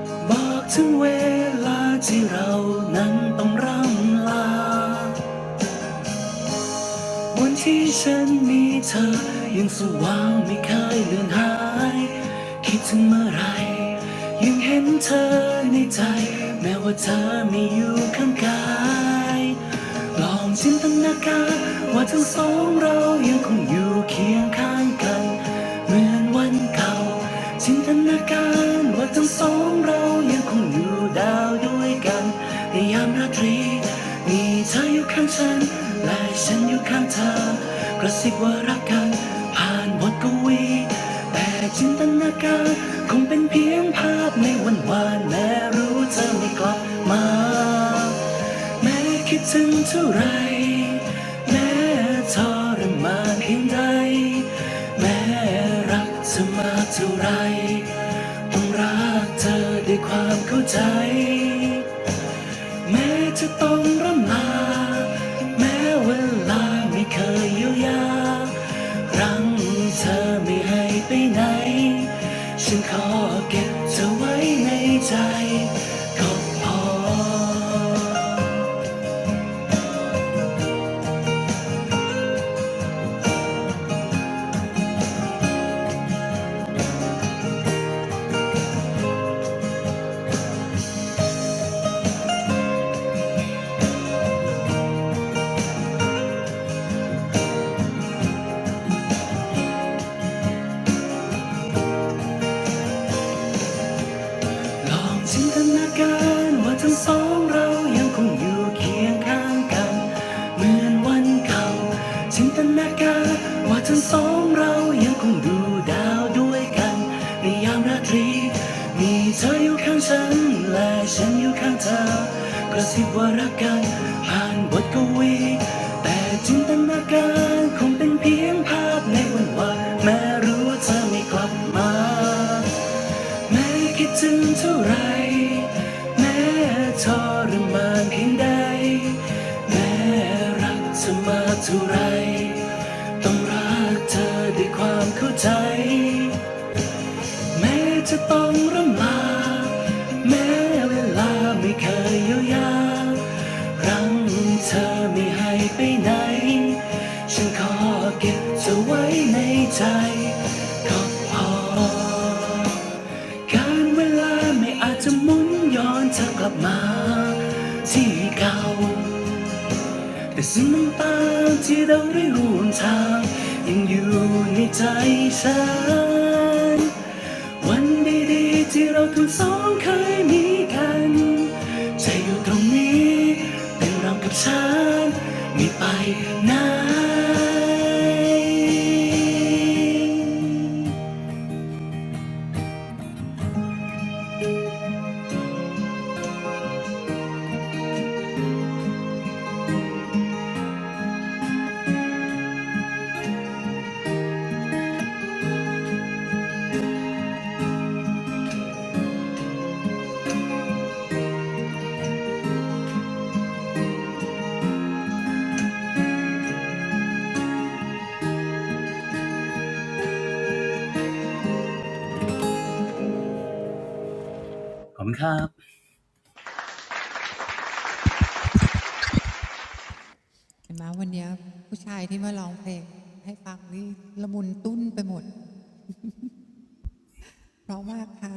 Speaker 11: ๆบอกถึงเวลาที่เรานั้นต้องร่ำลาวันที่ฉันมีเธอยังสว่างไม่เคยเลือนหายคิดถึงเมื่อไรยังเห็นเธอในใจแม้ว่าเธอไม่อยู่ข้างกาย ลองจินตนาการว่าทั้งสองเรายังคงอยู่เคียงข้างกันเหมือนวันเก่าจินตนาการว่าทั้งสองเรายังคงอยู่ดาวด้วยกันในยามราตรีมีเธออยู่ข้างฉันและฉันอยู่ข้างเธอกระซิบว่ารักกันผ่านบทกวีแต่จินตนาการคงเป็นเพียงภาพในวันวานแม้รู้เธอไม่กลับมา แม้คิดถึงเท่าไรแม้ทรมานเพียงใดแม้รักเธอมาเท่าไรต้องรักเธอด้วยความเข้าใจแม้จะต้องร่ำลาแม้เวลาไม่เคยเยียวยารั้งเธอไม่ให้ไปไหนฉันขอเก็บเธอไว้ในใจก็พอ ลองจินตนาการว่าทั้งสองเรายังคงอยู่เคียงข้างกันเหมือนวันเก่าจินตนาการว่าทั้งสองเรายังคงดูดาวด้วยกันในยามราตรีมีเธออยู่ข้างฉันและฉันอยู่ข้างเธอกระซิบว่ารักกันผ่านบทกวีแต่จินตนาการคงเป็นเพียงภาพในวันวานแม้รู้ว่าเธอไม่กลับมา แม้คิดถึงเท่าไรแม้ทรมานเพียงใดแม้รักเธอมากเท่าไรต้องรักเธอด้วยความเข้าใจแม้จะต้องรำลาแม้เวลาไม่เคยเยียวยารั้งเธอไม่ให้ไปไหนฉันขอเก็บเธอไว้ในใจก็พอ การเวลาไม่อาจจะหมุนย้อนเธอกลับมาที่เก่าแต่สิ่งต่างๆที่เราได้ร่วมทางยังอยู่ในใจฉันวันดีๆที่เราทั้งสองเคยมีกันจะอยู่ตรงนี้เป็นเรากับฉันไม่ไปไหนขอบคุณครับ
Speaker 2: เห็นไหมวันนี้ผู้ชายที่มาร้องเพลงให้ฟังนี่ละมุนตุ้นไปหมดเพราะว่าค่ะ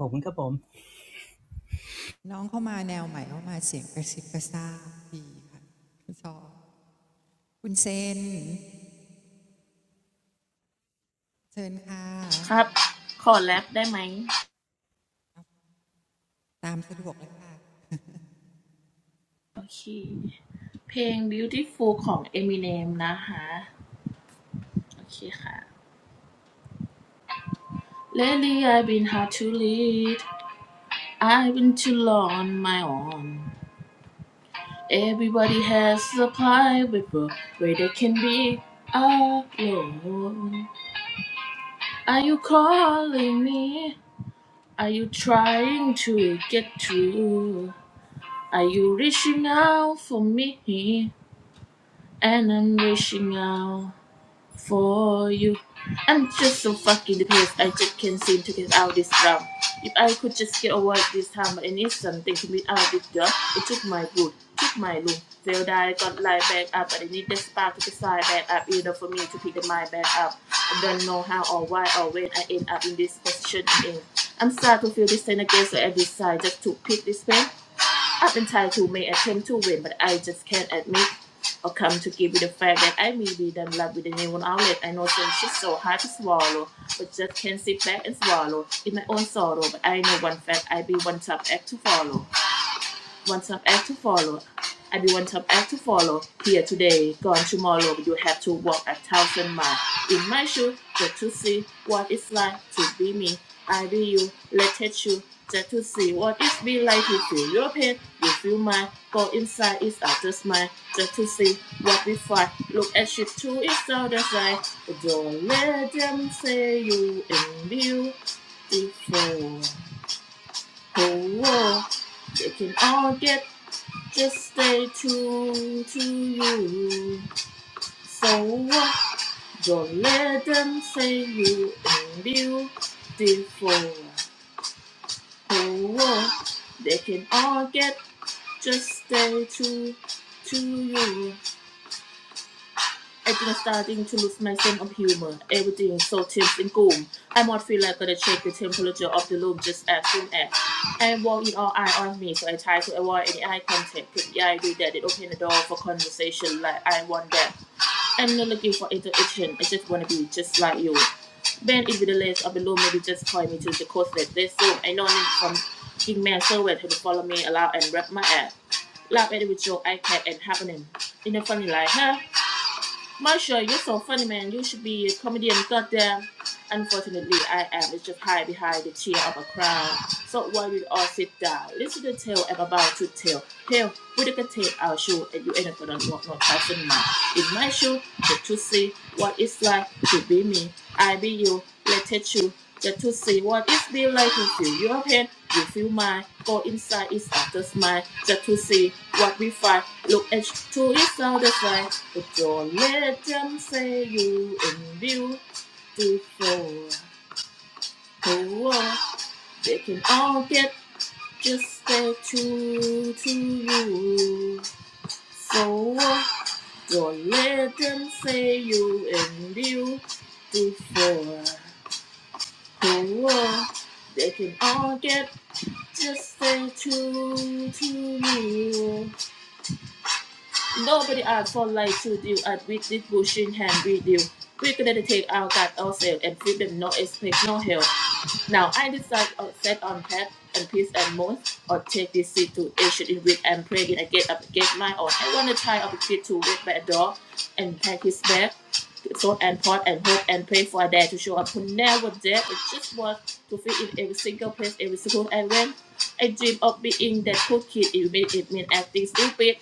Speaker 11: ขอบคุณครับผม
Speaker 2: น้องเข้ามาแนวใหม่เข้ามาเสียงกระซิบกระซาบดีค่ะชอบคุณเซนเชิญค่ะ
Speaker 13: ครับขอแรปได้ไหมโอเคเพลงขอแรปได้ไหม
Speaker 2: ตามสะดวกเลยค่ะ
Speaker 13: โอเค Beautiful ของ Eminem นะคะ Lately I've been hard to lead I've been too long on my own Everybody has a private world where they can be alone Are you calling me Are you trying to get through Are you reaching out for me And I'm reaching out for you. I'm just so fucking depressed. I just can't seem to get out this round. If I could just get over this hammer and eat something to beat out this job, it took my good, took my loom. Failed I got light back up, but I need the spark to decide back up, either for me to pick the mind back up. I don't know how or why or when I end up in this position I'm in. I'm starting to feel this pain again, so I decide just to pick this pain. I've been tired who may attempt to win, but I just can't admit or come to give it the fact that I may be done love with a new outlet. I know since she's so hard to swallow, but just can't sit back and swallow in my own sorrow. But I know one fact, I be one tough act to follow. One Stop Act to follow. I be one top act to follow. Here today, gone tomorrow. You have to walk a thousand miles. In my shoes, just to see what it's like to be me. I be you, let it touch you, just to see what it be like. You feel your pain, you feel mine. Go inside, it's out just mine, just to see what we find. Look at shit too, it's all the side. Don't let them say you and you before. Oh, whoa. They can all get just stay true to you. So what? Don't let them say you ain't beautiful. So what? They can all get. Just stay true to you. I think I'm starting to lose my sense of humor. Everything is so tense and gloom. I might feel like gonna check the temperature of the room just as soon as I walk in all eye on me, so I try to avoid any eye contact. Could the idea that it opened the door for conversation like I want that. I'm not looking for interaction. I just want to be just like you. Ben is the list or below maybe just point me to the course that so I know need from King Man Silver to follow me allow and wrap my ass. Laugh at it with your iPad and happening. In a funny like, huh? Marshall, you're so funny man, you should be a comedian, goddamn. Unfortunately, I am just hide behind the chair of a crown. So why we all sit down? Listen to the tale I'm about to tell. Tell, we can take our shoe and you ain't gonna walk no thousand mile. In my shoe, get to see what it's like to be me. I be you, let it you. Get to see what it's be like to feel your pain, you feel mine. Go inside, it's after smile. Just to see what we find. Look at to it's not the side. But don't let them say you in view before the war. They can all get just stay true to you. So uh, don't let them say you and you before the war. They can all get just stay true to you. Nobody asked for life to deal at with this bushing hand with you. We gonna take out that ourselves and feed them no expect no help. Now I decide or set on path and peace and most, or take this seat to ancient in wit and pray am praying again up against my own. I want to try of a kid to wait by a door and pack his bag, thought and pot and hope and pray for a dad to show up who never did. It just was to fit in every single place, every school I went. I dream of being that cool kid, it made it mean acting stupid.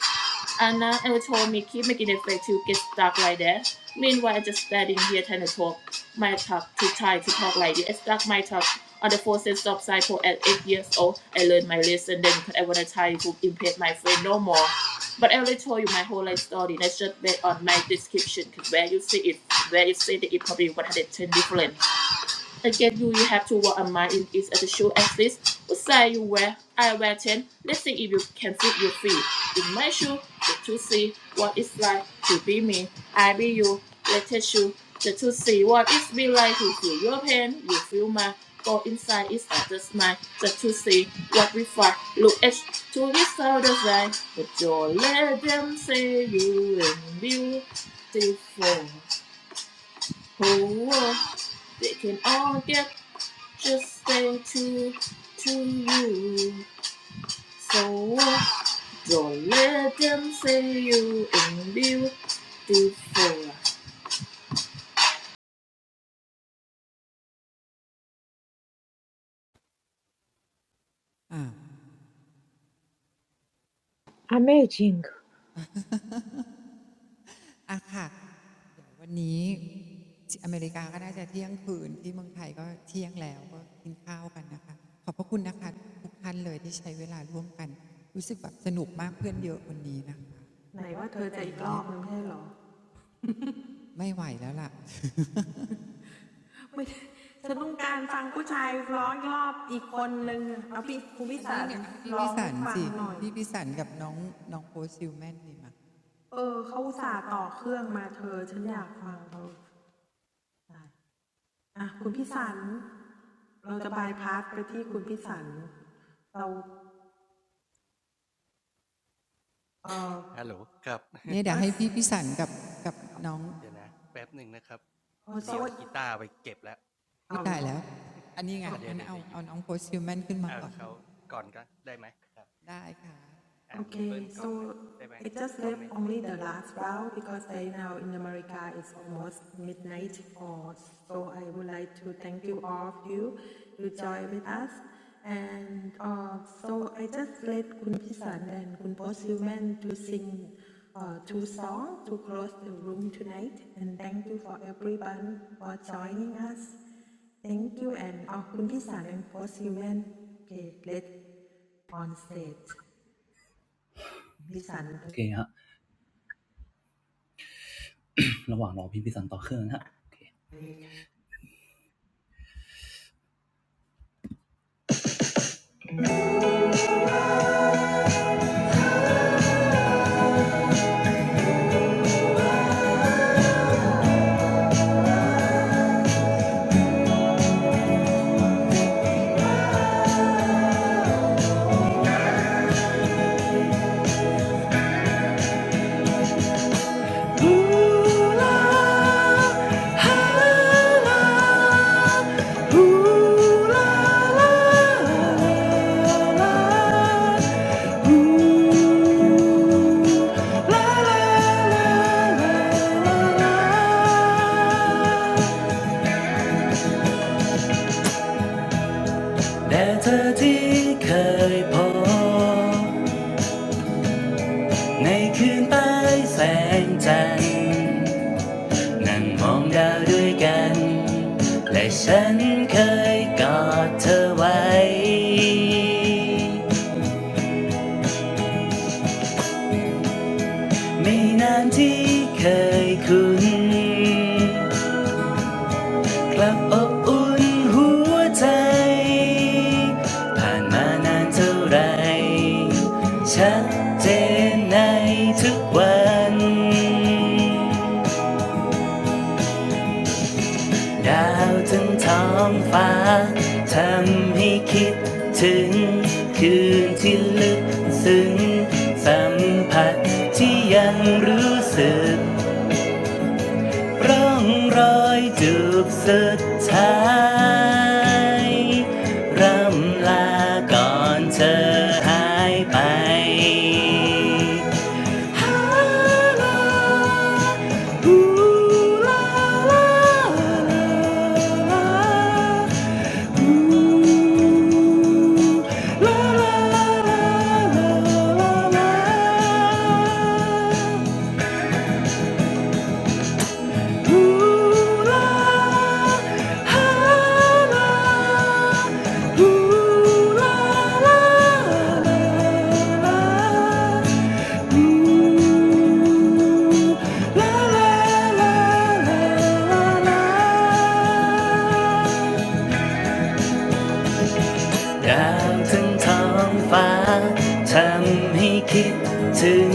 Speaker 13: Anna ever told me keep making it way to get stuck like that. Meanwhile, I just standing here trying to talk my talk to try to talk like this. I stuck my talk on the four sense of cycle at eight years old. I learned my lesson then because I want to try to impede my friend no more. But I already told you my whole life story. That's just based on my description. Cause where you see it, where you see it, it probably 110 different. Again, you you have to what a man is at the show as this, What size you wear? I wear 10. Let's see if you can fit your feet. In my shoe, the to see what it's like to be me. I be you. Let us show the to see what it's be like to feel your pain. You feel my go inside is at the smile. The to see what we find. Look at to this other side. But you let them say you and beautiful. Oh, oh, they can all get just go to to you. So don't let them say you ain't beautiful.
Speaker 4: amazing.
Speaker 2: เดี๋ยววันนี้อเมริกาก็น่าจะเที่ยงคืนที่เมืองไทยก็เที่ยงแล้วก็กินข้าวกันนะคะขอบพระคุณนะคะทุกท่านเลยที่ใช้เวลาร่วมกันรู้สึกแบบสนุกมากเพื่อนเยอะวันนี้นะคะพี่อีฟไม่ไหวแล้วล่ะอันนี้เนี่ยให้พี่พิสันสิ
Speaker 1: ฉันต้องการฟังผู้ชายร้องอีกรอบอีกคนนึงอะเอาพี่คุณพิสารร้องให้ฟังหน่อย
Speaker 2: พี่พิสันกับน้องน้องโพซิลแมนนี่มาเนี่ยเดี๋ยวให้พี่พิสันกับกับน้องวิตายแล้วอันนี้ไง
Speaker 1: So-
Speaker 2: งั้นเอาเอาน้องโพสซิลแมนขึ้นมาก่อนได้ค่ะ
Speaker 7: อ่าไม่เบิ้ล
Speaker 1: Okay,
Speaker 7: ก่อนนะ
Speaker 1: so
Speaker 7: ได้ไหม
Speaker 1: I just
Speaker 7: พร้อม
Speaker 1: left
Speaker 7: ไหม
Speaker 1: only the last round because right now in America it's almost midnight. Or so I would like to thank you all of you who joined with us. And uh, so I just let Kun Pisan and Kun Posilman to sing uh, two songs to close the room tonight. And thank you for everyone for joining us. Thank you and ขอบคุณพี่สาร and Posilman. Okay, let on stage.
Speaker 11: โอเคฮะ ระหว่างรอพี่พิสันต่อเครื่องฮะแดเธอที่เคยพในคืนแสงจั นั่งมองดาวด้วยกันและฉันเคยกอดเธอไว้ไม่นานที่เคยคุ้นกลับอบอุ่นหัวใจผ่านมานานเท่าไรชัดเจนในทุกวัน ดาวถึงท้องฟ้าทำให้คิดถึงคืนที่ลึกซึ้งสัมผัสที่ยังรู้สึกร่องรอยจูบสุดท้ายร่ำลาก่อนเธอหายไป 啦啦，呼啦啦啦啦，呼啦啦啦啦啦啦，呼啦，啦啦，呼啦啦啦啦。 ดาวถึงท้องฟ้าทำให้คิดถึง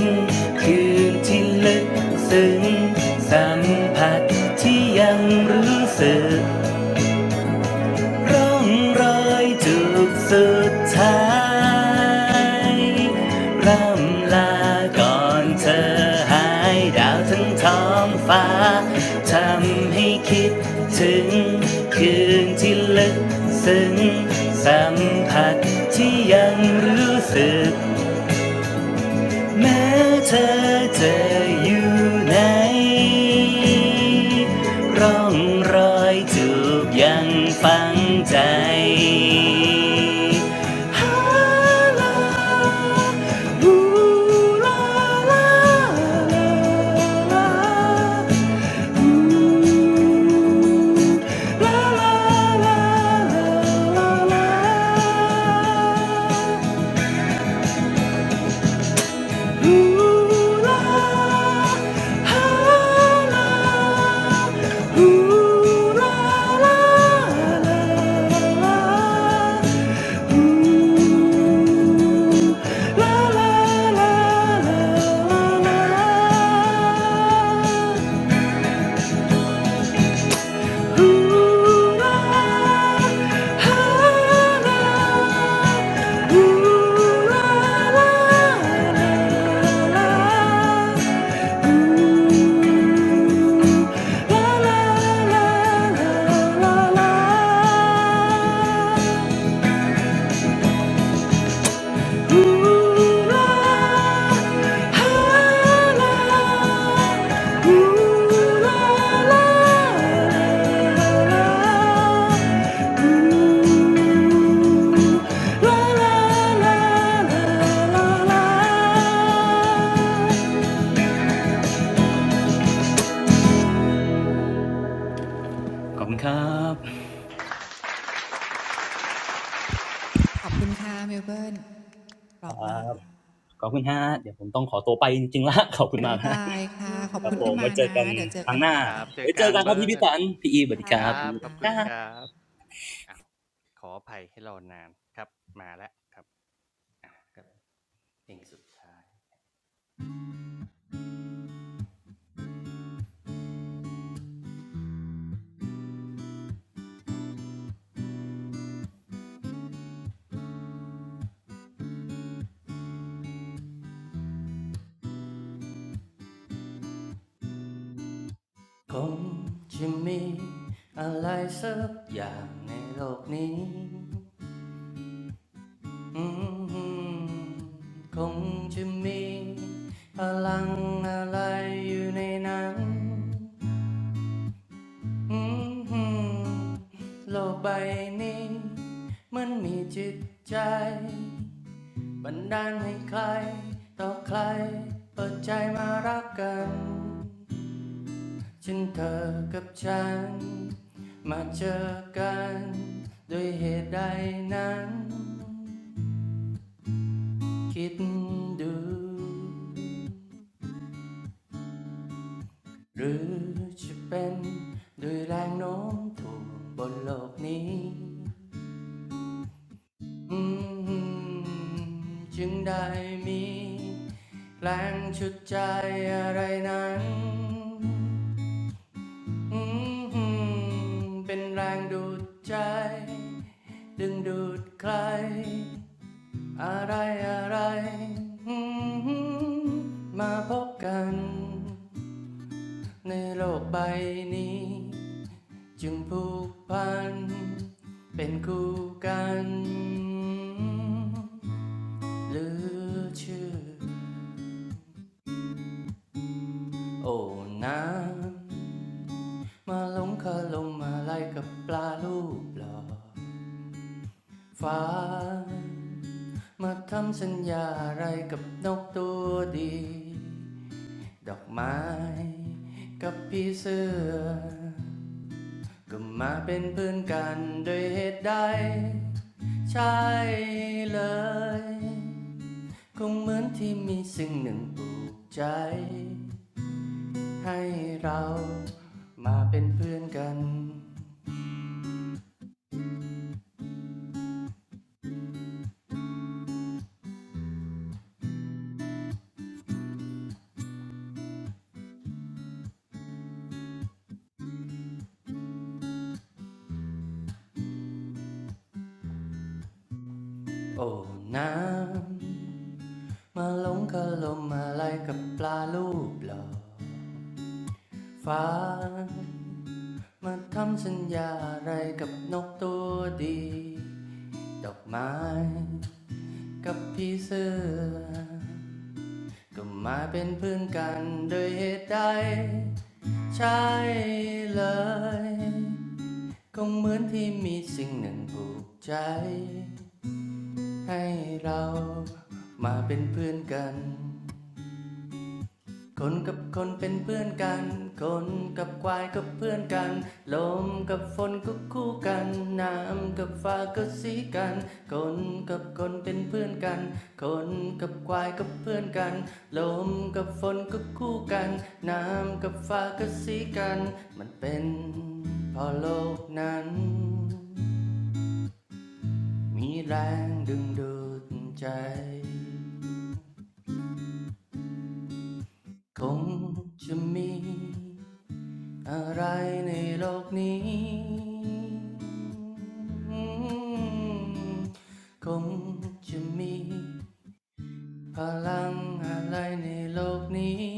Speaker 11: คืนที่ลึกซึ้งสัมผัสที่ยังรู้สึก ร่องรอยจุดสุดท้ายร่ำลาก่อนเธอหายดาวทั้งท้องฟ้าทำให้คิดถึงคืนที่ลึกซึ้งสัมผัสที่ยังรู้สึก แม้เธอจะอยู่ไหนร่องรอยจูบยังฝังใจฮาลาฮูลาลาลาลาลาลาลาลา ฮูลาฮาลา Ooh la la la la. Ooh la la la la la la. Ooh la la. Ooh la la la la. ขอบคุณครับ
Speaker 2: ขอบคุณค่ะเมลเบิร์นเป
Speaker 11: คร
Speaker 2: ราะมา
Speaker 11: ั
Speaker 2: ก
Speaker 11: บขอบคุณฮะเดี๋ยวผมต้องขอตัวไปจริงๆและ ขอบคุณ
Speaker 2: บา
Speaker 11: มาก
Speaker 2: ย
Speaker 11: ฮะ
Speaker 2: บายค่ะขอบ
Speaker 11: ครับ
Speaker 2: คุณ
Speaker 11: ผ
Speaker 2: ที่
Speaker 11: ม
Speaker 2: มา
Speaker 11: มาเจอ
Speaker 1: ดิฉันค่ะเงิบเงิมค่ะ
Speaker 2: นะ
Speaker 11: กัน
Speaker 2: เดี๋ยวเจอ
Speaker 11: ครั้
Speaker 2: กั
Speaker 11: ง
Speaker 2: น
Speaker 11: ห
Speaker 2: ให
Speaker 11: น้า
Speaker 2: ม่จ้ะ
Speaker 11: ไว้เจอกันครับพี่พิสันพี่อีสวัสดีครับพี่อีส
Speaker 2: ค
Speaker 11: วั
Speaker 2: ร
Speaker 11: สดีครั
Speaker 2: ับ
Speaker 11: บ
Speaker 7: คงจะมีอะไรสักอย่างในโลกนี้อืมคงจะมีพลังอะไรอยู่ในนั้น อืมฮึมโลกใบนี้มันมีจิตใจบันดาลให้ใครต่อใครเปิดใจมารักกันฉันเธอกับฉันมาเจอกันด้วยเหตุใดนั้นคิดดูหรือจะเป็นด้วยแรงโน้มถ่วงบนโลกนี้ อืมจึงได้มีแรงชุดใจอะไรนั้นอืมเป็นแรงดูดใจดึงดูดใครอะไรอะไรอืมมาพบกันในโลกใบนี้จึงผูกพันเป็นคู่กัน หรือชื่อโอ้น้ำมาหลงคาลมมาไล่กับปลาลูกหลอฟ้ามาทำสัญญาอะไรกับนกตัวดีดอกไม้กับพี่เสื้อก็มาเป็นเพื่อนกันโดยเหตุใดใช่เลยคงเหมือนที่มีสิ่งหนึ่งปลูกใจ ให้เรามาเป็นเพื่อนกัน โอ้น้ำมาหลงกะลมอะไรกับปลาลูกหล่อฟ้ามาทำสัญญาอะไรกับนกตัวดี ดอกไม้กับพี่เสื้อก็มาเป็นเพื่อนกันโดยเหตุใดใช่เลย ก็เหมือนที่มีสิ่งหนึ่งผูกใจ ให้เรามาเป็นเพื่อนกัน คนกับคนเป็นเพื่อนกัน คนกับควายก็เพื่อนกันลมกับฝนก็คู่กัน น้ำกับฟ้าก็สีกันคนกับคนเป็นเพื่อนกัน คนกับควายก็เพื่อนกันลมกับฝนก็คู่กัน น้ำกับฟ้าก็สีกัน มันเป็นเพอโลกนั้นมีแรงดึงดูดใจ คงจะมีอะไรในโลกนี้คงจะมีพลังอะไรในโลกนี้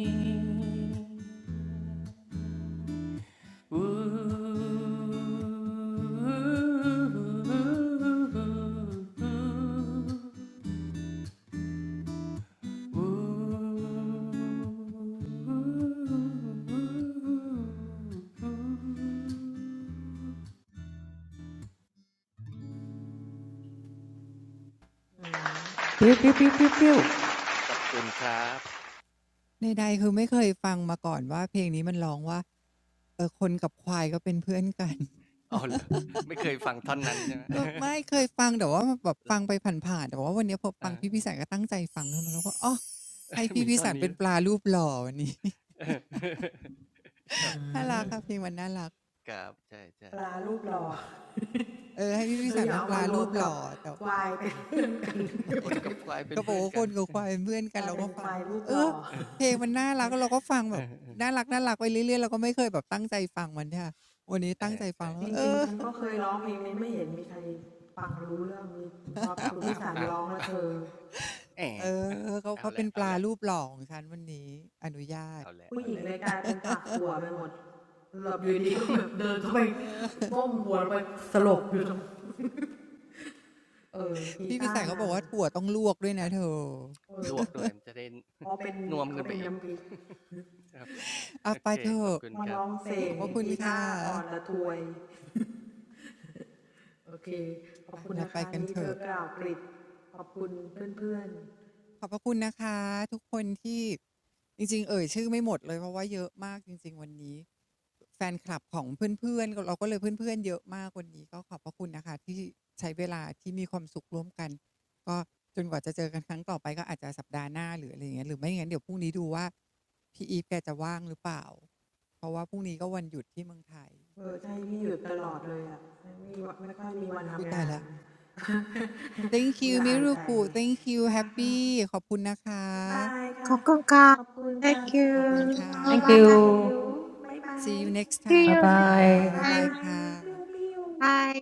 Speaker 7: วู้ กับค
Speaker 6: Pew, pew, pew, pew, pew.
Speaker 7: ราบอ้าว
Speaker 2: ใดๆคือไม่เคยฟังมาก่อนว่าเพลงนี้มันร้องว่าเออคนกับควายก็เป็นเพื่อนกัน
Speaker 7: ไม่เคยฟังท่อนนั้นใช่ไหม
Speaker 2: เออไม่เค
Speaker 7: ค
Speaker 2: ย
Speaker 7: รับ
Speaker 2: ฟังแต่ว่าแบบฟังไปผ่านๆแต่ว่าวันนี้พอฟั
Speaker 7: อา
Speaker 2: งพี่พิสันก็ตั้งใจฟังเึ้มาแล้องว่าอ๋อให้ พี่
Speaker 7: มี
Speaker 2: พิ
Speaker 7: ท่อน
Speaker 2: สัน
Speaker 7: นี้
Speaker 2: เป็น
Speaker 7: ด้วย
Speaker 2: ปลารูปหล่อวันนี้
Speaker 7: ครับ
Speaker 2: น่ารั
Speaker 7: เอ
Speaker 2: ก
Speaker 7: อ
Speaker 2: ค่ะเพลงมันน่ารัก
Speaker 7: ครับใช่ใช่โอเค
Speaker 1: ปลารูปหล่อ
Speaker 2: เออให้พี่พิสันเป็นปลารูปหล่อแต่
Speaker 7: คนกับ
Speaker 1: เธออย่าเอามารวมกับควายเป็นเพื่อนกันกลายเป็นควายรูปหล่อ
Speaker 7: ควาย
Speaker 2: ก็บอก
Speaker 7: เพื่อน
Speaker 2: ว่าค
Speaker 7: กัน
Speaker 2: นกับควายเป็นเพื่อนกันเราก็ฟังแล้วแบบเออเพลงมันน่ารักแล้วเราก็ฟังแบบน่ารักน่ารักไปเรื่อยๆเราก็ไม่เคยแบบตั้งใจฟังมันใช่เปะวันนี้ตั้งใจฟังแล้วเอ
Speaker 1: จริงๆ
Speaker 2: อ
Speaker 1: ฉันก็เคยร้องเพลงนี้ไม่เห็นมีใครฟังรู้เรื่องนี้พอคุณพิสารร้องแล้วเธอ
Speaker 2: เออเขาเขาเป็นปลารูปหล่อของฉันวันนี้อนุญาตเออ
Speaker 1: ผู้หญิงเลยกลายเป็นฝักถั่วไปหมดหลบอยู่ดีก็แบบเดินเข้าไปก้มหัวลงไปสลบอยู่ตรง
Speaker 2: พี่พิสัยเขาบอกว่าถั่วต้องลวกด้วยนะเธอ
Speaker 1: เออกีตาร์นางเออเขาเป็นเขาเป็นน้ำพริก
Speaker 2: เอาไปเถอะขอบพระคุณค่ะ
Speaker 1: มาร้องเพลงกีตาร์อ่อนละทวยโอเค
Speaker 2: อ่ะเราไป
Speaker 1: ขอบคุณนะคะ
Speaker 2: กันเถอะ
Speaker 1: นี้เธอกล่าวกริบขอบคุณเพื่อนๆ
Speaker 2: ขอบพระคุณนะคะทุกคนที่จริงๆเอ่ยชื่อไม่หมดเลยเพราะว่าเยอะมากจริงๆวันนี้แฟนคลับของเพื่อนๆเราก็เลยเพื่อนๆเยอะมากวันนี้ก็ขอบพระคุณนะคะที่ใช้เวลาที่มีความสุขร่วมกันก็จนกว่าจะเจอกันครั้งต่อไปก็อาจจะสัปดาห์หน้าหรืออะไรอย่างเงี้ยหรือไม่งั้นเดี๋ยวพรุ่งนี้ดูว่าพี่อีฟแกจะว่างหรือเปล่าเพราะว่าพรุ่งนี้ก็วันหยุดที่เมืองไทย
Speaker 1: เออใช่พี่หยุดตลอดเลยอ่ะ
Speaker 2: กูตาย
Speaker 1: ไม่มีวันไม่ค่อยมีวันทำงาน
Speaker 2: แล้ว thank you มิรุ
Speaker 1: ละอายใจ
Speaker 2: กุ thank you happy ขอบคุณนะคะ
Speaker 1: ค่ะค่ะบ๊ายบายค่ะขอบคุณค่ะ
Speaker 4: ここか。Thank
Speaker 1: see
Speaker 2: ขอบ
Speaker 1: you
Speaker 2: คุณ
Speaker 4: you.
Speaker 2: ค่
Speaker 6: Thank
Speaker 1: tomorrow
Speaker 2: ะ
Speaker 4: そば。See
Speaker 1: see you
Speaker 6: you.
Speaker 2: see
Speaker 1: Bye.
Speaker 2: you next
Speaker 6: Bye
Speaker 2: time
Speaker 4: you next
Speaker 2: ค่ะ
Speaker 6: bye.
Speaker 4: time.
Speaker 1: บาย
Speaker 2: บ๊ายบายค่ะ
Speaker 1: บิวบิว
Speaker 4: Bye.